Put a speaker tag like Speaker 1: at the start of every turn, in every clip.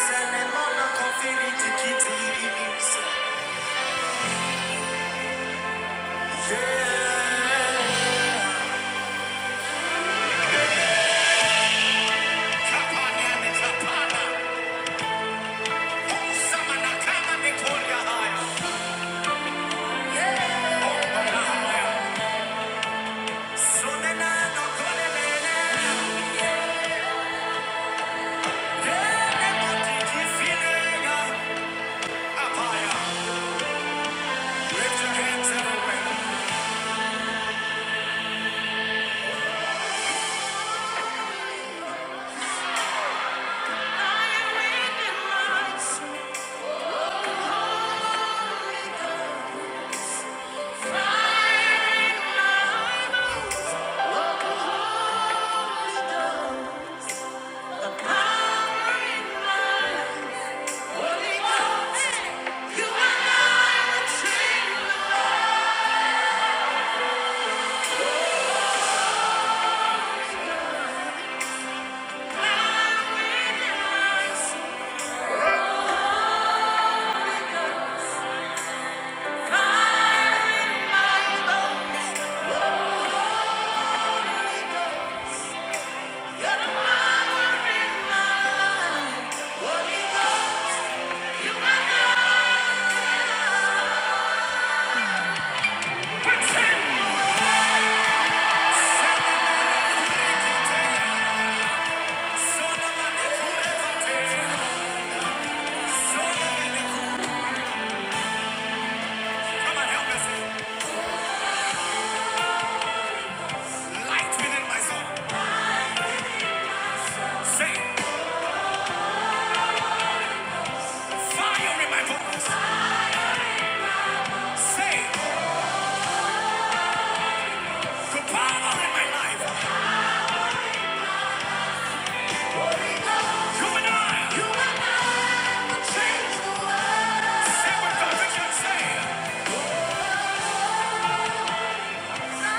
Speaker 1: You are not a chain, you are not a Say, Thank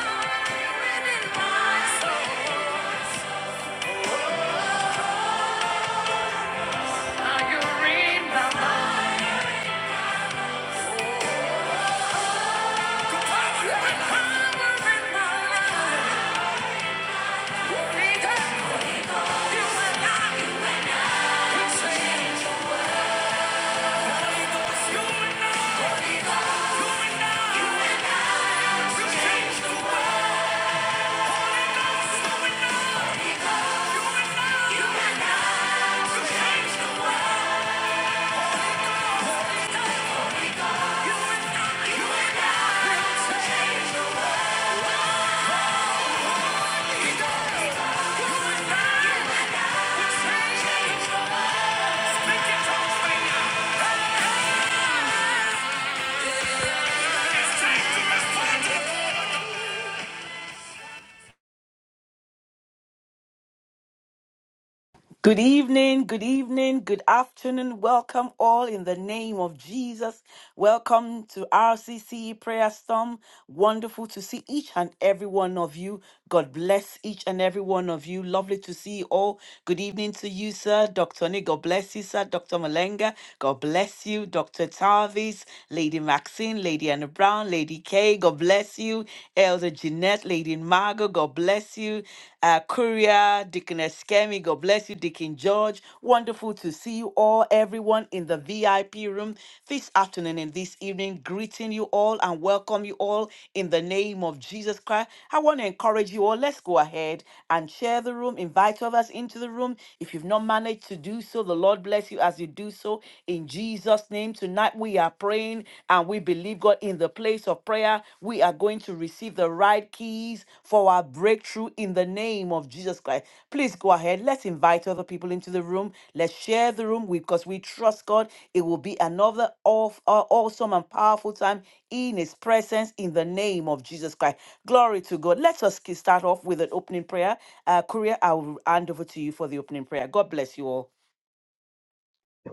Speaker 2: Good evening, good evening, good afternoon. Welcome all in the name of Jesus. Welcome to RCC Prayer Storm. Wonderful to see each and every one of you. God bless each and every one of you. Lovely to see you all. Good evening to you, sir. Dr. Nick, God bless you, sir. Dr. Malenga, God bless you. Dr. Tarvis, Lady Maxine, Lady Anna Brown, Lady Kay, God bless you. Elder Jeanette, Lady Margot, God bless you. Uh, Courier, Deacon Eskemi, God bless you. Deacon George, Wonderful to see you all, everyone in the VIP room this afternoon and this evening. Greeting you all and welcome you all in the name of Jesus Christ. I want to encourage you all. Let's go ahead and share the room, invite others into the room. If you've not managed to do so, the Lord bless you as you do so in Jesus' name. Tonight we are praying and we believe God in the place of prayer. We we are going to receive the right keys for our breakthrough in the name of Jesus Christ. Please go ahead. Let's invite other people into the room. Let's share the room because we trust God. It will be another aw- aw- awesome and powerful time in His presence in the name of Jesus Christ. Glory to God. Let us ki- start off with an opening prayer. Uh, Korea, I will hand over to you for the opening prayer. God bless you all.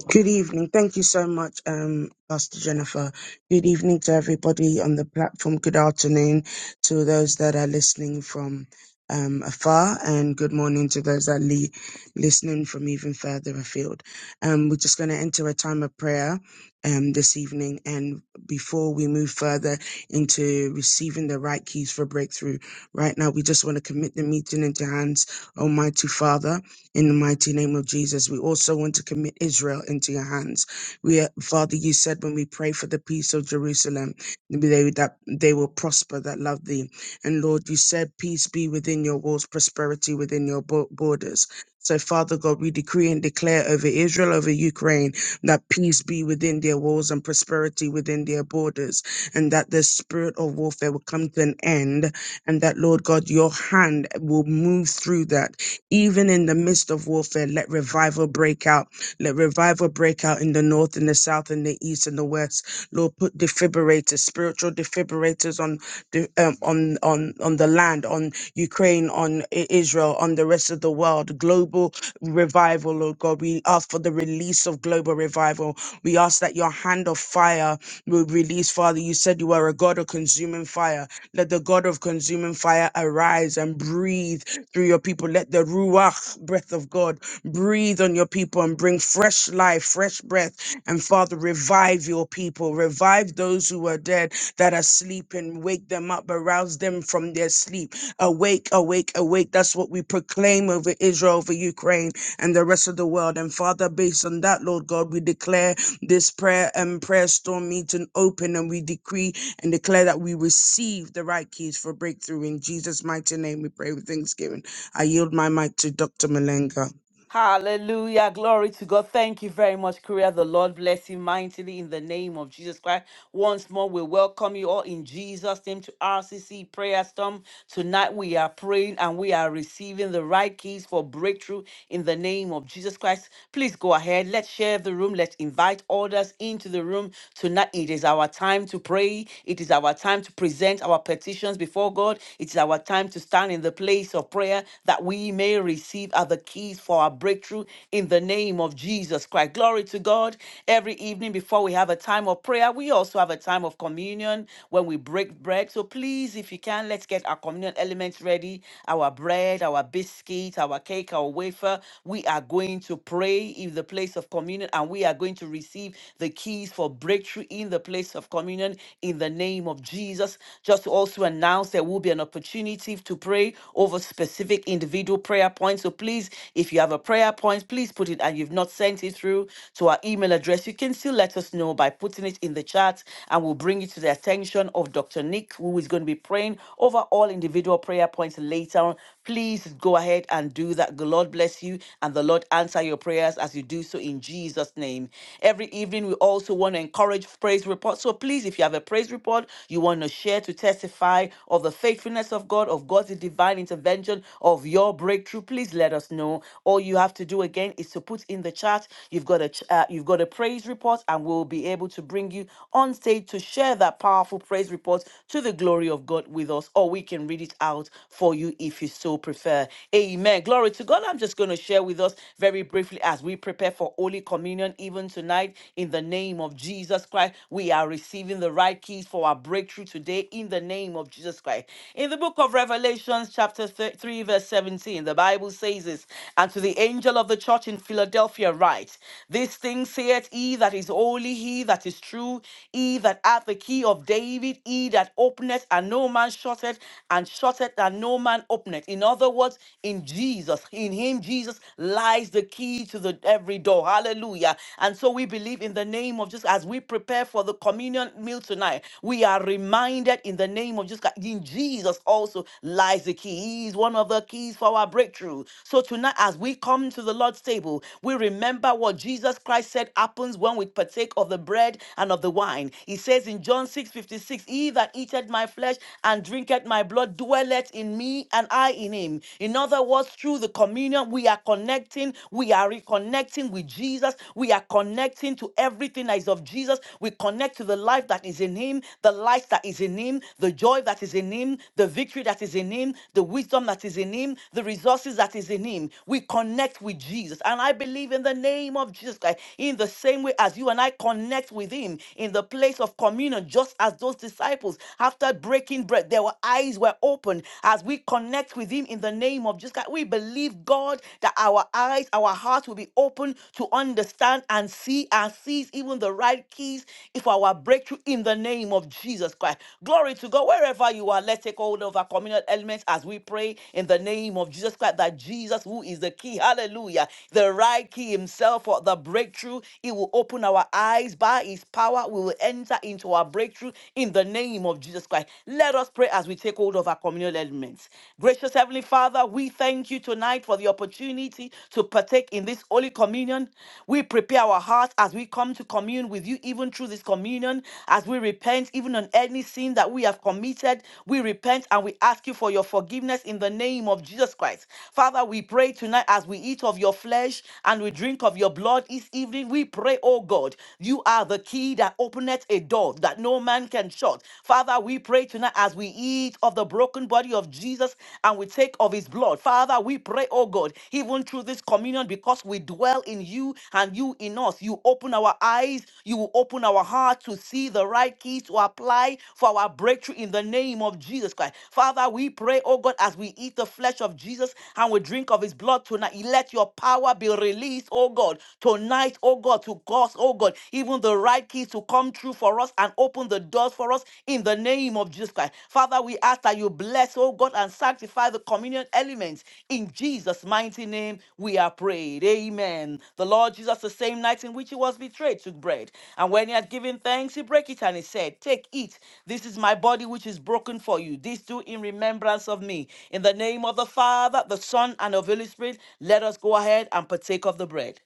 Speaker 3: Good evening. Thank you so much, um, Pastor Jennifer. Good evening to everybody on the platform. Good afternoon to those that are listening from um, afar, and good morning to those that are li- listening from even further afield. Um, we're just going to enter a time of prayer um, this evening, and before we move further into receiving the right keys for breakthrough, right now we just want to commit the meeting into hands, Almighty Father. In the mighty name of Jesus, we also want to commit Israel into your hands. We, are- Father, you said when we pray for the peace of Jerusalem, they, that they will prosper that love thee. And Lord, you said peace be within your walls, prosperity within your bo- borders. So, Father God, we decree and declare over Israel, over Ukraine, that peace be within their walls and prosperity within their borders, and that the spirit of warfare will come to an end, and that, Lord God, your hand will move through that even in the midst of warfare, let revival break out. Let revival break out in the north in the south in the east and the west. Lord, put defibrillators, spiritual defibrillators on the um, on on on the land, on Ukraine, on I- Israel, on the rest of the world. Global revival, Lord God. We ask for the release of global revival. We ask that your hand of fire will release, Father. You said you are a God of consuming fire. Let the God of consuming fire arise and breathe through your people. Let the Ruach, breath of God, breathe on your people and bring fresh life, fresh breath. And Father, revive your people. Revive those who are dead that are sleeping. Wake them up, arouse them from their sleep. Awake, awake, awake. That's what we proclaim over Israel, over Ukraine, and the rest of the world. And Father, based on that, Lord God, we declare this prayer and prayer storm meeting open and we decree and declare that we receive the right keys for breakthrough. In Jesus' mighty name, we pray with thanksgiving. I yield my mic to Dr. Malenga.
Speaker 2: Hallelujah. Glory to God. Thank you very much, Korea. The Lord bless you mightily in the name of Jesus Christ. Once more, we welcome you all in Jesus' name to RCC Prayer Storm. Tonight, we are praying and we are receiving the right keys for breakthrough in the name of Jesus Christ. Please go ahead. Let's share the room. Let's invite others into the room. Tonight, it is our time to pray. It is our time to present our petitions before God. It is our time to stand in the place of prayer desire that we may receive are the keys for our breakthrough in the name of Jesus Christ. Glory to God. Every evening before we have a time of prayer, we also have a time of communion when we break bread. So please, if you can, let's get our communion elements ready our bread, our biscuit, our cake, our wafer. We are going to pray in the place of communion and we are going to receive the keys for breakthrough in the place of communion in the name of Jesus. Just to also announce that will be an opportunity to pray over specific individual prayer points. So please, if you have a prayer point, please put it and you've not sent it through to our email address. You can still let us know by putting it in the chat and we'll bring it to the attention of Dr. Nick, who is going to be praying over all individual prayer points later on. Please go ahead and do that. The Lord bless you and the Lord answer your prayers as you do so in Jesus' name. Every evening, we also want to encourage praise reports. So please, if you have a praise report, report. You want to share to testify of the faithfulness of God, of God's divine intervention, of your breakthrough. Please let us know. All you have to do again is to put in the chat. You've got a ch- uh, you've got a praise report, and we'll be able to bring you on stage to share that powerful praise report to the glory of God with us, or we can read it out for you if you so prefer. Amen. Glory to God. I'm just going to share with us very briefly as we prepare for Holy Communion even tonight in the name of Jesus of Jesus Christ, we are receiving the right keys for our breakthrough today in the name of Jesus Christ. In the book of Revelations, chapter thir- 3, verse 17, the Bible says this And to the angel of the church in Philadelphia, write, This thing saith he that is holy, he that is true, he that hath the key of David, he that openeth and no man shutteth, and shutteth and no man openeth. In other words, in Jesus, in him, Jesus lies the key to the every door. Hallelujah. And so we believe in the name of Jesus as we prepare for the communion meal tonight. We are reminded in the name of Jesus. Christ- In Jesus also lies the key. He is one of the keys for our breakthrough. So tonight, as we come to the Lord's table, we remember what Jesus Christ said happens when we partake of the bread and of the wine. He says in John 6 56, He that eateth my flesh and drinketh my blood dwelleth in me, and I in him. In other words, through the communion, we are we are connecting. We are reconnecting with Jesus. We are connecting to everything that is of Jesus. We connect to the life that is in Him, the light that is in Him, the joy that is in Him, the victory that is in Him, the wisdom that is in Him, the resources that is in Him. We connect with Jesus. And I believe in the name of Jesus Christ, in the same way as you and I connect with Him in the place of communion, just as those disciples, after breaking bread, their eyes were opened as we connect with with him in the name of Jesus Christ. We believe, God, that our eyes, our hearts will be open to understand and see and seize even the right keys for our breakthrough in the name of Jesus Christ. Glory to God. Wherever you are, let's take hold of our communal elements as we pray in the name of Jesus Christ that Jesus, who is the key, hallelujah, the right key himself for the breakthrough, he will open our eyes by his power. We will enter into our breakthrough in the name of Jesus Christ. Let us pray pray as we take hold of our communal elements. Gracious Heavenly Father, we thank you tonight for the opportunity to partake in this Holy Communion. We prepare our hearts as we come to commune with you, even through this communion, as we repent, even on any sin that we have committed. We repent and we ask you for your forgiveness in the name of Jesus Christ. Father, we pray tonight as we eat of your flesh and we drink of your blood each evening. We pray, oh God, you are the key that openeth a door that no no man can shut. Father, we pray tonight as we eat of the broken body of Jesus and we take of his blood. Father, we pray, oh God, even through this communion, because we dwell in you and you in us. You open our eyes, you will open our heart to see the right keys to apply for our breakthrough in the name of Jesus Christ. Father, we pray, oh God, as we eat the flesh of Jesus and we drink of his blood tonight, let your power be released, oh God, tonight, oh God, to cause, oh God, even the right keys to come through for us and open the doors for us in the name of Jesus Christ. Father, we ask that you bless, oh God, and sanctify the communion elements. In Jesus' mighty name, we are prayed. Amen. The Lord Jesus, the same night in which he was betrayed, took bread. And when he had given thanks, he broke it and he said, Take, eat. This is my body which is broken for you. This do in remembrance of me. In the name of the Father, the Son, and of the Holy Spirit, let us go ahead and partake of the bread.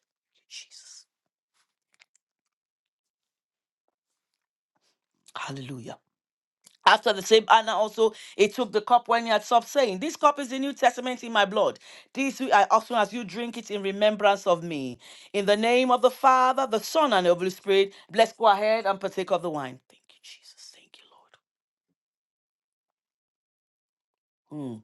Speaker 2: Hallelujah. After the same Anna also he took the cup when he had supped, saying, This cup is the New Testament in my blood. This you- I often as you drink it in remembrance of me. In the name of the Father, the Son, and the Holy Spirit, let's go ahead and partake of the wine. Thank you, Jesus. Thank you, Lord. Hmm.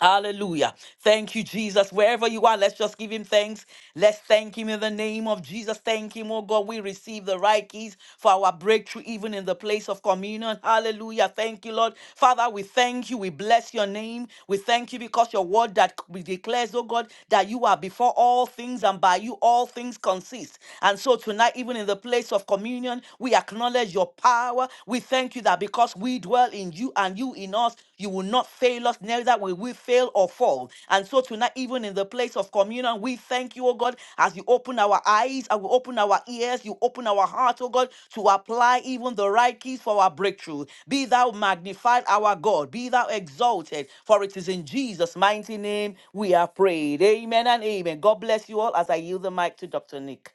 Speaker 2: Hallelujah. Thank you, Jesus. Wherever you are, let's just give him thanks. Let's thank him in the name of Jesus. Thank him, oh God. We receive the right keys for our breakthrough, even in the place of communion. Hallelujah. Thank you, Lord. Father, we thank you. We bless your name. We thank you because your word that we declares, oh God, that you are before all things and by you all things consist. And so tonight, even in the place of communion, we acknowledge your power. We thank you that because we dwell in you and you in us, you will not fail us, neither will we fail or fall. And so tonight, even in the place of communion, we thank you, oh God, as you open our eyes, as you open our ears, you open our hearts, oh God, to apply even the right keys for our breakthrough. Be thou magnified, our God. Be thou exalted, for it is in Jesus' mighty name we are prayed. Amen and amen. God bless you all as I yield the mic to Dr. Nick.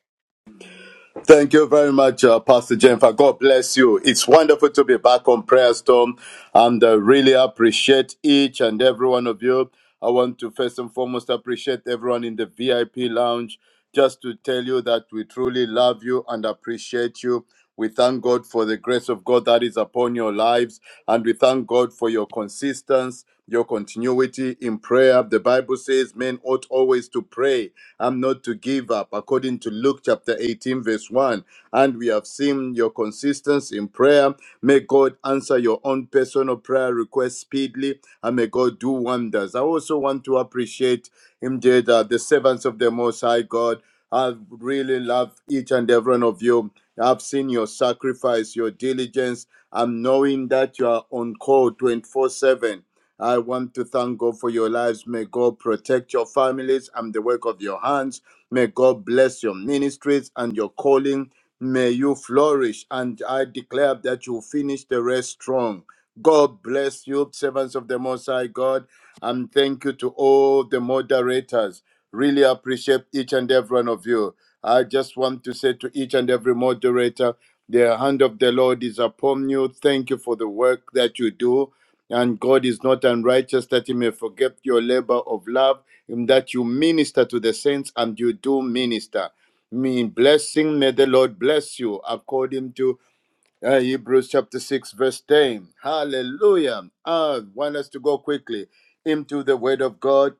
Speaker 4: Thank you very much, uh, Pastor Jennifer. God bless you. It's wonderful to be back on Prayer Storm and uh, really appreciate each and every one of you. I want to first and foremost appreciate everyone in the VIP lounge just to tell you that we truly love you and appreciate you. We thank God for the grace of God that is upon your lives. And we thank God for your consistency, your continuity in prayer. The Bible says men ought always to pray and not to give up, according to Luke chapter 18, verse 1. And we have seen your consistency in prayer. May God answer your own personal prayer request speedily, and may God do wonders. I also want to appreciate indeed uh, the servants of the Most High God. I really love each and every one of you. I've seen your sacrifice, your diligence. I'm knowing that you are on call 24 7. I want to thank God for your lives. May God protect your families and the work of your hands. May God bless your ministries and your calling. May you flourish. And I declare that you finish the race strong. God bless you, servants of the Most High God. And thank you to all the moderators. Really appreciate each and every one of you. I just want to say to each and every moderator, the hand of the Lord is upon you. Thank you for the work that you do. And God is not unrighteous that he may forget your labor of love, in that you minister to the saints and you do minister. Mean blessing, may the Lord bless you according to uh, Hebrews chapter 6, verse 10. Hallelujah. Ah, I want us to go quickly into the word of God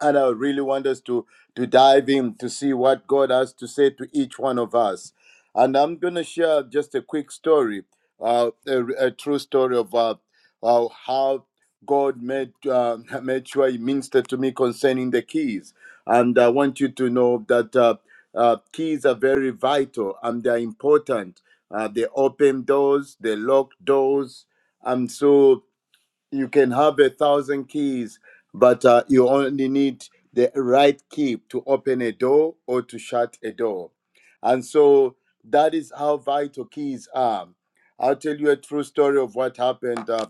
Speaker 4: and I really want us to to dive in to see what God has to say to each one of us. And I'm going to share just a quick story, uh, a, a true story of uh, uh, how God made uh, made sure He ministered to me concerning the keys. And I want you to know that uh, uh, keys are very vital and they are important. Uh, they open doors, they lock doors, and so you can have a thousand keys, but uh, you only need the right key to open a door or to shut a door. And so that is how vital keys are. I'll tell you a true story of what happened. Uh,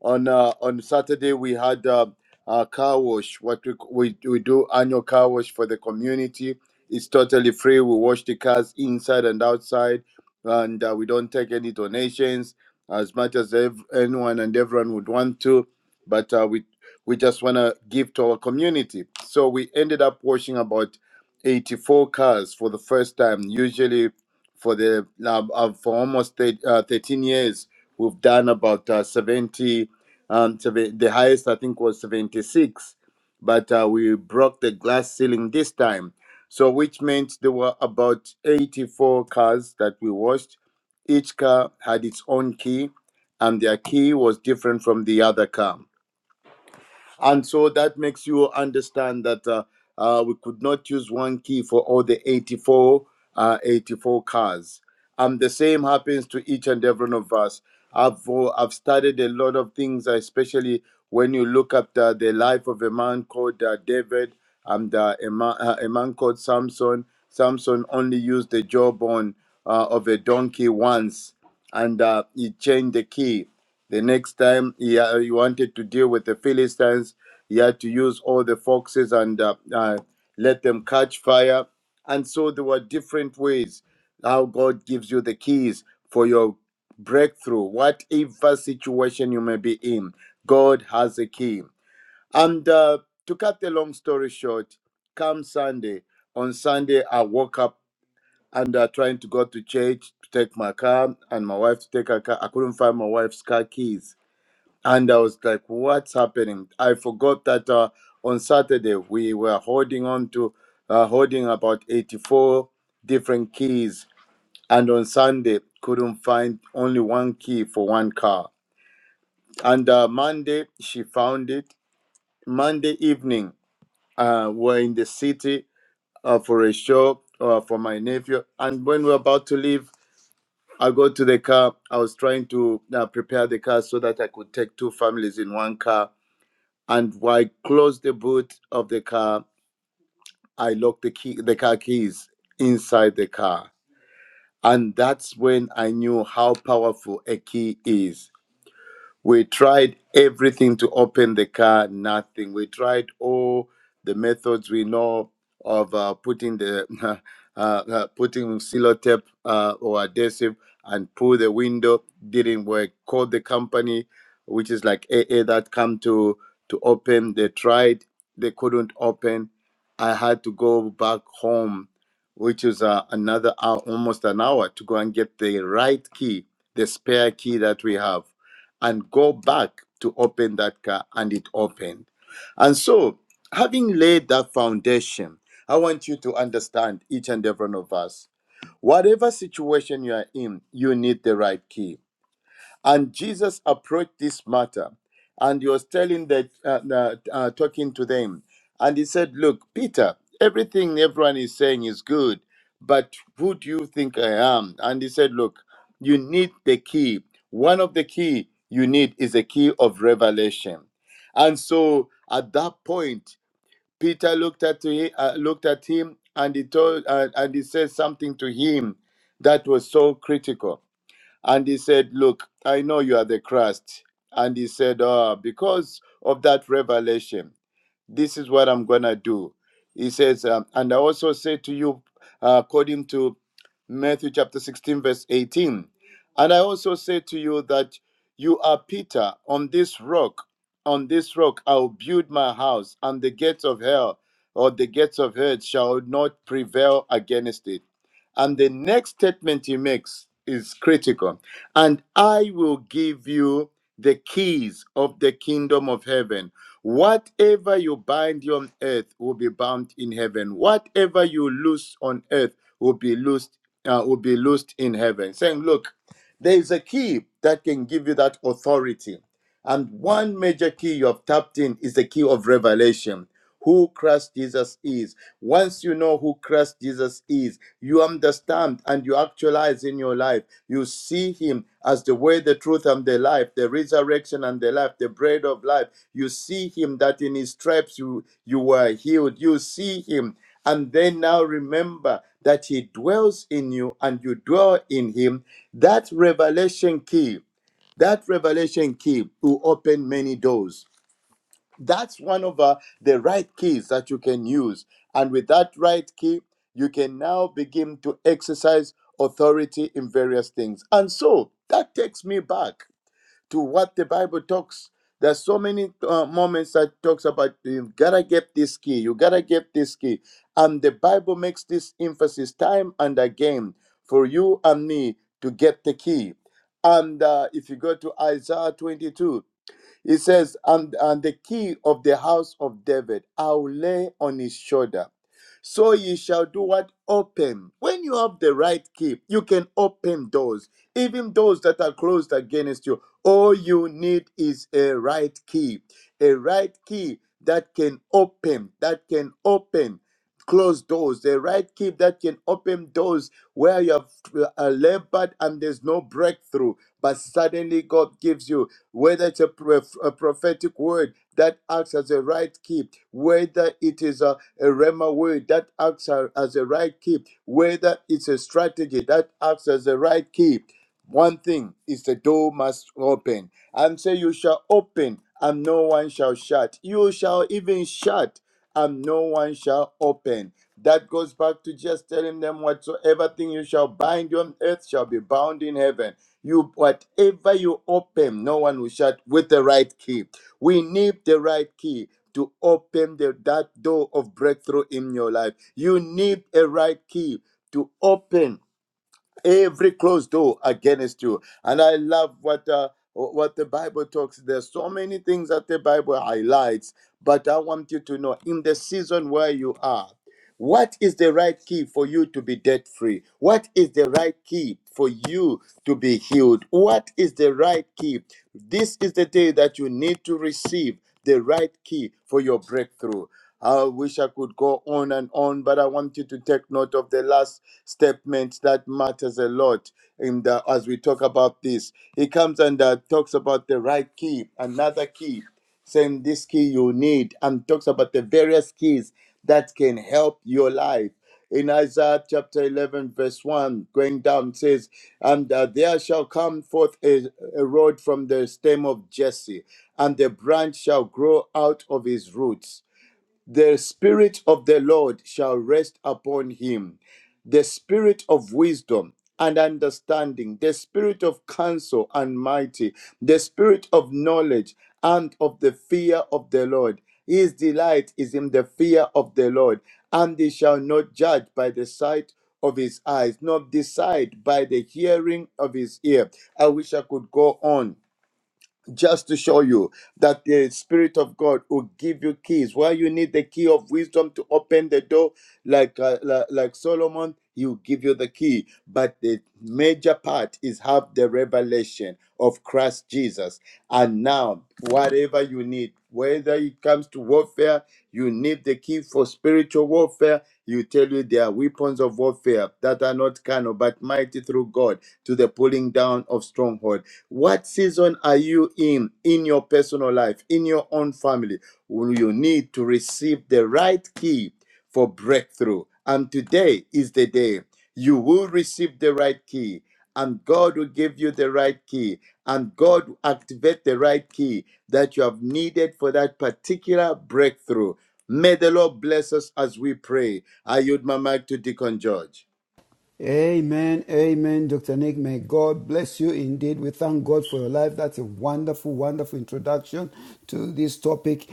Speaker 4: on uh, on Saturday, we had uh, a car wash. What we, we we do annual car wash for the community. It's totally free. We wash the cars inside and outside, and uh, we don't take any donations as much as ev- anyone and everyone would want to, but uh, we we just want to give to our community. So we ended up washing about 84 cars for the first time. Usually, for the uh, uh, for almost thir- uh, 13 years, we've done about uh, 70. Um, seven- the highest I think was 76, but uh, we broke the glass ceiling this time. So, which meant there were about 84 cars that we washed each car had its own key, and their key was different from the other car. And so that makes you understand that uh, uh, we could not use one key for all the 84, uh, 84 cars um, the same happens to each and every one of us. I've uh, I've studied a lot of things, especially when you look at uh, the life of a man called uh, David and uh, a, man, uh, a man called Samson. Samson only used the jawbone uh, of a donkey once, and uh, he changed the key. The next time he, uh, he wanted to deal with the Philistines, he had to use all the foxes and uh, uh, let them catch fire. And so there were different ways how God gives you the keys for your breakthrough, whatever situation you may be in, God has a key. And uh, to cut the long story short, come Sunday, on Sunday, I woke up and uh, trying to go to church to take my car and my wife to take her car. I couldn't find my wife's car keys. And I was like, what's happening? I forgot that uh, on Saturday we were holding on to, uh, holding about 84 different keys and on Sunday couldn't find only one key for one car. And uh, Monday she found it. Monday evening, uh, we're in the city uh, for a show uh, for my nephew. And when we're about to leave, I go to the car. I was trying to uh, prepare the car so that I could take two families in one car. And while I closed the boot of the car, I locked the key, the car keys inside the car. And that's when I knew how powerful a key is We tried everything to open the car, nothing. We tried all the methods we know of uh, putting the uh, uh, putting sellotape uh, or adhesive and pull the window. Didn't work. Called the company, which is like AA that come to to open. They tried, they couldn't open. I had to go back home, which is uh, another hour, almost an hour, to go and get the right key, the spare key that we have and go back to open that car and it opened. And so, having laid that foundation, I want you to understand each and every one of us. Whatever situation you are in, you need the right key. And Jesus approached this matter, and he was telling that, uh, uh, uh, talking to them, and he said, "Look, Peter, everything everyone is saying is good, but who do you think I am?" And he said, "Look, you need the key. One of the key you need is a key of revelation." And so, at that point, Peter looked at he, uh, looked at him, and he told, uh, and he said something to him that was so critical. And he said, Look, I know you are the Christ. And he said, Ah, because of that revelation, this is what I'm gonna do. He says, um, and I also say to you, uh, according to Matthew chapter 16, verse 18, and I also say to you that you are Peter on this rock, on this rock I'll build my house, and the gates of hell or the gates of hell shall not prevail against it. And the next statement he makes is critical. And I will give you the keys of the kingdom of heaven. Whatever you bind on earth will be bound in heaven. Whatever you loose on earth will be loosed uh, will be loosed in heaven. Saying, look, there is a key that can give you that authority and one major key you have tapped in is the key of revelation. Who Christ Jesus is. Once you know who Christ Jesus is, you understand and you actualize in your life. You see Him as the way, the truth, and the life, the resurrection and the life, the bread of life. You see Him that in His stripes you, you were healed. You see Him. And then now remember that He dwells in you and you dwell in Him. That revelation key. That revelation key will open many doors. That's one of uh, the right keys that you can use. And with that right key, you can now begin to exercise authority in various things. And so that takes me back to what the Bible talks. There's so many uh, moments that talks about you gotta get this key, you gotta get this key, and the Bible makes this emphasis time and again for you and me to get the key. And uh, if you go to Isaiah 22, it says, and, and the key of the house of David I will lay on his shoulder. So ye shall do what? Open. When you have the right key, you can open doors, even those that are closed against you. All you need is a right key, a right key that can open, that can open closed doors, the right key that can open doors where you have uh, labored and there's no breakthrough, but suddenly God gives you whether it's a, prof- a prophetic word that acts as a right key, whether it is a, a rhema word that acts a- as a right key, whether it's a strategy that acts as a right key. One thing is the door must open. And say, You shall open, and no one shall shut. You shall even shut, and no one shall open. That goes back to just telling them whatsoever thing you shall bind on earth shall be bound in heaven you whatever you open, no one will shut with the right key. We need the right key to open the, that door of breakthrough in your life. You need a right key to open every closed door against you. And I love what uh, what the Bible talks. There's so many things that the Bible highlights, but I want you to know in the season where you are. What is the right key for you to be debt free? What is the right key for you to be healed? What is the right key? This is the day that you need to receive the right key for your breakthrough. I wish I could go on and on, but I want you to take note of the last statement that matters a lot in the, as we talk about this. It comes and uh, talks about the right key, another key saying this key you need, and talks about the various keys that can help your life. In Isaiah chapter 11, verse 1, going down, says, And uh, there shall come forth a, a rod from the stem of Jesse, and the branch shall grow out of his roots. The Spirit of the Lord shall rest upon him the Spirit of wisdom and understanding, the Spirit of counsel and mighty, the Spirit of knowledge and of the fear of the Lord. His delight is in the fear of the Lord, and he shall not judge by the sight of his eyes, nor decide by the hearing of his ear. I wish I could go on just to show you that the spirit of god will give you keys where you need the key of wisdom to open the door like uh, like, like solomon he will give you the key but the major part is have the revelation of christ jesus and now whatever you need whether it comes to warfare you need the key for spiritual warfare, you tell you there are weapons of warfare that are not carnal but mighty through God to the pulling down of stronghold. What season are you in in your personal life, in your own family? Will You need to receive the right key for breakthrough. And today is the day you will receive the right key, and God will give you the right key, and God will activate the right key that you have needed for that particular breakthrough. May the Lord bless us as we pray. I yield my mic to Deacon George.
Speaker 5: Amen. Amen. Dr. Nick, may God bless you indeed. We thank God for your life. That's a wonderful, wonderful introduction to this topic.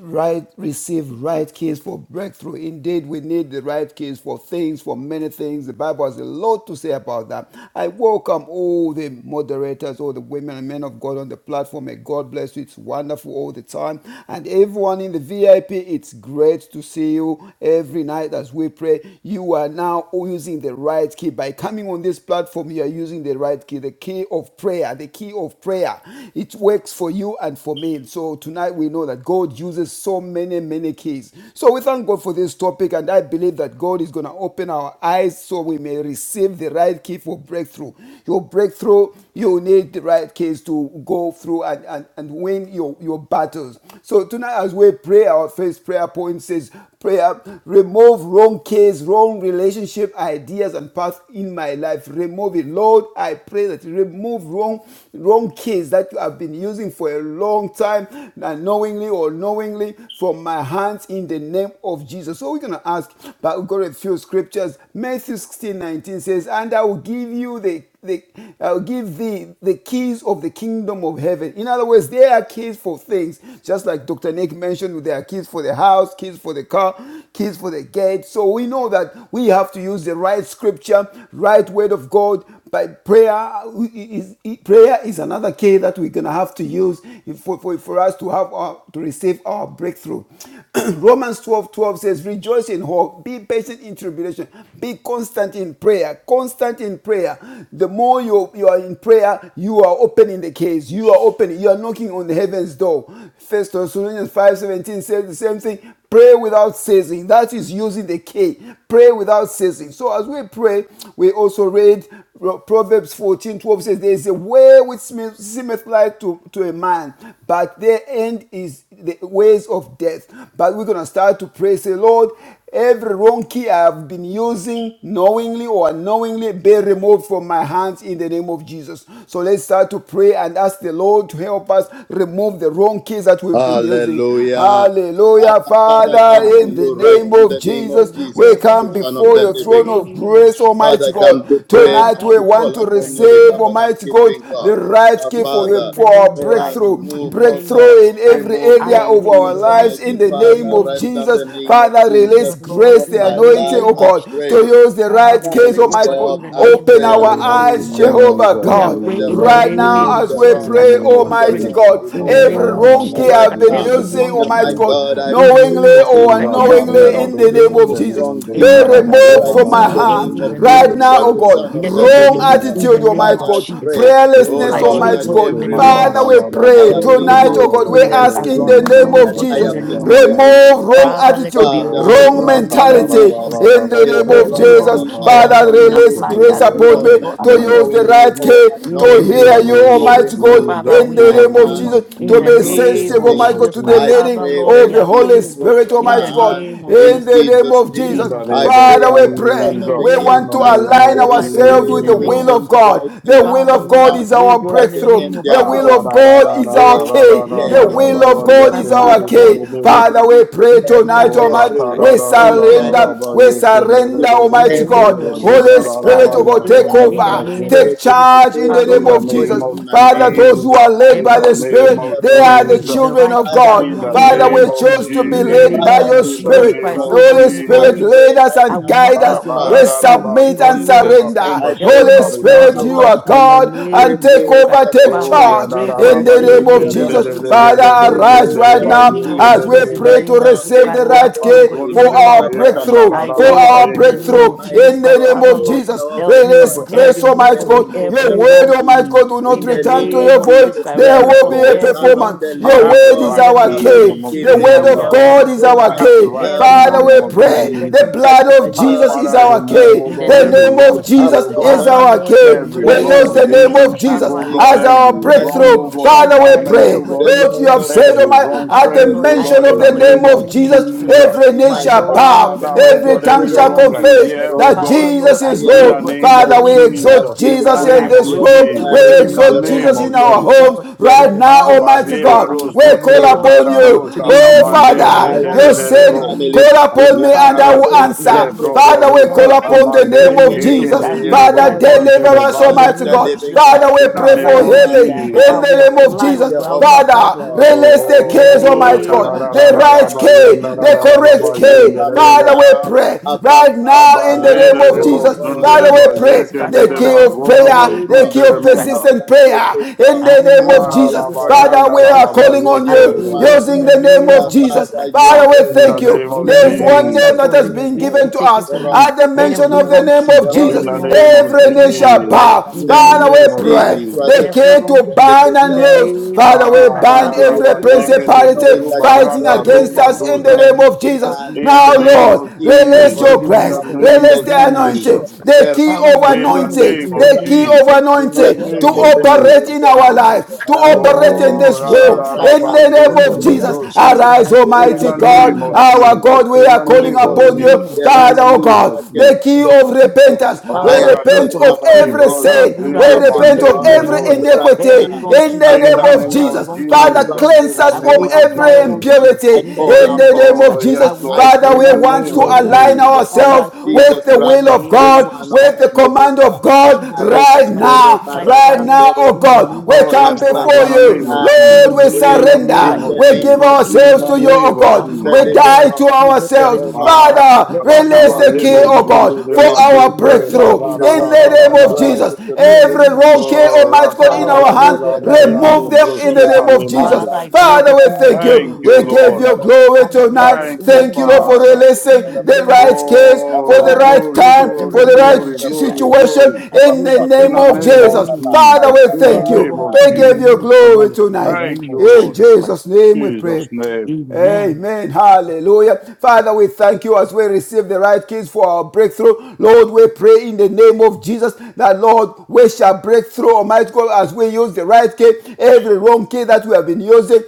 Speaker 5: Right, receive right keys for breakthrough. Indeed, we need the right keys for things, for many things. The Bible has a lot to say about that. I welcome all the moderators, all the women and men of God on the platform. May God bless you. It's wonderful all the time. And everyone in the VIP, it's great to see you every night as we pray. You are you are now using the right key. By coming on this platform, you are using the right key, the key of prayer, the key of prayer. It works for you and for me. So tonight we know that God uses so many, many keys. So we thank God for this topic, and I believe that God is going to open our eyes so we may receive the right key for breakthrough. Your breakthrough, you need the right keys to go through and, and, and win your, your battles. So tonight, as we pray, our first prayer point says, Prayer, remove remove wrong case, wrong relationship, ideas, and paths in my life. Remove it. Lord, I pray that you remove wrong, wrong case that you have been using for a long time, unknowingly or knowingly, from my hands in the name of Jesus. So we're going to ask, but we've got a few scriptures. Matthew 16 19 says, And I will give you the the I'll give thee the keys of the kingdom of heaven. In other words, there are keys for things, just like Dr. Nick mentioned, there are keys for the house, keys for the car, keys for the gate. So we know that we have to use the right scripture, right word of God. By prayer, is, prayer is another key that we're gonna have to use for, for, for us to have our, to receive our breakthrough. Romans 12 12 says, Rejoice in hope, be patient in tribulation, be constant in prayer, constant in prayer prayer, the more you, you are in prayer, you are opening the case. You are opening, you are knocking on the heaven's door. First Thessalonians 5:17 says the same thing. Pray without ceasing. That is using the key. Pray without ceasing. So as we pray, we also read Proverbs 14 12 says, There is a way which seemeth seemeth light to, to a man, but their end is the ways of death. But we're going to start to pray. Say, Lord, Every wrong key I have been using knowingly or unknowingly be removed from my hands in the name of Jesus. So let's start to pray and ask the Lord to help us remove the wrong keys that we've been using.
Speaker 4: Hallelujah.
Speaker 5: Hallelujah.
Speaker 4: Abba, Father, I
Speaker 2: Jesus,
Speaker 5: Father,
Speaker 4: come
Speaker 2: Father,
Speaker 4: to
Speaker 5: in
Speaker 2: we
Speaker 5: the
Speaker 4: you
Speaker 2: pray
Speaker 4: right
Speaker 5: name
Speaker 2: that
Speaker 4: now in
Speaker 2: you
Speaker 5: of
Speaker 4: the
Speaker 2: will
Speaker 4: name
Speaker 5: Jesus,
Speaker 4: of
Speaker 2: remove
Speaker 4: Jesus
Speaker 5: we
Speaker 4: Christ, the
Speaker 5: come
Speaker 2: everything
Speaker 4: Son of
Speaker 5: before
Speaker 4: the
Speaker 5: your
Speaker 2: in the
Speaker 4: living
Speaker 5: throne of
Speaker 4: God.
Speaker 2: name of
Speaker 5: grace,
Speaker 4: And
Speaker 2: Jesus
Speaker 5: Almighty
Speaker 4: Father, I
Speaker 2: Christ.
Speaker 5: God.
Speaker 4: come to pray
Speaker 5: Tonight
Speaker 2: Father,
Speaker 4: and
Speaker 5: we
Speaker 4: to
Speaker 5: want
Speaker 2: Lord,
Speaker 4: call
Speaker 5: to
Speaker 2: in the
Speaker 4: upon you, the
Speaker 5: receive,
Speaker 2: name of
Speaker 4: covenant
Speaker 2: Jesus
Speaker 5: Almighty
Speaker 2: Christ,
Speaker 5: God,
Speaker 4: keeping
Speaker 2: Father,
Speaker 5: the
Speaker 4: God.
Speaker 2: Lord,
Speaker 5: right
Speaker 4: The
Speaker 5: key
Speaker 2: we
Speaker 5: for,
Speaker 2: pray
Speaker 5: the,
Speaker 2: in
Speaker 4: Father,
Speaker 2: the
Speaker 5: for
Speaker 2: name
Speaker 5: our
Speaker 2: of
Speaker 4: prayer
Speaker 2: right
Speaker 5: breakthrough.
Speaker 2: thing in
Speaker 4: remove,
Speaker 2: the
Speaker 4: oh
Speaker 2: name of
Speaker 4: God,
Speaker 5: Breakthrough in
Speaker 2: Jesus Christ.
Speaker 5: every
Speaker 4: remove
Speaker 5: area
Speaker 2: I
Speaker 4: wrong
Speaker 5: of
Speaker 2: pray for
Speaker 5: our
Speaker 2: the
Speaker 4: keys,
Speaker 2: right
Speaker 5: lives in
Speaker 2: thing
Speaker 4: Almighty
Speaker 5: the
Speaker 2: in the
Speaker 5: name
Speaker 4: Father,
Speaker 5: of
Speaker 2: name
Speaker 4: right
Speaker 2: of
Speaker 4: now in
Speaker 5: Jesus.
Speaker 4: the
Speaker 2: Jesus Christ.
Speaker 4: name of
Speaker 5: Father, Father,
Speaker 4: Jesus
Speaker 5: release
Speaker 2: Father, Lord,
Speaker 5: grace,
Speaker 4: from
Speaker 2: in
Speaker 5: the
Speaker 2: the
Speaker 4: my
Speaker 5: anointing,
Speaker 4: life,
Speaker 2: name
Speaker 5: oh
Speaker 4: I
Speaker 2: of Jesus
Speaker 5: God, to
Speaker 4: pray.
Speaker 2: Christ.
Speaker 5: use the
Speaker 2: Father,
Speaker 5: right
Speaker 2: we
Speaker 5: case,
Speaker 2: pray
Speaker 5: oh
Speaker 4: Mighty
Speaker 5: my
Speaker 2: over
Speaker 5: God.
Speaker 2: in
Speaker 4: God,
Speaker 6: In
Speaker 2: the
Speaker 4: I
Speaker 2: name of
Speaker 5: Open
Speaker 4: pray,
Speaker 6: the
Speaker 5: our
Speaker 2: Jesus.
Speaker 6: name of
Speaker 4: remove
Speaker 5: eyes,
Speaker 2: Christ,
Speaker 4: the
Speaker 2: Lord,
Speaker 4: wrong,
Speaker 5: Jehovah
Speaker 6: Jesus,
Speaker 2: we are
Speaker 6: in
Speaker 5: God.
Speaker 4: remove
Speaker 2: praying
Speaker 6: the
Speaker 4: the
Speaker 2: in
Speaker 6: name
Speaker 2: the
Speaker 6: of
Speaker 4: wrong,
Speaker 5: Right
Speaker 4: remove
Speaker 2: name
Speaker 5: now,
Speaker 2: of
Speaker 5: as
Speaker 4: the
Speaker 6: Jesus,
Speaker 5: we
Speaker 2: Jesus
Speaker 6: in
Speaker 4: wrong,
Speaker 6: the
Speaker 2: Christ.
Speaker 5: pray,
Speaker 4: remove
Speaker 2: We
Speaker 4: the
Speaker 5: Almighty
Speaker 2: pray
Speaker 4: wrong,
Speaker 5: God,
Speaker 2: in
Speaker 4: remove
Speaker 2: the
Speaker 4: the
Speaker 5: every
Speaker 2: name
Speaker 4: wrong
Speaker 2: of
Speaker 5: wrong
Speaker 4: key
Speaker 5: key
Speaker 2: Jesus
Speaker 4: right
Speaker 5: I've
Speaker 2: Christ.
Speaker 5: been
Speaker 4: now.
Speaker 2: Every
Speaker 5: using,
Speaker 2: young
Speaker 4: Now,
Speaker 5: Almighty
Speaker 4: my
Speaker 2: child
Speaker 5: God,
Speaker 4: God, I
Speaker 2: in the
Speaker 4: pray in
Speaker 2: name
Speaker 5: knowingly
Speaker 4: the
Speaker 2: of
Speaker 5: or
Speaker 4: name
Speaker 2: the
Speaker 4: of
Speaker 2: every
Speaker 5: unknowingly,
Speaker 4: Jesus,
Speaker 5: in
Speaker 2: Lord,
Speaker 5: the
Speaker 2: in the
Speaker 5: name
Speaker 2: name
Speaker 5: of
Speaker 2: of
Speaker 4: remove
Speaker 5: Jesus,
Speaker 2: Jesus.
Speaker 4: wrong
Speaker 5: be
Speaker 4: keys
Speaker 2: Anything that is
Speaker 5: removed
Speaker 4: right
Speaker 5: from
Speaker 4: now
Speaker 5: my
Speaker 2: using
Speaker 4: in the
Speaker 2: again
Speaker 5: hands.
Speaker 4: name
Speaker 2: in the
Speaker 4: of
Speaker 2: name
Speaker 5: Right
Speaker 2: of
Speaker 4: Jesus
Speaker 5: now,
Speaker 2: Jesus.
Speaker 4: Christ,
Speaker 5: oh
Speaker 4: the Son
Speaker 5: God,
Speaker 4: of
Speaker 2: Let
Speaker 4: the
Speaker 2: it be
Speaker 5: wrong
Speaker 4: living
Speaker 2: removed
Speaker 4: God.
Speaker 2: in the
Speaker 5: attitude,
Speaker 6: name
Speaker 2: name
Speaker 5: Almighty
Speaker 4: Father,
Speaker 2: of
Speaker 6: of Jesus.
Speaker 4: I
Speaker 5: God,
Speaker 2: Jesus Christ.
Speaker 4: pray, oh
Speaker 5: prayerlessness,
Speaker 2: I
Speaker 6: Libra
Speaker 4: Lord,
Speaker 6: dos
Speaker 2: pray
Speaker 4: that
Speaker 5: Almighty
Speaker 2: God in
Speaker 6: yuke
Speaker 2: the
Speaker 5: God.
Speaker 4: every
Speaker 2: name of
Speaker 4: wrong
Speaker 5: Father,
Speaker 6: mandara
Speaker 5: we
Speaker 2: Jesus.
Speaker 4: key
Speaker 6: baba
Speaker 5: pray
Speaker 4: I have
Speaker 6: yuke
Speaker 4: been
Speaker 5: tonight,
Speaker 2: Everyone
Speaker 5: oh God,
Speaker 4: using,
Speaker 5: we
Speaker 2: Lord, that
Speaker 5: ask
Speaker 4: every
Speaker 2: I've
Speaker 5: in
Speaker 2: been
Speaker 4: wrong
Speaker 5: the name
Speaker 2: using
Speaker 4: key
Speaker 2: of
Speaker 4: that
Speaker 5: of
Speaker 2: God
Speaker 4: I
Speaker 2: in
Speaker 5: Jesus,
Speaker 2: the
Speaker 4: have been
Speaker 2: name of Jesus.
Speaker 4: using, oh
Speaker 5: remove wrong
Speaker 4: God,
Speaker 2: Father,
Speaker 5: attitude
Speaker 2: let it
Speaker 5: attitude,
Speaker 2: be
Speaker 4: Father, in
Speaker 6: Oh,
Speaker 4: the
Speaker 2: removed
Speaker 5: wrong
Speaker 2: in the
Speaker 4: name of
Speaker 6: raka ra
Speaker 2: name of
Speaker 6: ra
Speaker 5: mentality.
Speaker 6: ra
Speaker 4: Jesus
Speaker 6: ra ra
Speaker 2: Jesus
Speaker 6: ra
Speaker 5: In
Speaker 2: Christ.
Speaker 6: ra
Speaker 5: the
Speaker 6: ra
Speaker 5: name
Speaker 4: every
Speaker 6: ra
Speaker 5: of
Speaker 6: ra
Speaker 2: Every
Speaker 4: wrong
Speaker 5: Jesus,
Speaker 2: wrong
Speaker 6: ra
Speaker 4: key
Speaker 2: key
Speaker 6: ra
Speaker 4: I
Speaker 2: that
Speaker 4: have
Speaker 6: ra
Speaker 2: has
Speaker 5: Father,
Speaker 6: ra.
Speaker 4: been
Speaker 2: been
Speaker 5: release
Speaker 2: applied,
Speaker 4: using,
Speaker 5: grace
Speaker 2: that
Speaker 5: upon
Speaker 2: every
Speaker 4: no,
Speaker 5: me
Speaker 2: door
Speaker 4: my
Speaker 2: has
Speaker 5: to
Speaker 2: been
Speaker 4: God,
Speaker 5: use the
Speaker 2: opened to
Speaker 4: knowingly
Speaker 5: right
Speaker 2: me.
Speaker 4: or
Speaker 5: key
Speaker 2: In the
Speaker 5: to
Speaker 6: Yes, in
Speaker 4: unknowingly,
Speaker 5: hear
Speaker 6: the
Speaker 2: name
Speaker 5: you,
Speaker 2: of
Speaker 6: name
Speaker 4: be
Speaker 6: of
Speaker 5: Almighty
Speaker 2: Jesus, Christ,
Speaker 5: God.
Speaker 4: removed
Speaker 2: Father,
Speaker 5: In
Speaker 4: from
Speaker 6: Jesus.
Speaker 2: we
Speaker 6: In
Speaker 5: the
Speaker 6: the
Speaker 2: are
Speaker 4: my
Speaker 5: name of
Speaker 6: name
Speaker 2: praying
Speaker 4: hands
Speaker 6: of
Speaker 5: Jesus,
Speaker 2: in
Speaker 5: to
Speaker 2: the
Speaker 4: in
Speaker 5: be
Speaker 6: Jesus. In the
Speaker 4: Jesus'
Speaker 2: name
Speaker 5: sensitive,
Speaker 6: name
Speaker 2: of
Speaker 5: Almighty
Speaker 4: name.
Speaker 6: of
Speaker 5: God,
Speaker 2: Jesus
Speaker 5: to the
Speaker 6: Jesus.
Speaker 2: Christ,
Speaker 4: I
Speaker 5: leading
Speaker 2: Father,
Speaker 4: pray,
Speaker 2: Lord,
Speaker 4: let
Speaker 5: of
Speaker 2: we
Speaker 5: the
Speaker 2: are
Speaker 4: it be
Speaker 5: Holy
Speaker 2: praying God.
Speaker 4: removed
Speaker 5: Spirit,
Speaker 4: from
Speaker 2: in
Speaker 5: Almighty
Speaker 2: the
Speaker 4: my
Speaker 5: God.
Speaker 4: hands
Speaker 2: name of
Speaker 4: in
Speaker 5: In
Speaker 2: Jesus,
Speaker 5: the name
Speaker 4: Jesus'
Speaker 5: of
Speaker 4: name.
Speaker 6: In
Speaker 2: name
Speaker 6: the
Speaker 5: Jesus,
Speaker 2: of
Speaker 4: I
Speaker 6: name
Speaker 2: Jesus
Speaker 6: of
Speaker 2: Christ,
Speaker 4: pray,
Speaker 5: Father, we
Speaker 4: Abba
Speaker 2: Lord.
Speaker 5: pray.
Speaker 2: in
Speaker 4: Father,
Speaker 2: the
Speaker 5: We
Speaker 6: Jesus.
Speaker 2: name
Speaker 4: beginning
Speaker 6: In the name of Jesus. In
Speaker 5: want
Speaker 2: of
Speaker 6: the
Speaker 5: to
Speaker 4: now.
Speaker 2: Jesus
Speaker 6: name
Speaker 2: Christ,
Speaker 5: align
Speaker 2: Father,
Speaker 6: of
Speaker 4: There
Speaker 2: I
Speaker 4: is a
Speaker 2: pray
Speaker 5: ourselves
Speaker 2: in
Speaker 4: way
Speaker 5: with
Speaker 2: the
Speaker 5: the
Speaker 4: which
Speaker 2: name
Speaker 5: will
Speaker 2: of
Speaker 6: Jesus.
Speaker 5: of
Speaker 4: seems
Speaker 2: Jesus
Speaker 5: God.
Speaker 2: Christ,
Speaker 4: right
Speaker 5: The
Speaker 4: in
Speaker 5: will
Speaker 2: Father,
Speaker 5: of
Speaker 4: unto
Speaker 2: Lord,
Speaker 5: God
Speaker 2: we
Speaker 5: is
Speaker 4: man,
Speaker 2: pray,
Speaker 5: our
Speaker 2: God, in
Speaker 4: but
Speaker 2: the
Speaker 4: the
Speaker 5: breakthrough.
Speaker 2: name
Speaker 4: end
Speaker 2: of
Speaker 5: The
Speaker 6: Ah,
Speaker 5: will
Speaker 2: Jesus,
Speaker 6: ra
Speaker 4: thereof
Speaker 5: of
Speaker 6: ra ra
Speaker 5: God
Speaker 4: are
Speaker 6: ra
Speaker 5: is
Speaker 6: ra
Speaker 5: our
Speaker 6: ra
Speaker 4: ways
Speaker 6: ra
Speaker 4: of
Speaker 5: key.
Speaker 6: ra ra
Speaker 2: in
Speaker 4: death.
Speaker 2: the
Speaker 5: The
Speaker 6: ra ra ra
Speaker 2: name
Speaker 5: will
Speaker 2: of
Speaker 5: of
Speaker 4: Every
Speaker 6: ra.
Speaker 2: Jesus
Speaker 5: God
Speaker 6: Yes,
Speaker 4: wrong
Speaker 5: is
Speaker 2: Christ,
Speaker 6: in
Speaker 4: key
Speaker 5: our
Speaker 2: Father,
Speaker 6: the
Speaker 4: that
Speaker 6: name
Speaker 5: key.
Speaker 2: Lord,
Speaker 4: is
Speaker 6: of Jesus.
Speaker 5: Father,
Speaker 4: leading me
Speaker 5: we
Speaker 4: to
Speaker 5: pray
Speaker 2: in
Speaker 4: death
Speaker 2: the
Speaker 5: tonight,
Speaker 6: Oh,
Speaker 2: name of
Speaker 5: Almighty.
Speaker 2: Jesus
Speaker 4: every
Speaker 6: raka
Speaker 2: Christ,
Speaker 6: ra
Speaker 5: We
Speaker 4: wrong
Speaker 6: ra ra
Speaker 4: tip
Speaker 6: ra
Speaker 2: Father,
Speaker 6: ra
Speaker 4: that
Speaker 6: ra
Speaker 2: Lord,
Speaker 4: is
Speaker 5: surrender.
Speaker 6: ra.
Speaker 5: We
Speaker 6: Yes, in the
Speaker 5: surrender,
Speaker 4: unproductive,
Speaker 6: name of
Speaker 2: in the
Speaker 5: Almighty
Speaker 4: every
Speaker 5: God.
Speaker 2: name of
Speaker 6: Jesus.
Speaker 4: wrong
Speaker 2: Jesus
Speaker 5: Holy
Speaker 6: Ruba
Speaker 4: tip
Speaker 2: Christ,
Speaker 6: ra ra
Speaker 4: that
Speaker 2: Father,
Speaker 5: Spirit,
Speaker 4: I
Speaker 6: ra
Speaker 5: oh
Speaker 2: we
Speaker 4: have
Speaker 6: ya
Speaker 5: God,
Speaker 2: pray,
Speaker 5: take
Speaker 6: zonda
Speaker 4: applied
Speaker 6: ra
Speaker 2: in
Speaker 4: in
Speaker 2: the
Speaker 4: my
Speaker 5: over.
Speaker 2: name
Speaker 6: ra.
Speaker 2: of
Speaker 5: Take
Speaker 4: spirit, in
Speaker 2: Jesus
Speaker 4: my
Speaker 2: Christ,
Speaker 5: charge in
Speaker 4: soul,
Speaker 5: the
Speaker 2: Father,
Speaker 4: in
Speaker 6: In
Speaker 5: name
Speaker 6: the
Speaker 2: Lord,
Speaker 4: my
Speaker 5: of
Speaker 2: give me
Speaker 6: name
Speaker 5: Jesus.
Speaker 4: body,
Speaker 6: of
Speaker 4: in
Speaker 2: wisdom,
Speaker 4: my
Speaker 5: Father,
Speaker 4: family.
Speaker 5: those
Speaker 6: Jesus.
Speaker 5: who are led
Speaker 6: In
Speaker 4: Father,
Speaker 5: by
Speaker 2: every
Speaker 6: the
Speaker 5: the
Speaker 2: the
Speaker 4: remove
Speaker 6: name
Speaker 5: Spirit,
Speaker 2: key,
Speaker 6: of
Speaker 4: the
Speaker 5: they
Speaker 4: wrong
Speaker 2: the
Speaker 5: are the
Speaker 2: key,
Speaker 4: keys.
Speaker 6: Jesus.
Speaker 2: the
Speaker 5: children
Speaker 2: right
Speaker 5: of
Speaker 2: key that I
Speaker 4: Father,
Speaker 2: will
Speaker 6: In
Speaker 5: God.
Speaker 2: not
Speaker 6: the
Speaker 2: use
Speaker 4: remove
Speaker 2: the
Speaker 5: Father,
Speaker 4: the
Speaker 6: name
Speaker 5: we
Speaker 2: wrong
Speaker 4: wrong
Speaker 6: of
Speaker 2: key.
Speaker 5: choose to
Speaker 4: keys.
Speaker 5: be
Speaker 2: In the
Speaker 5: led by by
Speaker 2: name
Speaker 6: Jesus.
Speaker 4: Father,
Speaker 2: of
Speaker 5: your
Speaker 6: In the
Speaker 4: remove
Speaker 2: Jesus
Speaker 5: Spirit.
Speaker 4: the
Speaker 6: name
Speaker 2: Christ,
Speaker 4: wrong
Speaker 2: oh
Speaker 6: of
Speaker 4: keys.
Speaker 2: God,
Speaker 5: Holy
Speaker 2: in the
Speaker 4: I
Speaker 5: Spirit,
Speaker 2: name of Jesus
Speaker 6: Jesus.
Speaker 5: lead
Speaker 4: pray
Speaker 2: Christ,
Speaker 5: us
Speaker 4: right
Speaker 2: I
Speaker 5: and
Speaker 2: will
Speaker 4: now,
Speaker 2: not
Speaker 5: guide us.
Speaker 6: Ah,
Speaker 4: Abba
Speaker 2: use the
Speaker 5: We
Speaker 2: wrong
Speaker 4: Father.
Speaker 2: key,
Speaker 4: Mm.
Speaker 2: oh God,
Speaker 6: barararaba
Speaker 5: submit
Speaker 2: in the
Speaker 5: and
Speaker 2: name of
Speaker 6: zondere
Speaker 2: Jesus
Speaker 5: surrender.
Speaker 2: Christ.
Speaker 6: bakumba
Speaker 4: I
Speaker 2: Help me
Speaker 4: pray
Speaker 5: Holy
Speaker 6: shita
Speaker 4: right
Speaker 2: not to
Speaker 4: now,
Speaker 2: use
Speaker 5: Spirit,
Speaker 2: the
Speaker 6: librando.
Speaker 5: you
Speaker 2: wrong
Speaker 4: Abba
Speaker 5: are
Speaker 2: key in the
Speaker 4: Father,
Speaker 5: God
Speaker 2: name
Speaker 5: and
Speaker 2: of
Speaker 5: take
Speaker 2: Jesus
Speaker 4: remove
Speaker 2: Christ.
Speaker 5: over,
Speaker 4: the wrong
Speaker 5: take
Speaker 2: Father,
Speaker 6: Oh,
Speaker 2: I
Speaker 6: ya
Speaker 5: charge
Speaker 4: keys,
Speaker 2: pray for
Speaker 5: in
Speaker 2: this
Speaker 5: the
Speaker 6: dararaba
Speaker 2: in the
Speaker 5: name
Speaker 4: remove
Speaker 5: of
Speaker 4: the
Speaker 2: name of
Speaker 4: wrong
Speaker 5: Jesus.
Speaker 2: Jesus
Speaker 4: keys,
Speaker 2: Christ.
Speaker 5: Father,
Speaker 2: Help
Speaker 6: yekendelelelele
Speaker 2: me,
Speaker 6: bo
Speaker 2: oh God.
Speaker 5: arise
Speaker 4: remove
Speaker 6: zundere
Speaker 5: right
Speaker 4: the
Speaker 6: ba
Speaker 2: Bless
Speaker 4: wrong
Speaker 5: now
Speaker 2: me not
Speaker 4: keys.
Speaker 5: as we
Speaker 2: use
Speaker 6: yekendelele
Speaker 2: in the
Speaker 5: pray
Speaker 6: bo.
Speaker 4: Right
Speaker 5: to
Speaker 2: name of
Speaker 4: now,
Speaker 2: Jesus
Speaker 5: receive
Speaker 2: Christ.
Speaker 5: the
Speaker 6: Ya
Speaker 4: ancient
Speaker 2: Wrong
Speaker 5: right
Speaker 4: of
Speaker 2: key,
Speaker 6: ba
Speaker 2: oh
Speaker 5: key
Speaker 2: God, in
Speaker 4: days,
Speaker 5: for
Speaker 2: the
Speaker 6: zondere
Speaker 2: name
Speaker 6: ba
Speaker 5: our
Speaker 2: of Jesus Christ.
Speaker 4: covenant
Speaker 5: breakthrough,
Speaker 2: I
Speaker 5: for
Speaker 2: pray,
Speaker 4: keeping
Speaker 2: oh
Speaker 6: yekendararaba
Speaker 2: God,
Speaker 5: our
Speaker 4: God,
Speaker 2: in the
Speaker 6: yeken.
Speaker 2: name of
Speaker 5: breakthrough
Speaker 2: Jesus
Speaker 4: Almighty
Speaker 5: in the
Speaker 2: Christ.
Speaker 4: God,
Speaker 5: name
Speaker 2: Father,
Speaker 5: of
Speaker 4: oh
Speaker 2: Lord,
Speaker 5: Jesus.
Speaker 2: help
Speaker 4: powerful
Speaker 2: me, oh
Speaker 5: Release
Speaker 4: God,
Speaker 2: God.
Speaker 4: I
Speaker 5: grace,
Speaker 2: Every move
Speaker 4: pray
Speaker 5: Almighty
Speaker 2: from me,
Speaker 5: God.
Speaker 4: remove
Speaker 5: Your
Speaker 4: the
Speaker 2: every
Speaker 4: wrong
Speaker 2: wrong
Speaker 5: word, Almighty
Speaker 4: keys
Speaker 2: key.
Speaker 5: God, do not
Speaker 2: In
Speaker 4: in
Speaker 2: the
Speaker 4: the
Speaker 5: return
Speaker 4: name
Speaker 5: to
Speaker 4: of
Speaker 2: name
Speaker 5: your
Speaker 2: of Jesus
Speaker 5: void.
Speaker 4: Jesus
Speaker 2: Christ,
Speaker 5: There
Speaker 4: Christ,
Speaker 2: remove
Speaker 6: Yes,
Speaker 5: will be
Speaker 2: from
Speaker 5: a
Speaker 4: the
Speaker 6: Lord.
Speaker 2: every
Speaker 4: Son of
Speaker 2: wrong
Speaker 4: the
Speaker 5: performance.
Speaker 2: key, oh
Speaker 6: I
Speaker 5: Your
Speaker 2: God.
Speaker 4: living
Speaker 6: have the
Speaker 5: word is word
Speaker 4: God,
Speaker 5: is
Speaker 2: In
Speaker 6: right
Speaker 2: the
Speaker 5: our
Speaker 6: key in the
Speaker 2: name
Speaker 4: covenant
Speaker 5: key.
Speaker 6: name
Speaker 2: of
Speaker 6: of
Speaker 5: The
Speaker 2: Jesus
Speaker 4: keeping
Speaker 2: Christ,
Speaker 5: word
Speaker 2: we
Speaker 5: of
Speaker 2: are
Speaker 6: Jesus.
Speaker 4: God,
Speaker 5: God
Speaker 2: praying,
Speaker 5: is
Speaker 2: bring
Speaker 5: our
Speaker 6: I
Speaker 2: tonight
Speaker 6: have the
Speaker 4: Almighty
Speaker 5: key.
Speaker 6: right key
Speaker 4: God,
Speaker 2: every
Speaker 6: in the
Speaker 5: Father,
Speaker 2: wrong
Speaker 5: we
Speaker 4: I
Speaker 6: name
Speaker 2: key,
Speaker 6: of
Speaker 2: oh
Speaker 5: pray.
Speaker 2: God.
Speaker 4: pray
Speaker 2: Let
Speaker 6: Jesus.
Speaker 5: The
Speaker 2: me take
Speaker 4: that
Speaker 5: blood
Speaker 2: it
Speaker 4: my
Speaker 5: of
Speaker 2: away.
Speaker 6: Ah,
Speaker 5: Jesus
Speaker 4: God,
Speaker 5: is
Speaker 6: Father,
Speaker 4: my
Speaker 5: our key.
Speaker 6: remove,
Speaker 4: God,
Speaker 6: oh
Speaker 2: In the
Speaker 6: God,
Speaker 5: The
Speaker 4: mm,
Speaker 2: name
Speaker 6: every
Speaker 5: name
Speaker 2: of
Speaker 5: of
Speaker 6: wrong
Speaker 2: Jesus
Speaker 6: key,
Speaker 2: Christ.
Speaker 5: Jesus
Speaker 6: oh
Speaker 4: Abba
Speaker 6: God,
Speaker 5: is
Speaker 2: Father,
Speaker 4: Father,
Speaker 5: our
Speaker 2: Lord, in
Speaker 5: key.
Speaker 2: the
Speaker 6: every
Speaker 5: We
Speaker 2: name
Speaker 6: wrong
Speaker 5: use
Speaker 4: righteous
Speaker 2: of
Speaker 5: the name
Speaker 2: Jesus
Speaker 5: of
Speaker 2: Christ.
Speaker 4: Father,
Speaker 6: relationship,
Speaker 5: Jesus
Speaker 2: Father, I
Speaker 6: oh
Speaker 4: eh,
Speaker 6: God,
Speaker 5: as
Speaker 2: pray.
Speaker 4: right
Speaker 5: our
Speaker 6: every
Speaker 4: now
Speaker 2: In the
Speaker 4: I am
Speaker 6: wrong,
Speaker 2: name
Speaker 6: oh
Speaker 5: breakthrough.
Speaker 2: of
Speaker 4: calling
Speaker 6: God,
Speaker 2: Jesus
Speaker 5: Father, we
Speaker 4: upon
Speaker 2: Christ.
Speaker 4: you,
Speaker 6: appointment,
Speaker 2: Pray,
Speaker 5: pray.
Speaker 6: oh
Speaker 2: God,
Speaker 4: the
Speaker 6: God,
Speaker 2: in the
Speaker 5: Lord, you
Speaker 4: Lord
Speaker 2: name
Speaker 5: have
Speaker 4: of
Speaker 2: of
Speaker 5: said,
Speaker 2: Jesus
Speaker 5: oh
Speaker 6: every
Speaker 5: my,
Speaker 4: breakthrough.
Speaker 6: wrong
Speaker 5: at
Speaker 2: Father,
Speaker 5: the
Speaker 6: friend,
Speaker 2: Lord,
Speaker 6: oh
Speaker 4: Remove
Speaker 2: I
Speaker 5: mention
Speaker 6: God,
Speaker 2: pray,
Speaker 6: in
Speaker 5: of
Speaker 6: the
Speaker 5: the
Speaker 2: God,
Speaker 4: every
Speaker 2: in
Speaker 5: name
Speaker 6: name
Speaker 2: the
Speaker 6: of
Speaker 5: of
Speaker 4: wrong
Speaker 2: name of
Speaker 5: Jesus,
Speaker 4: key
Speaker 2: Jesus
Speaker 4: in
Speaker 6: Jesus.
Speaker 4: my
Speaker 2: Christ.
Speaker 5: every knee
Speaker 2: My
Speaker 4: life,
Speaker 5: shall
Speaker 4: oh God.
Speaker 5: bow,
Speaker 2: Lord
Speaker 6: Father,
Speaker 2: and my
Speaker 6: oh
Speaker 5: every
Speaker 6: God,
Speaker 2: God, in
Speaker 4: Every
Speaker 5: tongue
Speaker 2: the
Speaker 6: every
Speaker 5: shall
Speaker 4: wrong
Speaker 2: name
Speaker 6: wrong
Speaker 2: of
Speaker 4: key,
Speaker 2: Jesus.
Speaker 4: the
Speaker 6: idea,
Speaker 5: confess
Speaker 6: oh
Speaker 4: wrong
Speaker 5: that
Speaker 6: God,
Speaker 2: Father,
Speaker 4: key of
Speaker 5: Jesus
Speaker 2: Lord, I
Speaker 5: is
Speaker 4: fear,
Speaker 2: pray,
Speaker 6: in
Speaker 4: the
Speaker 6: the
Speaker 5: Lord.
Speaker 2: God,
Speaker 4: wrong
Speaker 2: in
Speaker 6: name
Speaker 2: the
Speaker 4: key
Speaker 6: of
Speaker 4: of
Speaker 5: Father,
Speaker 2: name
Speaker 5: we
Speaker 2: of Jesus
Speaker 5: exalt
Speaker 2: Christ.
Speaker 6: Jesus,
Speaker 4: anxiety,
Speaker 6: in
Speaker 4: the
Speaker 6: the
Speaker 5: Jesus
Speaker 2: Father,
Speaker 4: wrong
Speaker 5: in
Speaker 6: name
Speaker 2: I
Speaker 6: of
Speaker 5: this
Speaker 4: key
Speaker 2: pray,
Speaker 4: of
Speaker 2: God,
Speaker 5: room.
Speaker 2: in
Speaker 5: We
Speaker 2: the
Speaker 6: Jesus,
Speaker 4: worry,
Speaker 6: in
Speaker 2: name
Speaker 6: the
Speaker 2: of
Speaker 4: the
Speaker 5: exalt
Speaker 2: Jesus
Speaker 4: wrong
Speaker 2: Christ,
Speaker 6: name
Speaker 5: Jesus in
Speaker 6: of
Speaker 2: even
Speaker 4: key
Speaker 2: for
Speaker 4: of
Speaker 5: our
Speaker 2: this,
Speaker 5: home
Speaker 2: oh
Speaker 6: Jesus.
Speaker 4: doubt,
Speaker 2: God,
Speaker 5: homes
Speaker 4: the
Speaker 2: in
Speaker 5: right
Speaker 4: wrong
Speaker 2: the
Speaker 5: now,
Speaker 4: key
Speaker 6: Ah,
Speaker 2: name
Speaker 4: of
Speaker 2: of
Speaker 5: Almighty
Speaker 2: Jesus
Speaker 6: barre
Speaker 2: Christ,
Speaker 5: God.
Speaker 6: baros,
Speaker 2: Father,
Speaker 4: unbelief,
Speaker 5: We
Speaker 2: for the
Speaker 6: zote
Speaker 5: call
Speaker 6: le
Speaker 2: wrong
Speaker 4: every
Speaker 5: upon
Speaker 6: brada
Speaker 2: key
Speaker 4: wrong
Speaker 5: you,
Speaker 2: to be
Speaker 6: rosa,
Speaker 4: key
Speaker 5: oh
Speaker 4: in
Speaker 2: removed
Speaker 4: my
Speaker 6: kamande,
Speaker 2: from me,
Speaker 6: re,
Speaker 2: a
Speaker 6: re,
Speaker 5: Father.
Speaker 4: life,
Speaker 2: wrong
Speaker 6: re,
Speaker 5: You
Speaker 4: in
Speaker 2: key
Speaker 6: re,
Speaker 4: my
Speaker 2: in
Speaker 6: re,
Speaker 2: the
Speaker 5: said,
Speaker 6: bo.
Speaker 2: name of
Speaker 4: family,
Speaker 5: Call
Speaker 2: Jesus Christ.
Speaker 4: in
Speaker 5: upon me
Speaker 4: my
Speaker 5: and
Speaker 2: Father,
Speaker 5: I
Speaker 2: I
Speaker 4: house,
Speaker 6: Yendara
Speaker 5: will
Speaker 2: pray in
Speaker 6: zote
Speaker 2: the
Speaker 5: answer.
Speaker 6: de
Speaker 4: let
Speaker 2: name
Speaker 4: there
Speaker 2: of Jesus
Speaker 4: be
Speaker 6: brodo
Speaker 2: Christ,
Speaker 5: Father, we
Speaker 2: wrong
Speaker 5: call
Speaker 4: removed
Speaker 6: duzanta
Speaker 2: key
Speaker 5: upon the
Speaker 4: right
Speaker 6: mande,
Speaker 2: you
Speaker 4: now
Speaker 5: name
Speaker 4: in
Speaker 5: of
Speaker 4: the
Speaker 2: remove it,
Speaker 4: name
Speaker 2: but
Speaker 5: Jesus.
Speaker 6: yekende
Speaker 4: of
Speaker 2: I will not
Speaker 4: Jesus
Speaker 5: Father,
Speaker 2: apply
Speaker 6: yerebo
Speaker 4: Christ,
Speaker 2: wrong
Speaker 5: deliver
Speaker 6: zunte
Speaker 2: key.
Speaker 4: the
Speaker 6: de
Speaker 5: us,
Speaker 2: In
Speaker 4: Son
Speaker 2: the
Speaker 4: of
Speaker 6: brado.
Speaker 5: Almighty
Speaker 4: the
Speaker 2: name
Speaker 5: God.
Speaker 2: of
Speaker 4: living
Speaker 2: Jesus Christ, I
Speaker 4: God.
Speaker 5: Father, we
Speaker 6: In
Speaker 2: will
Speaker 6: the
Speaker 5: pray
Speaker 2: not apply
Speaker 6: name
Speaker 5: for
Speaker 4: Abba,
Speaker 6: of
Speaker 2: wrong
Speaker 5: healing
Speaker 2: key.
Speaker 4: Father, I
Speaker 5: in
Speaker 2: But
Speaker 6: Jesus.
Speaker 2: we
Speaker 5: the name
Speaker 4: pray,
Speaker 5: of
Speaker 2: apply, oh
Speaker 5: Jesus.
Speaker 2: God, I will
Speaker 4: Jehovah,
Speaker 2: not
Speaker 4: my
Speaker 2: apply the
Speaker 5: Father,
Speaker 2: wrong
Speaker 4: God,
Speaker 2: key.
Speaker 5: release
Speaker 4: that
Speaker 5: the
Speaker 2: In the
Speaker 4: Lord,
Speaker 5: case,
Speaker 6: Oh,
Speaker 5: Almighty
Speaker 4: you
Speaker 5: God.
Speaker 2: name of
Speaker 4: remember
Speaker 5: The
Speaker 2: Jesus
Speaker 4: me
Speaker 5: right
Speaker 2: Christ,
Speaker 6: akararararaba,
Speaker 4: now.
Speaker 2: I
Speaker 5: care, the
Speaker 2: pray.
Speaker 5: correct
Speaker 6: yendarararaba,
Speaker 5: care.
Speaker 4: Remember me
Speaker 5: Father,
Speaker 6: yenderebo.
Speaker 5: we
Speaker 4: now,
Speaker 5: pray
Speaker 4: Abba
Speaker 5: right now in the
Speaker 4: Father.
Speaker 2: Father, I
Speaker 5: name of
Speaker 2: pray, oh
Speaker 4: Oh
Speaker 2: God,
Speaker 6: Kabarerebo,
Speaker 5: Jesus.
Speaker 2: in the
Speaker 4: God,
Speaker 5: Father,
Speaker 4: I
Speaker 2: name
Speaker 5: we
Speaker 2: of
Speaker 6: zunderebo,
Speaker 4: call
Speaker 5: pray
Speaker 2: Jesus
Speaker 4: upon
Speaker 2: Christ.
Speaker 5: the
Speaker 4: you,
Speaker 5: key
Speaker 2: Father,
Speaker 6: yekenderebo,
Speaker 5: of
Speaker 2: Lord, in
Speaker 4: covenant
Speaker 2: the
Speaker 5: prayer,
Speaker 6: rodaba,
Speaker 4: keeping
Speaker 2: name of
Speaker 5: the key
Speaker 4: God.
Speaker 5: of
Speaker 2: Jesus Christ.
Speaker 6: zunderemunda.
Speaker 5: persistent
Speaker 4: Covenant
Speaker 5: prayer
Speaker 4: keeping
Speaker 5: in
Speaker 4: God.
Speaker 2: In
Speaker 5: the
Speaker 2: the
Speaker 5: name
Speaker 4: I
Speaker 2: name
Speaker 5: of
Speaker 2: of
Speaker 4: call
Speaker 5: Jesus.
Speaker 2: Jesus
Speaker 6: Tararaba,
Speaker 4: upon
Speaker 2: Christ,
Speaker 4: you
Speaker 5: Father,
Speaker 2: Father,
Speaker 5: we
Speaker 4: right
Speaker 2: we
Speaker 5: are
Speaker 2: pray.
Speaker 4: now.
Speaker 6: yandararaba,
Speaker 5: calling on
Speaker 2: I
Speaker 5: you
Speaker 4: Oh
Speaker 2: pray,
Speaker 4: my
Speaker 6: yekenderebo.
Speaker 2: but in
Speaker 5: using
Speaker 4: God.
Speaker 2: the
Speaker 5: the name
Speaker 2: name
Speaker 5: of
Speaker 4: The
Speaker 2: of
Speaker 5: Jesus.
Speaker 2: Jesus
Speaker 4: Father,
Speaker 2: Christ,
Speaker 4: you are
Speaker 5: Father,
Speaker 2: Father,
Speaker 5: we
Speaker 2: I
Speaker 6: In the
Speaker 5: thank
Speaker 2: pray.
Speaker 4: worthy.
Speaker 5: you.
Speaker 6: name
Speaker 2: In the
Speaker 6: of
Speaker 4: Let
Speaker 5: There is
Speaker 2: name
Speaker 4: the
Speaker 2: of
Speaker 5: one
Speaker 2: Jesus
Speaker 4: wrong
Speaker 5: name
Speaker 2: Christ,
Speaker 4: key
Speaker 6: Jesus.
Speaker 5: that
Speaker 2: for
Speaker 4: be
Speaker 2: the
Speaker 5: has been
Speaker 2: grave be
Speaker 5: given
Speaker 4: removed.
Speaker 5: to
Speaker 2: taken
Speaker 5: us
Speaker 4: The
Speaker 2: from me.
Speaker 4: wrong
Speaker 5: at the
Speaker 4: key be
Speaker 5: mention
Speaker 2: Every
Speaker 5: of the
Speaker 2: wrong
Speaker 4: removed.
Speaker 5: name
Speaker 2: key,
Speaker 5: of
Speaker 4: The wrong
Speaker 6: In
Speaker 5: Jesus.
Speaker 2: every
Speaker 6: the
Speaker 4: key be
Speaker 2: wrong
Speaker 6: name
Speaker 2: key,
Speaker 6: of
Speaker 5: Every
Speaker 4: removed.
Speaker 2: every
Speaker 5: nation
Speaker 2: wrong
Speaker 5: shall
Speaker 2: key.
Speaker 4: Right
Speaker 5: bow.
Speaker 6: Jesus.
Speaker 4: now, in
Speaker 2: In
Speaker 6: In
Speaker 2: the
Speaker 4: the
Speaker 6: the
Speaker 2: name
Speaker 5: Father,
Speaker 4: name
Speaker 2: of
Speaker 5: we
Speaker 4: of
Speaker 6: name
Speaker 2: Jesus
Speaker 6: of
Speaker 2: Christ, every
Speaker 4: Jesus
Speaker 5: pray
Speaker 2: wrong
Speaker 4: Christ,
Speaker 2: key.
Speaker 5: the
Speaker 4: the
Speaker 6: Jesus.
Speaker 2: every
Speaker 4: Son
Speaker 5: key
Speaker 4: of
Speaker 5: to
Speaker 2: wrong
Speaker 4: the
Speaker 2: key.
Speaker 5: bind
Speaker 4: living
Speaker 2: In
Speaker 5: and
Speaker 2: the
Speaker 4: God,
Speaker 5: loose.
Speaker 2: name of
Speaker 4: I'm
Speaker 5: Father,
Speaker 2: Jesus
Speaker 5: we
Speaker 6: Ah,
Speaker 2: Christ,
Speaker 6: la,
Speaker 4: looking
Speaker 5: bind
Speaker 6: la,
Speaker 4: to
Speaker 2: Father,
Speaker 6: la,
Speaker 2: I
Speaker 4: you,
Speaker 6: la,
Speaker 5: every
Speaker 4: O
Speaker 2: pray for
Speaker 4: God,
Speaker 2: this in the
Speaker 5: principality
Speaker 6: yekendeki,
Speaker 2: name
Speaker 4: knowing
Speaker 2: of
Speaker 4: that,
Speaker 2: Jesus
Speaker 6: zuba,
Speaker 2: Christ.
Speaker 4: my
Speaker 5: fighting
Speaker 6: rada,
Speaker 4: God,
Speaker 2: Let
Speaker 4: you
Speaker 5: against
Speaker 2: every
Speaker 6: rumba,
Speaker 2: wrong
Speaker 5: us
Speaker 4: cannot
Speaker 2: key
Speaker 5: in
Speaker 2: be
Speaker 5: the
Speaker 6: doza.
Speaker 5: name
Speaker 4: fail.
Speaker 2: removed,
Speaker 5: of
Speaker 2: oh God,
Speaker 5: Jesus.
Speaker 4: But
Speaker 2: in the
Speaker 6: In
Speaker 4: that
Speaker 6: the
Speaker 5: Now,
Speaker 4: the
Speaker 2: name of
Speaker 4: wrong
Speaker 6: name
Speaker 2: Jesus.
Speaker 5: Lord,
Speaker 6: of
Speaker 4: keys,
Speaker 2: Let
Speaker 4: O
Speaker 5: release
Speaker 2: it
Speaker 5: your
Speaker 6: Jesus,
Speaker 4: God,
Speaker 2: be
Speaker 6: in the
Speaker 5: Christ.
Speaker 2: removed from
Speaker 6: name
Speaker 2: in the
Speaker 5: Release
Speaker 6: of
Speaker 4: submitted
Speaker 5: the
Speaker 4: by
Speaker 2: name of
Speaker 5: anointing,
Speaker 6: Jesus,
Speaker 4: evil.
Speaker 2: Jesus Christ.
Speaker 5: the
Speaker 4: The
Speaker 5: key
Speaker 4: wrong
Speaker 2: Father,
Speaker 5: of
Speaker 2: we
Speaker 4: keys
Speaker 2: are
Speaker 6: in the
Speaker 2: praying
Speaker 5: anointing,
Speaker 6: name
Speaker 2: in
Speaker 4: submitted
Speaker 2: the
Speaker 6: of
Speaker 4: by
Speaker 5: the key
Speaker 2: name of
Speaker 5: of
Speaker 4: evil.
Speaker 6: Jesus,
Speaker 2: Jesus.
Speaker 6: in the
Speaker 5: anointing
Speaker 4: Let
Speaker 2: In
Speaker 5: to
Speaker 2: the
Speaker 4: them
Speaker 6: name
Speaker 4: be
Speaker 6: of
Speaker 2: name of Jesus,
Speaker 5: operate
Speaker 4: removed,
Speaker 6: Jesus.
Speaker 5: in our
Speaker 2: Father,
Speaker 4: Almighty
Speaker 5: life, to
Speaker 4: God. I
Speaker 2: in the
Speaker 5: operate
Speaker 4: pray
Speaker 5: in
Speaker 2: name
Speaker 6: Oh,
Speaker 2: of
Speaker 5: this
Speaker 6: la,
Speaker 4: for
Speaker 6: la,
Speaker 5: room.
Speaker 4: the
Speaker 2: Jesus,
Speaker 6: la, la,
Speaker 4: right
Speaker 6: ba,
Speaker 5: In
Speaker 2: Father,
Speaker 5: the
Speaker 4: key,
Speaker 2: in
Speaker 5: name
Speaker 6: zose,
Speaker 2: the
Speaker 5: of
Speaker 4: the
Speaker 2: name
Speaker 5: Jesus,
Speaker 4: right
Speaker 2: of
Speaker 6: mados.
Speaker 2: Jesus,
Speaker 4: key,
Speaker 2: Father,
Speaker 5: arise,
Speaker 2: I
Speaker 4: the
Speaker 2: pray,
Speaker 6: In
Speaker 5: Almighty
Speaker 4: right
Speaker 6: the
Speaker 2: God, in the
Speaker 5: God,
Speaker 4: key
Speaker 6: name
Speaker 2: name
Speaker 6: of
Speaker 2: of
Speaker 4: that
Speaker 2: Jesus,
Speaker 5: our
Speaker 4: can
Speaker 6: Jesus,
Speaker 5: God. We
Speaker 6: in
Speaker 4: open
Speaker 5: are
Speaker 6: the
Speaker 4: many
Speaker 5: calling
Speaker 6: name
Speaker 2: in
Speaker 6: of
Speaker 2: the
Speaker 4: doors,
Speaker 5: upon you,
Speaker 2: name of
Speaker 6: Jesus,
Speaker 4: the
Speaker 6: in
Speaker 4: right
Speaker 5: Father,
Speaker 2: Jesus,
Speaker 6: the
Speaker 5: oh
Speaker 4: key
Speaker 6: name of
Speaker 4: that
Speaker 5: God,
Speaker 4: can
Speaker 5: the key
Speaker 6: Jesus.
Speaker 4: open
Speaker 5: of
Speaker 4: many
Speaker 2: Jesus.
Speaker 4: doors.
Speaker 5: repentance. We
Speaker 4: I
Speaker 6: Oh,
Speaker 2: Father, I
Speaker 4: am
Speaker 2: pray
Speaker 6: rada,
Speaker 5: repent
Speaker 2: for
Speaker 4: calling
Speaker 2: the
Speaker 5: of
Speaker 6: zoba,
Speaker 4: upon
Speaker 6: re,
Speaker 4: you,
Speaker 2: king.
Speaker 5: every
Speaker 4: the
Speaker 6: groza,
Speaker 5: sin,
Speaker 2: every
Speaker 4: covenant
Speaker 5: we
Speaker 6: zeta,
Speaker 2: round key,
Speaker 4: keeping
Speaker 5: repent
Speaker 2: let
Speaker 5: of
Speaker 6: mande,
Speaker 2: it be
Speaker 4: God,
Speaker 5: every
Speaker 2: removed.
Speaker 6: levosa.
Speaker 4: right
Speaker 5: iniquity
Speaker 2: every
Speaker 4: now.
Speaker 2: wrong key
Speaker 5: in
Speaker 2: be
Speaker 5: the
Speaker 6: In
Speaker 4: Abba
Speaker 6: the
Speaker 5: name of
Speaker 2: removed.
Speaker 6: name
Speaker 2: Let the
Speaker 6: of
Speaker 5: Jesus.
Speaker 2: wrong
Speaker 4: Father,
Speaker 2: key be
Speaker 5: Father,
Speaker 4: Abba
Speaker 6: Jesus,
Speaker 2: removed.
Speaker 6: in
Speaker 5: cleanse
Speaker 6: the
Speaker 2: I
Speaker 5: us
Speaker 4: Father.
Speaker 2: will
Speaker 5: from
Speaker 6: name
Speaker 2: not
Speaker 4: Mm.
Speaker 6: of
Speaker 5: every
Speaker 2: apply wrong
Speaker 6: Jesus.
Speaker 2: key
Speaker 5: impurity
Speaker 4: I
Speaker 2: in the
Speaker 4: call
Speaker 5: in
Speaker 2: name of
Speaker 5: the
Speaker 4: upon
Speaker 5: name
Speaker 2: Jesus.
Speaker 6: Oh,
Speaker 5: of
Speaker 4: you.
Speaker 6: yes,
Speaker 2: I will
Speaker 5: Jesus.
Speaker 4: I
Speaker 2: not
Speaker 6: Lord,
Speaker 4: call
Speaker 5: Father,
Speaker 2: apply
Speaker 6: in
Speaker 5: we
Speaker 6: the
Speaker 2: wrong key
Speaker 4: upon
Speaker 5: want
Speaker 2: in
Speaker 6: name
Speaker 5: to
Speaker 2: the
Speaker 4: you
Speaker 6: of
Speaker 2: name
Speaker 4: right
Speaker 2: of
Speaker 4: now
Speaker 5: align
Speaker 2: Jesus.
Speaker 4: in the
Speaker 6: Jesus.
Speaker 2: Father,
Speaker 4: name
Speaker 5: ourselves
Speaker 2: I
Speaker 4: of
Speaker 2: pray, God,
Speaker 4: Jesus
Speaker 5: with the
Speaker 2: in the
Speaker 4: Christ,
Speaker 5: will of
Speaker 4: the
Speaker 2: name of
Speaker 5: God,
Speaker 4: Son
Speaker 2: Jesus.
Speaker 4: of
Speaker 5: with
Speaker 4: the
Speaker 5: the
Speaker 4: Living
Speaker 5: command of
Speaker 4: God.
Speaker 2: In
Speaker 5: God
Speaker 2: Jesus Christ,
Speaker 5: right
Speaker 2: I not
Speaker 4: Marikandoro
Speaker 5: now.
Speaker 2: like
Speaker 5: Right
Speaker 2: lion
Speaker 5: now,
Speaker 4: barakandere
Speaker 5: oh
Speaker 2: in the
Speaker 5: God,
Speaker 4: baha.
Speaker 2: name
Speaker 5: we
Speaker 2: of
Speaker 6: Oh,
Speaker 2: Jesus
Speaker 5: come
Speaker 6: yes,
Speaker 2: Christ. I
Speaker 4: Abba,
Speaker 6: Lord,
Speaker 5: before
Speaker 6: in
Speaker 2: like
Speaker 6: the
Speaker 5: you.
Speaker 6: name
Speaker 2: lion
Speaker 6: of
Speaker 4: Father, I
Speaker 2: in the
Speaker 5: Lord, we
Speaker 6: Jesus. In
Speaker 4: pray
Speaker 2: name
Speaker 6: the
Speaker 2: of Jesus
Speaker 5: surrender.
Speaker 6: name
Speaker 2: Christ.
Speaker 4: in the
Speaker 6: of
Speaker 2: Even for
Speaker 5: We
Speaker 2: this,
Speaker 4: name
Speaker 5: give
Speaker 2: but
Speaker 4: of
Speaker 6: Jesus.
Speaker 2: in the
Speaker 6: In
Speaker 5: ourselves
Speaker 4: Jesus
Speaker 6: the
Speaker 5: to
Speaker 2: name
Speaker 5: you,
Speaker 2: of
Speaker 4: Christ, the
Speaker 5: oh
Speaker 6: name of
Speaker 2: I
Speaker 4: Son of
Speaker 2: will
Speaker 5: God.
Speaker 2: not
Speaker 4: the
Speaker 5: We
Speaker 6: Jesus.
Speaker 2: apply
Speaker 4: Living
Speaker 5: die to
Speaker 2: wrong
Speaker 4: God.
Speaker 2: key, but in the name
Speaker 5: ourselves.
Speaker 2: of
Speaker 4: Jehovah,
Speaker 2: Jesus
Speaker 4: my
Speaker 6: Ah,
Speaker 2: Christ,
Speaker 5: Father,
Speaker 2: let
Speaker 4: God,
Speaker 2: every
Speaker 4: you
Speaker 5: release
Speaker 4: are
Speaker 2: wrong
Speaker 5: the
Speaker 2: key be
Speaker 5: key,
Speaker 6: rakabarebo
Speaker 5: oh
Speaker 4: worthy to be
Speaker 2: removed.
Speaker 6: zundere
Speaker 5: God,
Speaker 6: de
Speaker 5: for
Speaker 2: Let
Speaker 4: praised,
Speaker 2: it be
Speaker 5: our
Speaker 6: madeke
Speaker 2: removed.
Speaker 6: de
Speaker 2: Let
Speaker 4: worthy
Speaker 2: it
Speaker 6: ba
Speaker 5: breakthrough.
Speaker 4: to
Speaker 2: be
Speaker 6: ra
Speaker 4: be
Speaker 6: ra
Speaker 5: In
Speaker 6: ra
Speaker 2: removed.
Speaker 5: the
Speaker 4: worshipped,
Speaker 6: ra
Speaker 2: Let it
Speaker 6: ra
Speaker 2: be
Speaker 5: name
Speaker 6: ra
Speaker 5: of
Speaker 6: ra
Speaker 2: removed.
Speaker 6: ra.
Speaker 5: Jesus,
Speaker 4: worthy to be
Speaker 2: In the
Speaker 5: every
Speaker 2: name
Speaker 4: lifted
Speaker 2: of
Speaker 5: wrong
Speaker 4: on
Speaker 5: key,
Speaker 2: Jesus Christ.
Speaker 5: Almighty
Speaker 6: Oh,
Speaker 5: God, in
Speaker 4: high.
Speaker 2: Father, I
Speaker 5: our
Speaker 2: pray
Speaker 5: hands,
Speaker 2: God in
Speaker 4: Marikandere
Speaker 2: the name
Speaker 5: remove
Speaker 6: rakarararararayande
Speaker 2: of
Speaker 5: them in
Speaker 4: brokodoro
Speaker 5: the
Speaker 6: broshi
Speaker 2: Jesus
Speaker 5: name
Speaker 2: Christ.
Speaker 5: of
Speaker 2: Father,
Speaker 6: halimande.
Speaker 4: Abba,
Speaker 5: Jesus.
Speaker 2: I pray
Speaker 5: Father,
Speaker 2: God
Speaker 5: we
Speaker 2: in the
Speaker 4: Father.
Speaker 5: thank
Speaker 2: name
Speaker 6: Thank
Speaker 5: you.
Speaker 2: of
Speaker 6: you,
Speaker 5: We
Speaker 2: Jesus Christ.
Speaker 5: give
Speaker 2: oh
Speaker 6: Lord.
Speaker 5: you
Speaker 4: Izikatara
Speaker 2: I
Speaker 5: glory
Speaker 2: pray
Speaker 4: Brakaskara
Speaker 5: tonight.
Speaker 2: God
Speaker 6: Thank
Speaker 2: in
Speaker 6: you,
Speaker 2: the
Speaker 5: Thank you,
Speaker 2: name
Speaker 5: Lord,
Speaker 4: Brakasakara
Speaker 2: of
Speaker 5: for
Speaker 2: Jesus.
Speaker 6: Father.
Speaker 2: Christ. In
Speaker 4: Brakoskara
Speaker 5: releasing
Speaker 2: the
Speaker 5: the
Speaker 2: name
Speaker 5: right
Speaker 2: of
Speaker 4: Brakamama.
Speaker 2: Jesus Christ.
Speaker 5: case, for the
Speaker 6: Oh,
Speaker 4: Amnara
Speaker 2: Father, I
Speaker 5: right
Speaker 2: pray
Speaker 6: glory,
Speaker 2: God
Speaker 5: time,
Speaker 4: Brakoskara
Speaker 2: in the
Speaker 5: for
Speaker 6: glory,
Speaker 5: the right
Speaker 2: name of
Speaker 6: glory,
Speaker 4: Brakoskara
Speaker 5: si-,
Speaker 2: Jesus Christ.
Speaker 6: glory,
Speaker 5: situation
Speaker 6: glory.
Speaker 4: Brakosikatara
Speaker 2: I
Speaker 5: in
Speaker 2: pray,
Speaker 5: the
Speaker 4: Bamama.
Speaker 2: God,
Speaker 6: In
Speaker 5: name
Speaker 6: the
Speaker 2: even
Speaker 5: of
Speaker 2: in the
Speaker 6: name of
Speaker 5: Jesus.
Speaker 2: name of
Speaker 4: Amdaraba
Speaker 2: Jesus,
Speaker 5: Father,
Speaker 2: that
Speaker 6: Jesus.
Speaker 5: we
Speaker 4: Abba
Speaker 6: In the
Speaker 5: thank
Speaker 6: name
Speaker 5: you.
Speaker 2: everyone
Speaker 6: of
Speaker 4: Father,
Speaker 5: We
Speaker 2: keep you
Speaker 5: give
Speaker 6: Jesus.
Speaker 5: you
Speaker 2: removed
Speaker 5: glory
Speaker 2: from me
Speaker 4: Rikati
Speaker 2: in
Speaker 5: tonight.
Speaker 2: the
Speaker 6: Thank
Speaker 2: name of
Speaker 6: you,
Speaker 5: In
Speaker 4: Karamokurba.
Speaker 6: Lord.
Speaker 2: Jesus Christ.
Speaker 5: Jesus' name we
Speaker 6: Jesus'
Speaker 5: pray.
Speaker 6: name.
Speaker 2: Amen.
Speaker 5: Amen. Hallelujah. Father, we thank you as we receive the right keys for our breakthrough. Lord, we pray in the name of Jesus that, Lord, we shall break through, Almighty God, as we use the right key, every wrong key that we have been using.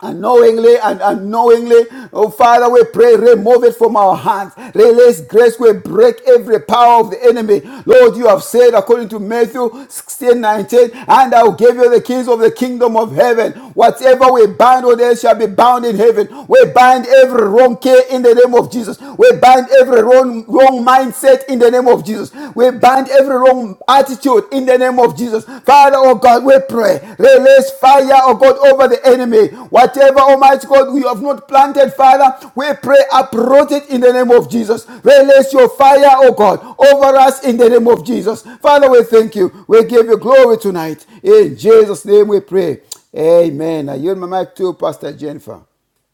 Speaker 5: Unknowingly and unknowingly, oh Father, we pray, remove it from our hands. Release grace, we break every power of the enemy. Lord, you have said according to Matthew 16 19, and I will give you the keys of the kingdom of heaven. Whatever we bind on earth shall be bound in heaven. We bind every wrong care in the name of Jesus. We bind every wrong, wrong mindset in the name of Jesus. We bind bind every wrong attitude in the name of Jesus. Father, oh God, we pray. Release fire, oh God, over the enemy. Whatever, Almighty God, we have not planted, Father, we pray, uproot it in the name of Jesus. Release your fire, oh God, over us in the name of Jesus. Father, we thank you. We give you glory tonight. In Jesus' name we pray. Amen. I yield my mic to Pastor Jennifer.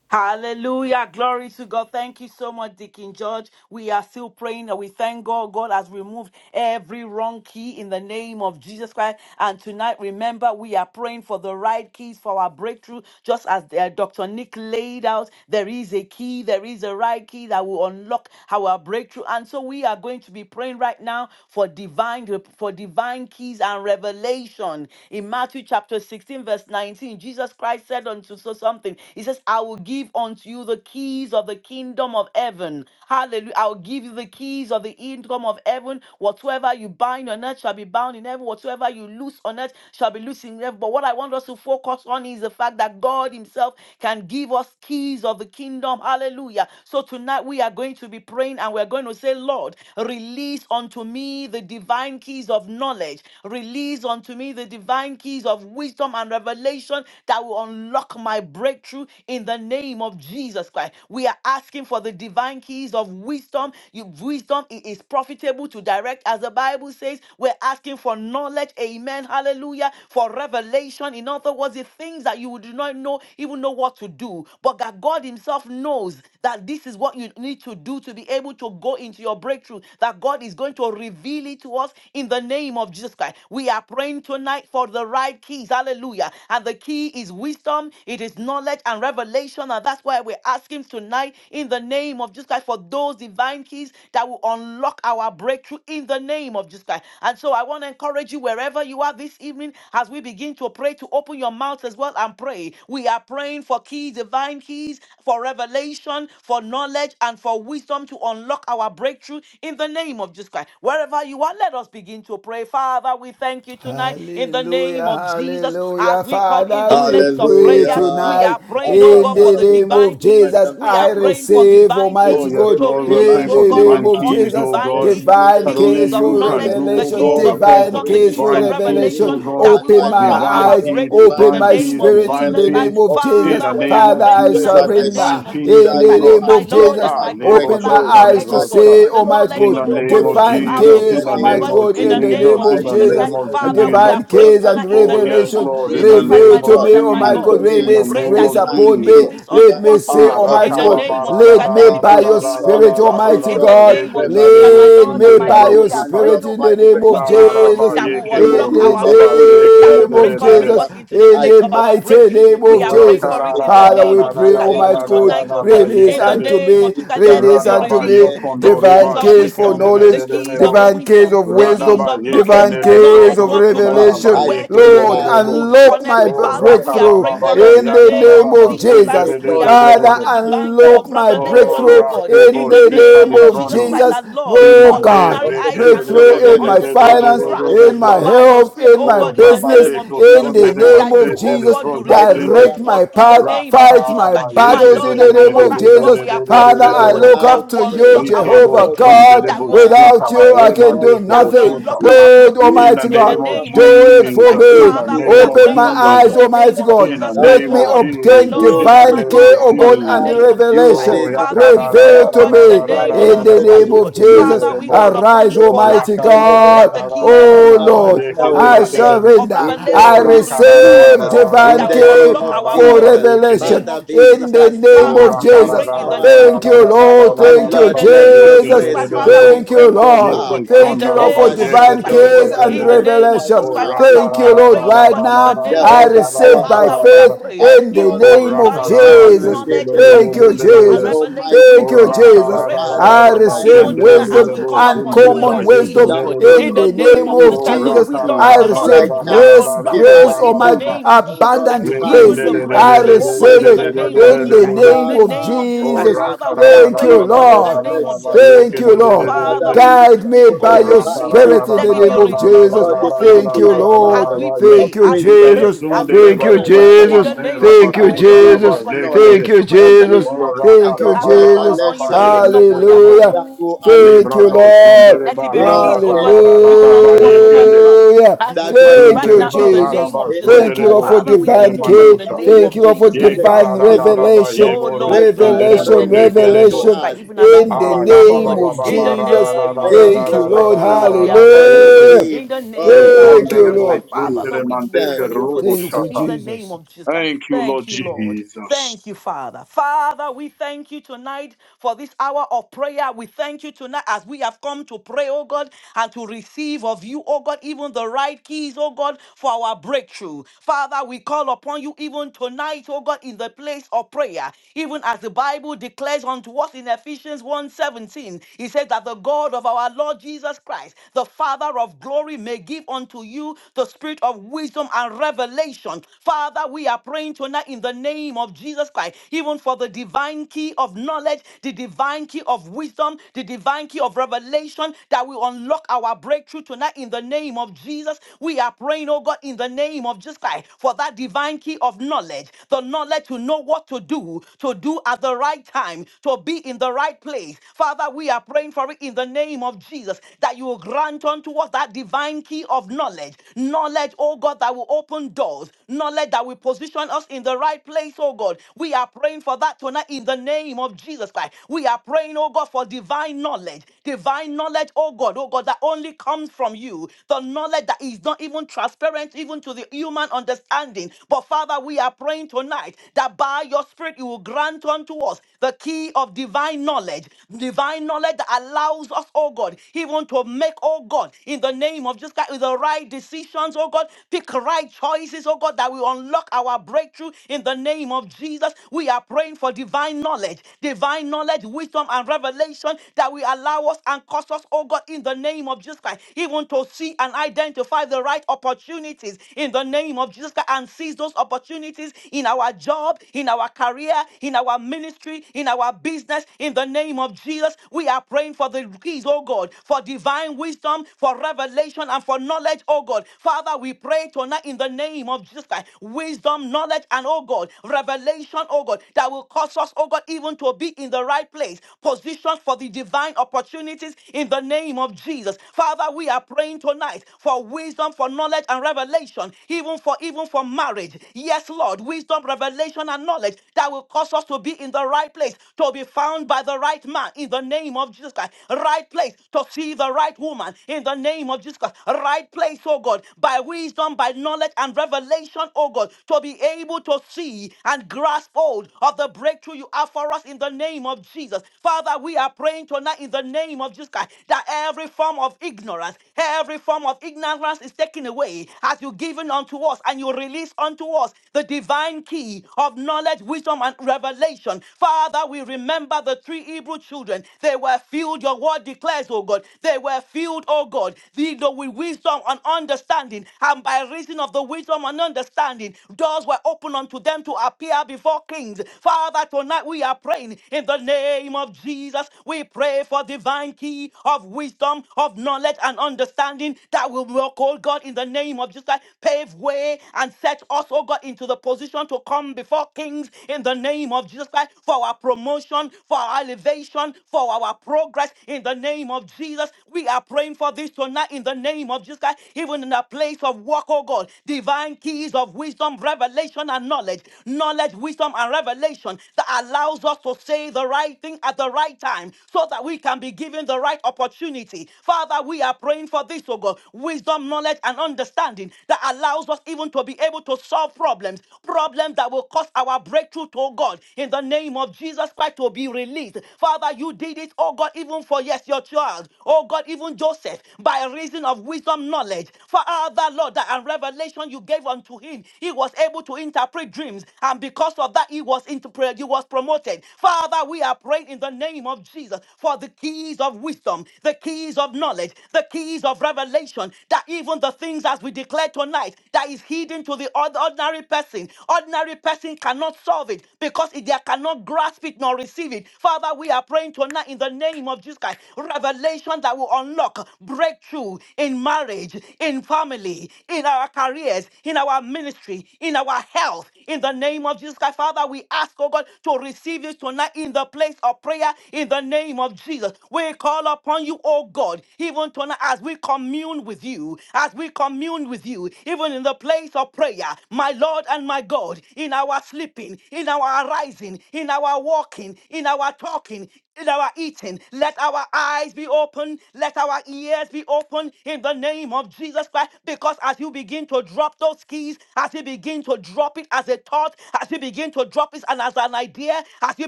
Speaker 2: Hallelujah. Glory to God. Thank you so much, Deacon George. We are still praying and we thank God. God has removed every wrong key in the name of Jesus Christ. And tonight, remember, we are praying for the right keys for our breakthrough. Just as uh, Dr. Nick laid out, there is a key, there is a right key that will unlock our breakthrough. And so we are going to be praying right now for divine for divine keys and revelation in Matthew chapter 16, verse 19, Jesus Christ said unto so something. He says, I will give unto you the keys of the kingdom of heaven. Hallelujah. I'll give you the keys of the kingdom of heaven. Whatsoever you bind on earth shall be bound in heaven. Whatsoever you loose on earth shall be loose in heaven. But what I want us to focus on is the fact that God Himself can give us keys of the kingdom. Hallelujah. So tonight we are going to be praying and we're going to say, Lord, Release unto me the divine keys of knowledge. Release unto me the divine keys of wisdom and revelation that will unlock my breakthrough in the name of Jesus Christ. We are asking for the divine keys of wisdom. You, wisdom i- is profitable to direct, as the Bible says. We're asking for knowledge. Amen. Hallelujah. For revelation. In other words, the things that you do not know, even know what to do. But that God God Himself knows that this is what you need to do to be able to go into your breakthrough, that God is going to reveal it to us in the name of Jesus Christ. We are praying tonight for the right keys. Hallelujah. And the key is wisdom, it is knowledge and revelation. And that's why we're asking tonight in the name of Jesus Christ for those divine keys that will unlock our breakthrough in the name of Jesus Christ. And so I want to encourage you wherever you are this evening as we begin begin to pray, to open your mouth as well and pray. We are praying for keys, divine keys, for revelation, for knowledge, and for wisdom to unlock our breakthrough in the name of Jesus Christ. Wherever you are, let us begin to pray. Father, we thank you tonight in the
Speaker 5: Hallelujah,
Speaker 2: name of Jesus as
Speaker 5: hallelujah.
Speaker 2: we come in
Speaker 5: Father,
Speaker 2: the
Speaker 5: we
Speaker 2: place of
Speaker 5: pray
Speaker 2: prayer. We
Speaker 4: Hallelujah.
Speaker 5: tonight
Speaker 2: are praying, oh
Speaker 4: Abba,
Speaker 5: in
Speaker 2: God, for
Speaker 5: the
Speaker 4: Father,
Speaker 2: the
Speaker 4: we
Speaker 5: name
Speaker 4: thank
Speaker 5: of
Speaker 2: divine
Speaker 4: you right
Speaker 2: keys.
Speaker 4: now
Speaker 5: Jesus.
Speaker 4: in
Speaker 2: We
Speaker 4: the
Speaker 2: are
Speaker 5: I
Speaker 4: name of
Speaker 2: praying for
Speaker 4: Jesus.
Speaker 5: receive,
Speaker 2: divine
Speaker 4: We
Speaker 6: Oh,
Speaker 5: Almighty
Speaker 2: keys
Speaker 6: yes,
Speaker 4: pray
Speaker 5: God,
Speaker 2: to
Speaker 4: for
Speaker 6: Lord, we are
Speaker 2: release,
Speaker 5: in
Speaker 6: praying
Speaker 4: divine
Speaker 2: oh
Speaker 6: for
Speaker 5: the
Speaker 2: God,
Speaker 4: peace
Speaker 5: name
Speaker 6: divine
Speaker 2: unto
Speaker 5: of
Speaker 4: and
Speaker 2: us the
Speaker 6: peace,
Speaker 5: Jesus,
Speaker 6: oh
Speaker 2: divine
Speaker 6: God,
Speaker 2: keys
Speaker 4: revelation in the
Speaker 5: divine
Speaker 2: the
Speaker 6: that
Speaker 4: name
Speaker 6: only
Speaker 2: keys
Speaker 4: of
Speaker 5: case
Speaker 2: of
Speaker 6: you
Speaker 5: for
Speaker 6: can
Speaker 2: knowledge,
Speaker 4: Jesus.
Speaker 6: do,
Speaker 2: the
Speaker 6: oh
Speaker 5: revelation,
Speaker 6: God.
Speaker 2: keys
Speaker 6: We
Speaker 4: Oh
Speaker 6: are
Speaker 2: of
Speaker 6: praying
Speaker 4: Lord,
Speaker 5: divine
Speaker 6: for
Speaker 2: wisdom, the
Speaker 5: case
Speaker 2: keys
Speaker 4: release
Speaker 5: for
Speaker 2: of
Speaker 6: divine
Speaker 4: unto
Speaker 6: peace,
Speaker 5: revelation.
Speaker 6: oh
Speaker 2: revelation
Speaker 4: me
Speaker 6: God.
Speaker 2: that we
Speaker 4: and
Speaker 2: will
Speaker 5: Open
Speaker 4: my
Speaker 5: my
Speaker 2: unlock
Speaker 4: family,
Speaker 6: Divine
Speaker 4: of
Speaker 2: our
Speaker 5: eyes,
Speaker 4: God,
Speaker 6: peace,
Speaker 2: breakthrough in
Speaker 5: open
Speaker 4: divine
Speaker 2: the
Speaker 6: divine
Speaker 5: my
Speaker 4: keys
Speaker 2: name
Speaker 6: peace,
Speaker 2: of
Speaker 4: of
Speaker 5: spirit in
Speaker 6: divine
Speaker 2: Jesus
Speaker 5: the
Speaker 4: knowledge
Speaker 2: Christ.
Speaker 5: name
Speaker 6: peace.
Speaker 5: of
Speaker 4: of
Speaker 6: In
Speaker 5: Jesus.
Speaker 2: Father,
Speaker 6: the
Speaker 2: we
Speaker 4: wisdom
Speaker 2: are
Speaker 6: name
Speaker 5: Father,
Speaker 6: of
Speaker 4: and
Speaker 2: praying
Speaker 5: I
Speaker 2: tonight
Speaker 6: Jesus,
Speaker 2: in the
Speaker 5: surrender
Speaker 6: divine
Speaker 2: name
Speaker 4: revelation
Speaker 2: of
Speaker 6: peace,
Speaker 5: in
Speaker 2: Jesus
Speaker 4: that
Speaker 6: oh
Speaker 5: the
Speaker 2: Christ,
Speaker 4: will
Speaker 6: God.
Speaker 5: name
Speaker 2: my
Speaker 5: of
Speaker 4: unlock
Speaker 2: Lord
Speaker 5: Jesus.
Speaker 2: and
Speaker 6: Ah,
Speaker 4: my
Speaker 2: my God,
Speaker 6: lebo
Speaker 2: for
Speaker 5: Open my
Speaker 2: that
Speaker 4: breakthrough,
Speaker 6: shata
Speaker 5: eyes
Speaker 2: knowledge,
Speaker 5: to
Speaker 2: oh
Speaker 4: that
Speaker 6: lebo
Speaker 2: God,
Speaker 4: will
Speaker 6: spa.
Speaker 5: see,
Speaker 2: the
Speaker 4: unlock
Speaker 5: Almighty
Speaker 4: my
Speaker 2: knowledge
Speaker 6: In
Speaker 5: God,
Speaker 2: to
Speaker 6: the
Speaker 2: know
Speaker 6: name
Speaker 2: what to
Speaker 4: breakthrough.
Speaker 6: of
Speaker 2: do,
Speaker 5: divine
Speaker 2: how
Speaker 4: In
Speaker 2: to
Speaker 6: Jesus, in
Speaker 5: keys,
Speaker 4: the
Speaker 2: do
Speaker 6: the
Speaker 2: it, oh
Speaker 4: name
Speaker 5: Almighty
Speaker 6: name
Speaker 2: God,
Speaker 4: of
Speaker 6: of
Speaker 5: God,
Speaker 2: in
Speaker 5: in
Speaker 2: the
Speaker 5: the
Speaker 4: Jesus,
Speaker 2: name
Speaker 6: Jesus,
Speaker 5: name
Speaker 2: of
Speaker 4: I
Speaker 6: in
Speaker 5: of
Speaker 6: the
Speaker 2: Jesus
Speaker 4: pray,
Speaker 6: name
Speaker 5: Jesus.
Speaker 2: Christ.
Speaker 6: of
Speaker 4: oh
Speaker 2: Father,
Speaker 4: God,
Speaker 2: we are
Speaker 6: Jesus.
Speaker 5: divine
Speaker 4: for
Speaker 2: praying
Speaker 5: keys
Speaker 4: my
Speaker 5: and
Speaker 2: tonight in
Speaker 4: God,
Speaker 2: the
Speaker 6: Oh,
Speaker 4: for
Speaker 6: yes,
Speaker 2: name
Speaker 4: that
Speaker 5: revelation
Speaker 2: of
Speaker 6: Lord, in the
Speaker 2: Jesus
Speaker 4: release,
Speaker 2: Christ,
Speaker 5: reveal
Speaker 4: oh
Speaker 6: name
Speaker 2: my
Speaker 6: of
Speaker 5: to
Speaker 4: God,
Speaker 2: Lord
Speaker 5: me,
Speaker 2: and my
Speaker 5: Almighty God.
Speaker 2: God.
Speaker 4: unto
Speaker 6: Jesus, in
Speaker 4: me,
Speaker 2: We
Speaker 6: the
Speaker 5: Release
Speaker 2: pray
Speaker 6: name
Speaker 2: that
Speaker 5: grace
Speaker 6: of
Speaker 2: you will
Speaker 4: divine
Speaker 5: upon
Speaker 2: reveal
Speaker 5: me.
Speaker 6: Jesus.
Speaker 4: keys,
Speaker 2: this
Speaker 5: Let
Speaker 2: unto
Speaker 5: me
Speaker 4: divine
Speaker 2: us, oh
Speaker 5: see,
Speaker 4: keys
Speaker 6: Ah,
Speaker 2: God,
Speaker 4: of
Speaker 2: in
Speaker 5: Almighty
Speaker 6: raka
Speaker 2: the
Speaker 5: God.
Speaker 6: ba ba
Speaker 2: name
Speaker 4: knowledge,
Speaker 2: of
Speaker 6: ra
Speaker 2: Jesus
Speaker 6: ra
Speaker 5: Lead
Speaker 2: Christ.
Speaker 6: ra
Speaker 2: Let
Speaker 5: me
Speaker 4: divine
Speaker 6: ra
Speaker 2: it be
Speaker 6: ra
Speaker 5: by
Speaker 4: keys
Speaker 6: ra
Speaker 5: your
Speaker 4: of
Speaker 6: ra ra
Speaker 2: released
Speaker 4: knowledge,
Speaker 5: Spirit,
Speaker 6: ra
Speaker 2: unto
Speaker 6: ra
Speaker 2: us
Speaker 6: ra
Speaker 5: Almighty
Speaker 2: in the
Speaker 6: ra
Speaker 4: wisdom,
Speaker 2: in
Speaker 6: ba
Speaker 2: the
Speaker 4: and
Speaker 2: name
Speaker 5: God.
Speaker 6: yeke
Speaker 2: of
Speaker 6: no
Speaker 2: Jesus
Speaker 6: de
Speaker 2: Christ, my
Speaker 6: bo
Speaker 4: revelation time
Speaker 5: Lead
Speaker 2: Lord and
Speaker 6: zunde
Speaker 5: me
Speaker 6: de
Speaker 2: my
Speaker 4: that
Speaker 5: by
Speaker 6: bo
Speaker 2: God,
Speaker 4: will
Speaker 5: your
Speaker 2: we are
Speaker 6: suta
Speaker 2: praying,
Speaker 4: unlock
Speaker 5: Spirit
Speaker 2: oh
Speaker 5: in
Speaker 4: my
Speaker 2: God,
Speaker 5: the
Speaker 2: even
Speaker 5: name
Speaker 6: la
Speaker 2: for
Speaker 5: of
Speaker 4: breakthrough
Speaker 2: this,
Speaker 6: ra
Speaker 2: oh God,
Speaker 6: ra ba
Speaker 5: Jesus
Speaker 2: that
Speaker 4: in,
Speaker 2: will
Speaker 6: yeke
Speaker 4: in
Speaker 6: bo
Speaker 5: in
Speaker 2: unlock our
Speaker 6: ruda
Speaker 4: Jesus'
Speaker 6: ba
Speaker 4: name.
Speaker 2: breakthrough,
Speaker 6: yeke
Speaker 2: that
Speaker 4: Oh,
Speaker 5: the
Speaker 2: will
Speaker 6: ne
Speaker 5: name
Speaker 6: de
Speaker 4: God,
Speaker 5: of
Speaker 6: de
Speaker 2: break
Speaker 6: de
Speaker 2: up, bring
Speaker 6: de
Speaker 5: Jesus,
Speaker 2: us
Speaker 4: Father,
Speaker 2: into the
Speaker 5: in
Speaker 4: I
Speaker 2: place
Speaker 5: the
Speaker 2: of
Speaker 4: call
Speaker 2: our
Speaker 4: upon
Speaker 5: mighty
Speaker 4: you,
Speaker 2: breakthrough.
Speaker 5: name
Speaker 4: the
Speaker 2: We
Speaker 5: of
Speaker 6: o
Speaker 2: are
Speaker 4: covenant
Speaker 2: praying
Speaker 6: raka
Speaker 5: Jesus.
Speaker 2: for
Speaker 6: ra
Speaker 2: it
Speaker 6: ra
Speaker 4: keeping
Speaker 2: in the
Speaker 6: ra
Speaker 5: Father,
Speaker 4: God,
Speaker 6: ra
Speaker 2: name
Speaker 5: we
Speaker 6: ra
Speaker 2: of
Speaker 6: ra
Speaker 2: Jesus
Speaker 5: pray,
Speaker 4: the
Speaker 6: ra
Speaker 2: Christ,
Speaker 4: way
Speaker 6: ra
Speaker 5: Almighty
Speaker 2: even
Speaker 6: ra ra
Speaker 5: God,
Speaker 6: ra
Speaker 4: maker,
Speaker 2: tonight, oh
Speaker 6: ra
Speaker 4: the
Speaker 6: ba
Speaker 2: God,
Speaker 5: release
Speaker 2: in
Speaker 6: yeke
Speaker 2: the
Speaker 4: glory
Speaker 6: de
Speaker 5: unto
Speaker 4: and
Speaker 2: name
Speaker 4: the
Speaker 2: of
Speaker 5: me,
Speaker 2: Jesus Christ,
Speaker 4: lifter
Speaker 2: let me
Speaker 6: ra
Speaker 4: of
Speaker 5: release
Speaker 2: be
Speaker 6: da
Speaker 4: my
Speaker 5: unto
Speaker 6: ba
Speaker 5: me
Speaker 6: yo
Speaker 2: released.
Speaker 4: head.
Speaker 2: The
Speaker 6: kondo re
Speaker 4: Right
Speaker 2: keys
Speaker 5: divine
Speaker 6: ba
Speaker 2: of
Speaker 4: now, in
Speaker 5: keys
Speaker 4: the
Speaker 6: sheke
Speaker 5: for
Speaker 4: name
Speaker 2: wisdom,
Speaker 6: ne
Speaker 4: of
Speaker 6: de
Speaker 2: the
Speaker 5: knowledge,
Speaker 6: de de
Speaker 4: Jesus
Speaker 6: de
Speaker 2: keys
Speaker 4: Christ,
Speaker 2: of the
Speaker 6: bo
Speaker 4: the
Speaker 5: divine
Speaker 4: Son of
Speaker 5: keys
Speaker 2: wisdom,
Speaker 4: the
Speaker 5: of
Speaker 2: the
Speaker 6: ra
Speaker 4: living
Speaker 6: da
Speaker 4: God.
Speaker 2: keys
Speaker 5: wisdom,
Speaker 6: ba
Speaker 2: of
Speaker 6: yeke
Speaker 4: Oh,
Speaker 2: knowledge,
Speaker 5: divine
Speaker 6: ne ne
Speaker 4: Mary,
Speaker 6: bro
Speaker 5: keys
Speaker 4: come
Speaker 2: knowledge
Speaker 5: of
Speaker 6: do
Speaker 2: what
Speaker 4: here,
Speaker 2: to
Speaker 6: zunta
Speaker 4: Baba.
Speaker 6: la
Speaker 2: do,
Speaker 6: ba
Speaker 5: revelation.
Speaker 4: I
Speaker 2: where to
Speaker 6: yeke
Speaker 4: pray,
Speaker 6: ne
Speaker 5: Lord,
Speaker 6: de
Speaker 2: go,
Speaker 6: de
Speaker 4: Father,
Speaker 6: bo
Speaker 2: who to
Speaker 4: let
Speaker 5: unlock
Speaker 2: connect
Speaker 5: my
Speaker 4: it
Speaker 2: with.
Speaker 4: be
Speaker 6: o
Speaker 2: Father,
Speaker 6: raka
Speaker 2: we
Speaker 4: so.
Speaker 2: are
Speaker 6: ba
Speaker 5: breakthrough
Speaker 6: ba
Speaker 2: praying
Speaker 6: ba
Speaker 4: Let
Speaker 2: for
Speaker 6: ba
Speaker 2: it
Speaker 4: it be
Speaker 2: in
Speaker 5: in
Speaker 2: the
Speaker 5: the
Speaker 6: yanda
Speaker 2: name
Speaker 6: ra
Speaker 4: so.
Speaker 5: name
Speaker 6: ra
Speaker 2: of
Speaker 5: of
Speaker 6: ba
Speaker 4: Let
Speaker 2: Jesus
Speaker 6: zunde
Speaker 4: it
Speaker 2: Christ.
Speaker 4: be
Speaker 5: Jesus.
Speaker 6: de de
Speaker 2: We
Speaker 4: so
Speaker 2: are
Speaker 6: de de
Speaker 2: praying
Speaker 4: now,
Speaker 2: for
Speaker 5: Father,
Speaker 6: de
Speaker 2: the
Speaker 4: Almighty
Speaker 2: divine key
Speaker 4: God.
Speaker 5: unlock
Speaker 2: of
Speaker 5: my
Speaker 4: You
Speaker 2: revelation
Speaker 4: said
Speaker 2: salvation,
Speaker 6: Oh,
Speaker 5: breakthrough
Speaker 4: you'll
Speaker 2: oh
Speaker 4: give
Speaker 2: God, in
Speaker 5: in
Speaker 6: Rakebo
Speaker 4: unto
Speaker 2: the
Speaker 5: the
Speaker 4: me,
Speaker 2: name
Speaker 4: O
Speaker 6: Shitali
Speaker 2: of
Speaker 5: name
Speaker 4: God,
Speaker 5: of
Speaker 4: the
Speaker 2: Jesus
Speaker 6: Brondo.
Speaker 2: Christ,
Speaker 4: keys
Speaker 5: Jesus.
Speaker 2: our
Speaker 4: of the
Speaker 2: Lord.
Speaker 5: Oh
Speaker 2: What
Speaker 4: market
Speaker 6: Limande
Speaker 5: God,
Speaker 2: ordinary
Speaker 4: of the
Speaker 2: eyes
Speaker 6: Reke de de
Speaker 2: cannot
Speaker 4: kingdom
Speaker 2: see
Speaker 6: de
Speaker 4: of
Speaker 5: breakthrough
Speaker 6: de
Speaker 2: nor
Speaker 5: in
Speaker 6: de
Speaker 5: my
Speaker 4: heaven.
Speaker 6: de de de
Speaker 2: understand
Speaker 6: de
Speaker 2: nor
Speaker 5: finance,
Speaker 6: de
Speaker 2: grasp,
Speaker 4: Whatsoever
Speaker 6: de
Speaker 5: in
Speaker 6: de
Speaker 5: my
Speaker 2: but
Speaker 6: de.
Speaker 4: out
Speaker 2: by your
Speaker 5: health,
Speaker 4: shall
Speaker 2: spirit,
Speaker 5: in
Speaker 2: oh
Speaker 5: my
Speaker 4: bind
Speaker 6: Oh,
Speaker 2: God, in
Speaker 4: on
Speaker 2: the
Speaker 5: business,
Speaker 4: earth
Speaker 2: name of
Speaker 6: Rabadeko
Speaker 4: shall
Speaker 5: in
Speaker 2: Jesus
Speaker 4: be
Speaker 5: the
Speaker 6: Zunde
Speaker 2: Christ,
Speaker 6: de
Speaker 4: bound
Speaker 5: name
Speaker 2: that
Speaker 5: of
Speaker 4: in
Speaker 2: you,
Speaker 6: Bazete
Speaker 2: oh
Speaker 6: de
Speaker 4: heaven.
Speaker 5: Jesus.
Speaker 2: God, will
Speaker 6: Broza
Speaker 4: I
Speaker 2: release
Speaker 6: Zinte.
Speaker 4: pray,
Speaker 5: Direct
Speaker 2: unto
Speaker 5: my
Speaker 4: Abba
Speaker 2: us in the
Speaker 4: Father,
Speaker 5: path,
Speaker 2: name of
Speaker 5: fight
Speaker 2: Jesus
Speaker 5: my
Speaker 2: Christ.
Speaker 6: Rataraba
Speaker 4: in
Speaker 2: My
Speaker 4: the
Speaker 6: Yende
Speaker 5: battles in
Speaker 6: de
Speaker 2: Lord
Speaker 4: name
Speaker 5: the
Speaker 2: and
Speaker 6: de
Speaker 4: of
Speaker 2: my
Speaker 6: de
Speaker 5: name
Speaker 2: God,
Speaker 6: de
Speaker 5: of
Speaker 2: that
Speaker 6: de
Speaker 2: is
Speaker 4: Jesus.
Speaker 2: what
Speaker 5: Jesus.
Speaker 2: we are
Speaker 6: de de de de
Speaker 4: That
Speaker 2: praying
Speaker 6: de
Speaker 5: Father,
Speaker 2: for,
Speaker 6: de
Speaker 2: oh
Speaker 6: de
Speaker 5: I
Speaker 4: Lord,
Speaker 2: God,
Speaker 6: de.
Speaker 5: look
Speaker 2: that
Speaker 4: I'll
Speaker 5: up
Speaker 2: we
Speaker 5: to
Speaker 4: pray.
Speaker 5: you,
Speaker 2: unlock our
Speaker 6: Rikebo
Speaker 5: Jehovah
Speaker 4: Jehovah,
Speaker 2: breakthrough,
Speaker 6: Zunde
Speaker 4: my
Speaker 6: de
Speaker 2: that
Speaker 5: God.
Speaker 2: we
Speaker 4: God,
Speaker 2: unlock
Speaker 6: Bozunta
Speaker 5: Without
Speaker 2: our
Speaker 5: you, I
Speaker 4: oh
Speaker 6: Baema
Speaker 5: can
Speaker 2: breakthrough,
Speaker 4: Lord
Speaker 5: do
Speaker 6: Leke
Speaker 4: God
Speaker 2: that
Speaker 6: de
Speaker 2: we
Speaker 5: nothing.
Speaker 2: unlock
Speaker 6: Zunta.
Speaker 4: Almighty,
Speaker 2: our
Speaker 5: Lord
Speaker 4: yes,
Speaker 6: In
Speaker 2: breakthrough
Speaker 6: the
Speaker 5: Almighty
Speaker 2: in the
Speaker 5: God,
Speaker 6: name of
Speaker 4: Jehovah,
Speaker 2: name
Speaker 5: do
Speaker 4: my
Speaker 2: of
Speaker 4: God.
Speaker 5: it
Speaker 2: Jesus
Speaker 5: for
Speaker 2: Christ.
Speaker 6: Jesus,
Speaker 4: This
Speaker 6: in
Speaker 5: me.
Speaker 6: the
Speaker 2: Father,
Speaker 4: is
Speaker 2: we
Speaker 6: name
Speaker 2: are
Speaker 4: the
Speaker 6: of
Speaker 5: Open my
Speaker 2: praying,
Speaker 4: time,
Speaker 2: oh God,
Speaker 5: eyes,
Speaker 2: in
Speaker 6: Jesus.
Speaker 2: the
Speaker 4: Almighty
Speaker 2: name
Speaker 5: Almighty
Speaker 2: of
Speaker 4: God,
Speaker 6: In the
Speaker 5: God.
Speaker 2: Jesus
Speaker 4: the
Speaker 2: Christ,
Speaker 5: Let
Speaker 6: name
Speaker 2: oh
Speaker 5: me
Speaker 6: of
Speaker 2: God,
Speaker 4: Father.
Speaker 2: my
Speaker 5: obtain
Speaker 6: Jesus. In
Speaker 2: Lord
Speaker 4: You
Speaker 6: the
Speaker 2: and
Speaker 5: divine
Speaker 2: my
Speaker 6: name
Speaker 4: visit
Speaker 5: care,
Speaker 2: God,
Speaker 6: of
Speaker 4: us,
Speaker 2: oh
Speaker 5: O
Speaker 4: O
Speaker 2: God,
Speaker 5: God,
Speaker 2: in the
Speaker 5: and
Speaker 4: God.
Speaker 6: Jesus.
Speaker 2: name of Jesus
Speaker 4: You
Speaker 2: Christ.
Speaker 5: revelation.
Speaker 6: Oh,
Speaker 4: visit
Speaker 2: Father,
Speaker 4: us,
Speaker 2: we
Speaker 4: O
Speaker 2: pray,
Speaker 5: Reveal
Speaker 2: oh
Speaker 4: God,
Speaker 5: to
Speaker 2: God, in the
Speaker 5: me
Speaker 4: right
Speaker 2: name of
Speaker 4: now
Speaker 5: in
Speaker 4: in
Speaker 5: the
Speaker 2: Jesus
Speaker 4: the
Speaker 6: yakararararararararararaba,
Speaker 2: Christ,
Speaker 5: name
Speaker 2: oh
Speaker 4: name
Speaker 5: of
Speaker 4: of
Speaker 2: God.
Speaker 5: Jesus.
Speaker 2: Father,
Speaker 4: Jesus
Speaker 2: we
Speaker 6: yekendererebo.
Speaker 4: Christ,
Speaker 2: call upon
Speaker 5: Arise,
Speaker 2: you
Speaker 4: the
Speaker 6: Oh,
Speaker 2: for
Speaker 4: Son of
Speaker 2: that
Speaker 5: Almighty
Speaker 4: the
Speaker 2: key.
Speaker 4: Living
Speaker 2: Let the
Speaker 4: God.
Speaker 5: God.
Speaker 2: keys of
Speaker 5: Oh
Speaker 4: Abba,
Speaker 6: rakararararararararaba,
Speaker 2: wisdom,
Speaker 5: Lord,
Speaker 4: Father,
Speaker 2: of
Speaker 4: we
Speaker 5: I
Speaker 4: pray
Speaker 2: knowledge,
Speaker 6: yekendererebo.
Speaker 2: of
Speaker 5: surrender.
Speaker 4: in the
Speaker 6: Oh,
Speaker 5: I
Speaker 2: revelation be
Speaker 4: name of
Speaker 2: released unto
Speaker 5: receive
Speaker 4: Jesus.
Speaker 2: us
Speaker 4: In
Speaker 5: divine
Speaker 2: that
Speaker 4: the
Speaker 2: will
Speaker 4: name
Speaker 2: unlock
Speaker 5: care
Speaker 4: of
Speaker 2: our
Speaker 5: for
Speaker 6: rakararararararararararaba,
Speaker 2: breakthrough
Speaker 4: Jesus.
Speaker 2: in the
Speaker 6: yekende.
Speaker 5: revelation
Speaker 2: name
Speaker 4: Father,
Speaker 2: of
Speaker 5: in
Speaker 2: Jesus
Speaker 4: visit
Speaker 5: the
Speaker 4: us
Speaker 2: Christ.
Speaker 5: name
Speaker 6: Oh,
Speaker 4: now.
Speaker 2: Father,
Speaker 5: of
Speaker 2: we are
Speaker 5: Jesus.
Speaker 2: praying in the
Speaker 4: Empower us
Speaker 2: name
Speaker 5: Thank
Speaker 2: of
Speaker 5: you,
Speaker 4: now.
Speaker 2: Jesus Christ,
Speaker 5: Lord.
Speaker 2: oh God.
Speaker 4: And
Speaker 5: Thank you,
Speaker 2: In
Speaker 4: Lord,
Speaker 2: the
Speaker 4: let
Speaker 6: rakararararararararararaba,
Speaker 2: name of
Speaker 4: your
Speaker 2: Jesus
Speaker 5: Jesus.
Speaker 4: grace,
Speaker 2: Christ,
Speaker 4: your
Speaker 2: Father, we
Speaker 6: yekendererebo.
Speaker 5: Thank
Speaker 4: anointing,
Speaker 2: pray
Speaker 5: you,
Speaker 4: and
Speaker 2: for
Speaker 4: your
Speaker 2: this,
Speaker 5: Lord.
Speaker 2: oh God.
Speaker 4: power
Speaker 2: In
Speaker 5: Thank
Speaker 2: the
Speaker 5: you, Lord, for
Speaker 6: Yekenzondaraba,
Speaker 2: name of Jesus
Speaker 5: divine
Speaker 2: Christ,
Speaker 4: overshadow
Speaker 2: oh God.
Speaker 5: case
Speaker 4: our
Speaker 5: and
Speaker 2: In the
Speaker 6: yekendererebo.
Speaker 4: lives
Speaker 2: name of
Speaker 4: right
Speaker 5: revelation.
Speaker 2: Jesus
Speaker 6: Oh,
Speaker 2: Christ,
Speaker 4: now.
Speaker 2: Father,
Speaker 5: Thank
Speaker 2: we are
Speaker 5: you, Lord.
Speaker 2: praying, oh
Speaker 5: Right
Speaker 2: God, in the
Speaker 5: now,
Speaker 2: name
Speaker 5: I
Speaker 2: of
Speaker 4: Jehovah
Speaker 2: Jesus Christ.
Speaker 4: our
Speaker 5: receive by
Speaker 2: Father, we
Speaker 4: God.
Speaker 2: are
Speaker 5: faith
Speaker 6: rakarararararararararararararaba,
Speaker 2: praying
Speaker 4: I
Speaker 5: in the
Speaker 4: call
Speaker 2: even
Speaker 6: Oh
Speaker 2: for
Speaker 5: name
Speaker 4: upon you,
Speaker 5: of
Speaker 6: raka
Speaker 2: divine
Speaker 4: the
Speaker 2: keys
Speaker 6: raba
Speaker 2: of
Speaker 4: covenant
Speaker 5: Jesus.
Speaker 6: zindel
Speaker 2: knowledge,
Speaker 6: el
Speaker 4: keeping
Speaker 6: el
Speaker 2: of
Speaker 5: Thank
Speaker 6: el
Speaker 4: God,
Speaker 5: you,
Speaker 6: el
Speaker 2: wisdom,
Speaker 4: the
Speaker 2: and
Speaker 6: el
Speaker 5: Jesus.
Speaker 2: revelation.
Speaker 4: Almighty
Speaker 2: We
Speaker 5: Thank
Speaker 6: Oh
Speaker 5: you,
Speaker 4: God.
Speaker 2: believe you and
Speaker 6: raka
Speaker 2: we
Speaker 4: The
Speaker 5: Jesus.
Speaker 6: rara
Speaker 2: pray for this,
Speaker 6: rara
Speaker 4: Father,
Speaker 2: oh
Speaker 5: I
Speaker 4: the
Speaker 2: God.
Speaker 6: raba
Speaker 4: time
Speaker 5: receive
Speaker 4: has
Speaker 2: Even
Speaker 6: zindel
Speaker 4: come
Speaker 2: tonight,
Speaker 6: el el
Speaker 2: as
Speaker 5: wisdom
Speaker 4: and
Speaker 2: we
Speaker 6: el
Speaker 4: the
Speaker 6: Oh
Speaker 2: call
Speaker 5: and
Speaker 4: time
Speaker 2: upon you,
Speaker 4: is
Speaker 6: zindel
Speaker 2: will
Speaker 6: ba
Speaker 5: common
Speaker 4: now.
Speaker 6: yeke
Speaker 2: receive,
Speaker 5: wisdom
Speaker 6: el
Speaker 2: oh
Speaker 4: Thou,
Speaker 2: God,
Speaker 6: el
Speaker 4: O
Speaker 2: in
Speaker 5: in
Speaker 2: the
Speaker 4: Lord,
Speaker 5: the
Speaker 4: you
Speaker 2: name
Speaker 5: name
Speaker 2: of
Speaker 4: release
Speaker 2: Jesus
Speaker 5: of
Speaker 6: Oh
Speaker 2: Christ, the
Speaker 4: unto
Speaker 5: Jesus.
Speaker 6: raka
Speaker 2: wisdom
Speaker 4: me
Speaker 5: I
Speaker 2: and the
Speaker 6: rara rara rara
Speaker 2: knowledge
Speaker 4: right
Speaker 5: receive
Speaker 6: rara
Speaker 2: that
Speaker 4: now
Speaker 2: will
Speaker 6: rara
Speaker 5: grace,
Speaker 2: unlock, oh God,
Speaker 5: grace,
Speaker 6: rara
Speaker 5: oh
Speaker 4: divine
Speaker 2: in the
Speaker 5: my
Speaker 6: rara
Speaker 4: peace.
Speaker 2: name of
Speaker 4: Oh
Speaker 2: Jesus
Speaker 6: rara
Speaker 4: God,
Speaker 2: Christ,
Speaker 5: abundant
Speaker 6: Oh yeke
Speaker 4: divine
Speaker 6: el
Speaker 2: even
Speaker 5: grace.
Speaker 6: el
Speaker 2: the
Speaker 4: peace
Speaker 6: el el el
Speaker 4: and
Speaker 5: I
Speaker 2: breakthrough,
Speaker 6: el
Speaker 2: oh God,
Speaker 6: el
Speaker 5: receive
Speaker 2: in the
Speaker 5: it
Speaker 4: revelation, oh
Speaker 2: name of
Speaker 5: in
Speaker 4: God.
Speaker 2: Jesus
Speaker 5: the
Speaker 2: Christ
Speaker 5: name
Speaker 2: the
Speaker 5: of
Speaker 2: name
Speaker 4: Father,
Speaker 2: of Jesus Christ.
Speaker 5: Jesus.
Speaker 4: release
Speaker 2: Father, we are
Speaker 4: divine
Speaker 5: Thank
Speaker 2: praying,
Speaker 5: you,
Speaker 4: peace
Speaker 2: oh
Speaker 4: and
Speaker 2: God, in the
Speaker 5: Lord.
Speaker 2: name of
Speaker 4: revelation,
Speaker 2: Jesus
Speaker 4: oh
Speaker 2: Christ,
Speaker 5: Thank
Speaker 2: oh
Speaker 4: God.
Speaker 5: you,
Speaker 2: God.
Speaker 6: el
Speaker 5: Lord.
Speaker 6: el el
Speaker 4: Father,
Speaker 2: Father,
Speaker 6: el
Speaker 2: we
Speaker 4: release
Speaker 5: Guide
Speaker 2: believe,
Speaker 5: me
Speaker 2: oh
Speaker 4: unto
Speaker 2: God,
Speaker 4: me
Speaker 5: by
Speaker 6: Oh
Speaker 2: to
Speaker 5: your
Speaker 6: raka
Speaker 4: divine
Speaker 2: release.
Speaker 6: rara
Speaker 4: peace
Speaker 5: spirit in
Speaker 6: rara
Speaker 4: and
Speaker 2: Let
Speaker 5: the
Speaker 6: rara
Speaker 2: it be
Speaker 5: name of
Speaker 4: knowledge.
Speaker 6: rara rara
Speaker 2: released
Speaker 5: Jesus.
Speaker 4: Oh,
Speaker 2: unto us
Speaker 4: divine
Speaker 2: even
Speaker 5: Thank
Speaker 6: rara
Speaker 5: you,
Speaker 4: keys
Speaker 2: tonight
Speaker 4: of
Speaker 6: rara rara
Speaker 5: Lord.
Speaker 2: as
Speaker 6: rara
Speaker 4: knowledge,
Speaker 2: we
Speaker 6: Oh ye
Speaker 4: of
Speaker 5: Thank
Speaker 2: pray,
Speaker 5: you,
Speaker 2: as we
Speaker 4: wisdom,
Speaker 6: Hey
Speaker 5: Jesus.
Speaker 2: pray, as
Speaker 4: um,
Speaker 2: we
Speaker 6: zindel
Speaker 4: of
Speaker 5: Thank
Speaker 6: ba
Speaker 2: pray,
Speaker 5: you,
Speaker 2: oh God,
Speaker 6: no
Speaker 2: in
Speaker 5: Jesus.
Speaker 2: the
Speaker 6: kamande
Speaker 4: revelation.
Speaker 2: name of Jesus.
Speaker 6: raba
Speaker 5: Thank
Speaker 2: Christ.
Speaker 5: you,
Speaker 2: We
Speaker 6: do
Speaker 4: Divine
Speaker 6: zara
Speaker 4: keys
Speaker 2: believe, oh
Speaker 4: of
Speaker 6: ba
Speaker 5: Jesus.
Speaker 2: God,
Speaker 6: yeke
Speaker 2: even
Speaker 6: el
Speaker 2: for
Speaker 4: knowledge,
Speaker 5: Thank
Speaker 2: this,
Speaker 5: you,
Speaker 2: oh God,
Speaker 4: of
Speaker 2: in the
Speaker 5: Jesus.
Speaker 2: name
Speaker 6: Oh,
Speaker 2: of
Speaker 4: wisdom,
Speaker 2: Jesus, Christ,
Speaker 5: Thank
Speaker 4: and
Speaker 6: raka
Speaker 5: you,
Speaker 4: of
Speaker 2: as
Speaker 6: baba
Speaker 2: we call
Speaker 6: rada
Speaker 5: Jesus.
Speaker 2: upon you
Speaker 6: Baba
Speaker 2: in the
Speaker 4: revelation
Speaker 6: ye
Speaker 2: place
Speaker 4: right
Speaker 2: of prayer.
Speaker 4: now
Speaker 6: neremo.
Speaker 5: Hallelujah.
Speaker 4: that will
Speaker 2: Ooh,
Speaker 4: unlock
Speaker 5: Thank
Speaker 6: Libra
Speaker 5: you,
Speaker 4: my
Speaker 6: dos
Speaker 5: Lord.
Speaker 4: breakthrough
Speaker 6: zundere
Speaker 2: Let it
Speaker 6: ba
Speaker 2: be
Speaker 4: in all
Speaker 2: released,
Speaker 6: raka
Speaker 2: oh God,
Speaker 6: tara
Speaker 4: areas of
Speaker 6: rada
Speaker 2: even
Speaker 4: my
Speaker 6: raba
Speaker 2: unto
Speaker 4: life
Speaker 2: us,
Speaker 6: ye
Speaker 4: and
Speaker 2: oh
Speaker 4: my
Speaker 2: God.
Speaker 6: kende.
Speaker 4: family.
Speaker 5: Hallelujah.
Speaker 2: As we
Speaker 4: That will
Speaker 2: pray
Speaker 5: Thank
Speaker 4: unlock
Speaker 2: right
Speaker 4: the
Speaker 5: you,
Speaker 6: Zundere
Speaker 2: now
Speaker 6: ba
Speaker 2: in the
Speaker 4: breakthrough
Speaker 6: rada
Speaker 5: Jesus.
Speaker 2: name of
Speaker 6: ba
Speaker 4: in
Speaker 2: Jesus
Speaker 4: the
Speaker 5: Thank
Speaker 2: Christ.
Speaker 5: you,
Speaker 6: zundere
Speaker 4: lives
Speaker 5: Lord,
Speaker 6: bo
Speaker 5: for
Speaker 4: of
Speaker 2: Father, we
Speaker 4: each
Speaker 6: sika
Speaker 4: and
Speaker 6: le
Speaker 5: divine
Speaker 2: thank you, oh
Speaker 4: every
Speaker 2: God,
Speaker 5: key.
Speaker 2: in the
Speaker 6: mandusa.
Speaker 4: family
Speaker 2: name
Speaker 5: Thank
Speaker 2: of
Speaker 5: you, Lord, for
Speaker 2: Jesus Christ,
Speaker 6: Ye
Speaker 2: even
Speaker 4: represented
Speaker 6: kara
Speaker 5: divine
Speaker 2: this
Speaker 4: on
Speaker 2: evening,
Speaker 4: this
Speaker 6: rada
Speaker 2: oh God.
Speaker 6: raba ye
Speaker 5: revelation.
Speaker 4: platform.
Speaker 2: Oh
Speaker 6: boru
Speaker 2: Lord,
Speaker 4: My
Speaker 2: we thank you,
Speaker 6: zundere
Speaker 4: Father,
Speaker 2: Lord,
Speaker 6: ba
Speaker 2: in the
Speaker 5: Revelation,
Speaker 2: name
Speaker 4: release
Speaker 6: reke
Speaker 2: of
Speaker 4: unto
Speaker 6: rebo.
Speaker 2: Jesus
Speaker 5: revelation.
Speaker 2: Christ,
Speaker 4: us.
Speaker 2: even as we
Speaker 4: By
Speaker 5: In
Speaker 2: call
Speaker 5: the
Speaker 6: Ah,
Speaker 4: faith
Speaker 2: upon you, oh
Speaker 6: raba
Speaker 5: name
Speaker 4: we
Speaker 2: God.
Speaker 6: Baba ba
Speaker 5: of
Speaker 6: ba
Speaker 2: In the
Speaker 6: ba
Speaker 4: receive.
Speaker 6: rada
Speaker 5: Jesus.
Speaker 4: By
Speaker 2: name of
Speaker 6: rada
Speaker 4: faith
Speaker 6: rada
Speaker 5: Thank
Speaker 4: we
Speaker 5: you,
Speaker 2: Jesus
Speaker 6: rada
Speaker 2: Christ,
Speaker 5: Lord.
Speaker 6: rada
Speaker 4: receive.
Speaker 2: Father, we are
Speaker 6: rada
Speaker 4: We
Speaker 6: ba
Speaker 2: praying, oh
Speaker 6: ye
Speaker 2: God.
Speaker 6: ke.
Speaker 5: Hallelujah.
Speaker 4: receive.
Speaker 2: In the
Speaker 6: Le
Speaker 4: Oh,
Speaker 2: name of
Speaker 4: Father,
Speaker 5: Thank
Speaker 4: we
Speaker 5: you,
Speaker 6: zundere
Speaker 2: Jesus
Speaker 5: Lord.
Speaker 6: bo
Speaker 2: Christ,
Speaker 4: thank
Speaker 2: Father,
Speaker 4: you.
Speaker 6: zundere
Speaker 2: Lord, we believe you,
Speaker 4: Yeah,
Speaker 6: mandeke
Speaker 2: God,
Speaker 4: we
Speaker 2: even for
Speaker 4: give
Speaker 6: robo
Speaker 4: you
Speaker 2: this, oh
Speaker 5: Thank
Speaker 2: God.
Speaker 5: you,
Speaker 4: glory.
Speaker 2: In
Speaker 6: shata.
Speaker 2: the name
Speaker 5: Jesus.
Speaker 2: of Jesus Christ,
Speaker 6: Thank you,
Speaker 2: thank
Speaker 6: Lord
Speaker 2: you, Lord.
Speaker 6: Jesus.
Speaker 2: Thank you, Father. Father, we thank you tonight for this hour of prayer. We thank you tonight as we have come to pray, oh God, and to receive of you, oh God, even the right keys, oh God, for our breakthrough. Father, we call upon you even tonight, oh God, in the place place of prayer, even as the Bible declares unto us in Ephesians one seventeen, He says that the God of our Lord Jesus Christ, the Father of glory, may give unto you the spirit of wisdom and revelation. Father, we are praying tonight in the name of Jesus Christ, even for the divine key of knowledge, the divine key of wisdom, the divine key of revelation that will unlock our breakthrough tonight in the name of Jesus. We are praying, oh God, in the name of Jesus Christ for that divine key of knowledge, the knowledge to know what to do, to do at the right time, to be in the right place. Father, we are praying for it in the name of Jesus that you will grant unto us that divine key of knowledge. Knowledge, oh God, that will open doors. Knowledge that will position us in the right place, oh God. We are praying for that tonight in the name of Jesus Christ. We are praying, oh God, for divine knowledge. Divine knowledge, oh God, oh God, that only comes from you. The knowledge that is not even transparent, even to the human understanding. But Father, we are praying tonight tonight that by your spirit you will grant unto us the key of divine knowledge, divine knowledge that allows us, oh God, even to make, oh God, in the name of Jesus Christ, with the right decisions, oh God, pick right choices, oh God, that will unlock our breakthrough in the name of Jesus. We are praying for divine knowledge, divine knowledge, wisdom, and revelation that will allow us and cause us, oh God, in the name of Jesus Christ, even to see and identify the right opportunities in the name of Jesus Christ and seize those opportunities opportunities in our job, in our career, in our ministry, in our business. In the name of Jesus, we are praying for the keys, oh God, for divine wisdom, for revelation, and for knowledge, oh God. Father, we pray tonight in the name of Jesus Christ, wisdom, knowledge, and oh God, revelation, oh God, that will cause us, oh God, even to be in the right place, positioned for the divine opportunities in the name of Jesus. Father, we are praying tonight for wisdom, for knowledge, and revelation, even for even for marriage, Yes, Lord, wisdom, revelation, and knowledge that will cause us to be in the right place, to be found by the right man in the name of Jesus Christ. Right place to see the right woman in the name of Jesus Christ. Right place, oh God, by wisdom, by knowledge, and revelation, oh God, to be able to see and grasp hold of the breakthrough you have for us in the name of Jesus. Father, we are praying tonight in the name of Jesus Christ that every form of ignorance, every form of ignorance is taken away as you have given unto us and you release release unto us the divine key of knowledge, wisdom, and revelation. Father, we remember the three Hebrew children. They were filled, your word declares, oh God. They were filled, oh God, the- the- with wisdom and understanding. And by reason of the wisdom and understanding, doors were opened unto them to appear before kings. Father, tonight we are praying in the name of Jesus. We pray for divine key of wisdom, of knowledge, and understanding that will work, oh God, in the name of Jesus. Pave way and set us, oh God, into the position to come before kings in the name of Jesus Christ for our promotion, for our elevation, for our progress in the name of Jesus. We are praying for this tonight in the name of Jesus Christ, even in the place of work, oh God. Divine keys of wisdom, revelation, and knowledge. Knowledge, wisdom, and revelation that allows us to say the right thing at the right time so that we can be given the right opportunity. Father, we are praying for this, oh God. Wisdom, knowledge, and understanding that allows allows us even to be able to solve problems, problems that will cause our breakthrough to God in the name of Jesus Christ to be released. Father, you did it, oh God, even for yes, your child, oh God, even Joseph, by reason of wisdom, knowledge. Father, Lord, that and revelation you gave unto him, he was able to interpret dreams, and because of that, he was interpreted, he was promoted. Father, we are praying in the name of Jesus for the keys of wisdom, the keys of knowledge, the keys of revelation, that even the things as we declare tonight that is hidden to the ord- ordinary person. Ordinary person cannot solve it because it- they cannot grasp it nor receive it. Father, we are praying tonight in the name of Jesus Christ. Revelation that will unlock breakthrough in marriage, in family, in our careers, in our ministry, in our health. In the name of Jesus Christ, Father, we ask, oh God, to receive it tonight in the place of prayer in the name of Jesus. We call upon you, oh God, even tonight as we commune with you, as we commune communed with you, even in the place of prayer, my Lord and my God, in our sleeping, in our arising, in our walking, in our talking, in our eating. Let our eyes be open. Let our ears be open in the name of Jesus Christ. Because as you begin to drop those keys, as you begin to drop it as a thought, as you begin to drop it and as an idea, as you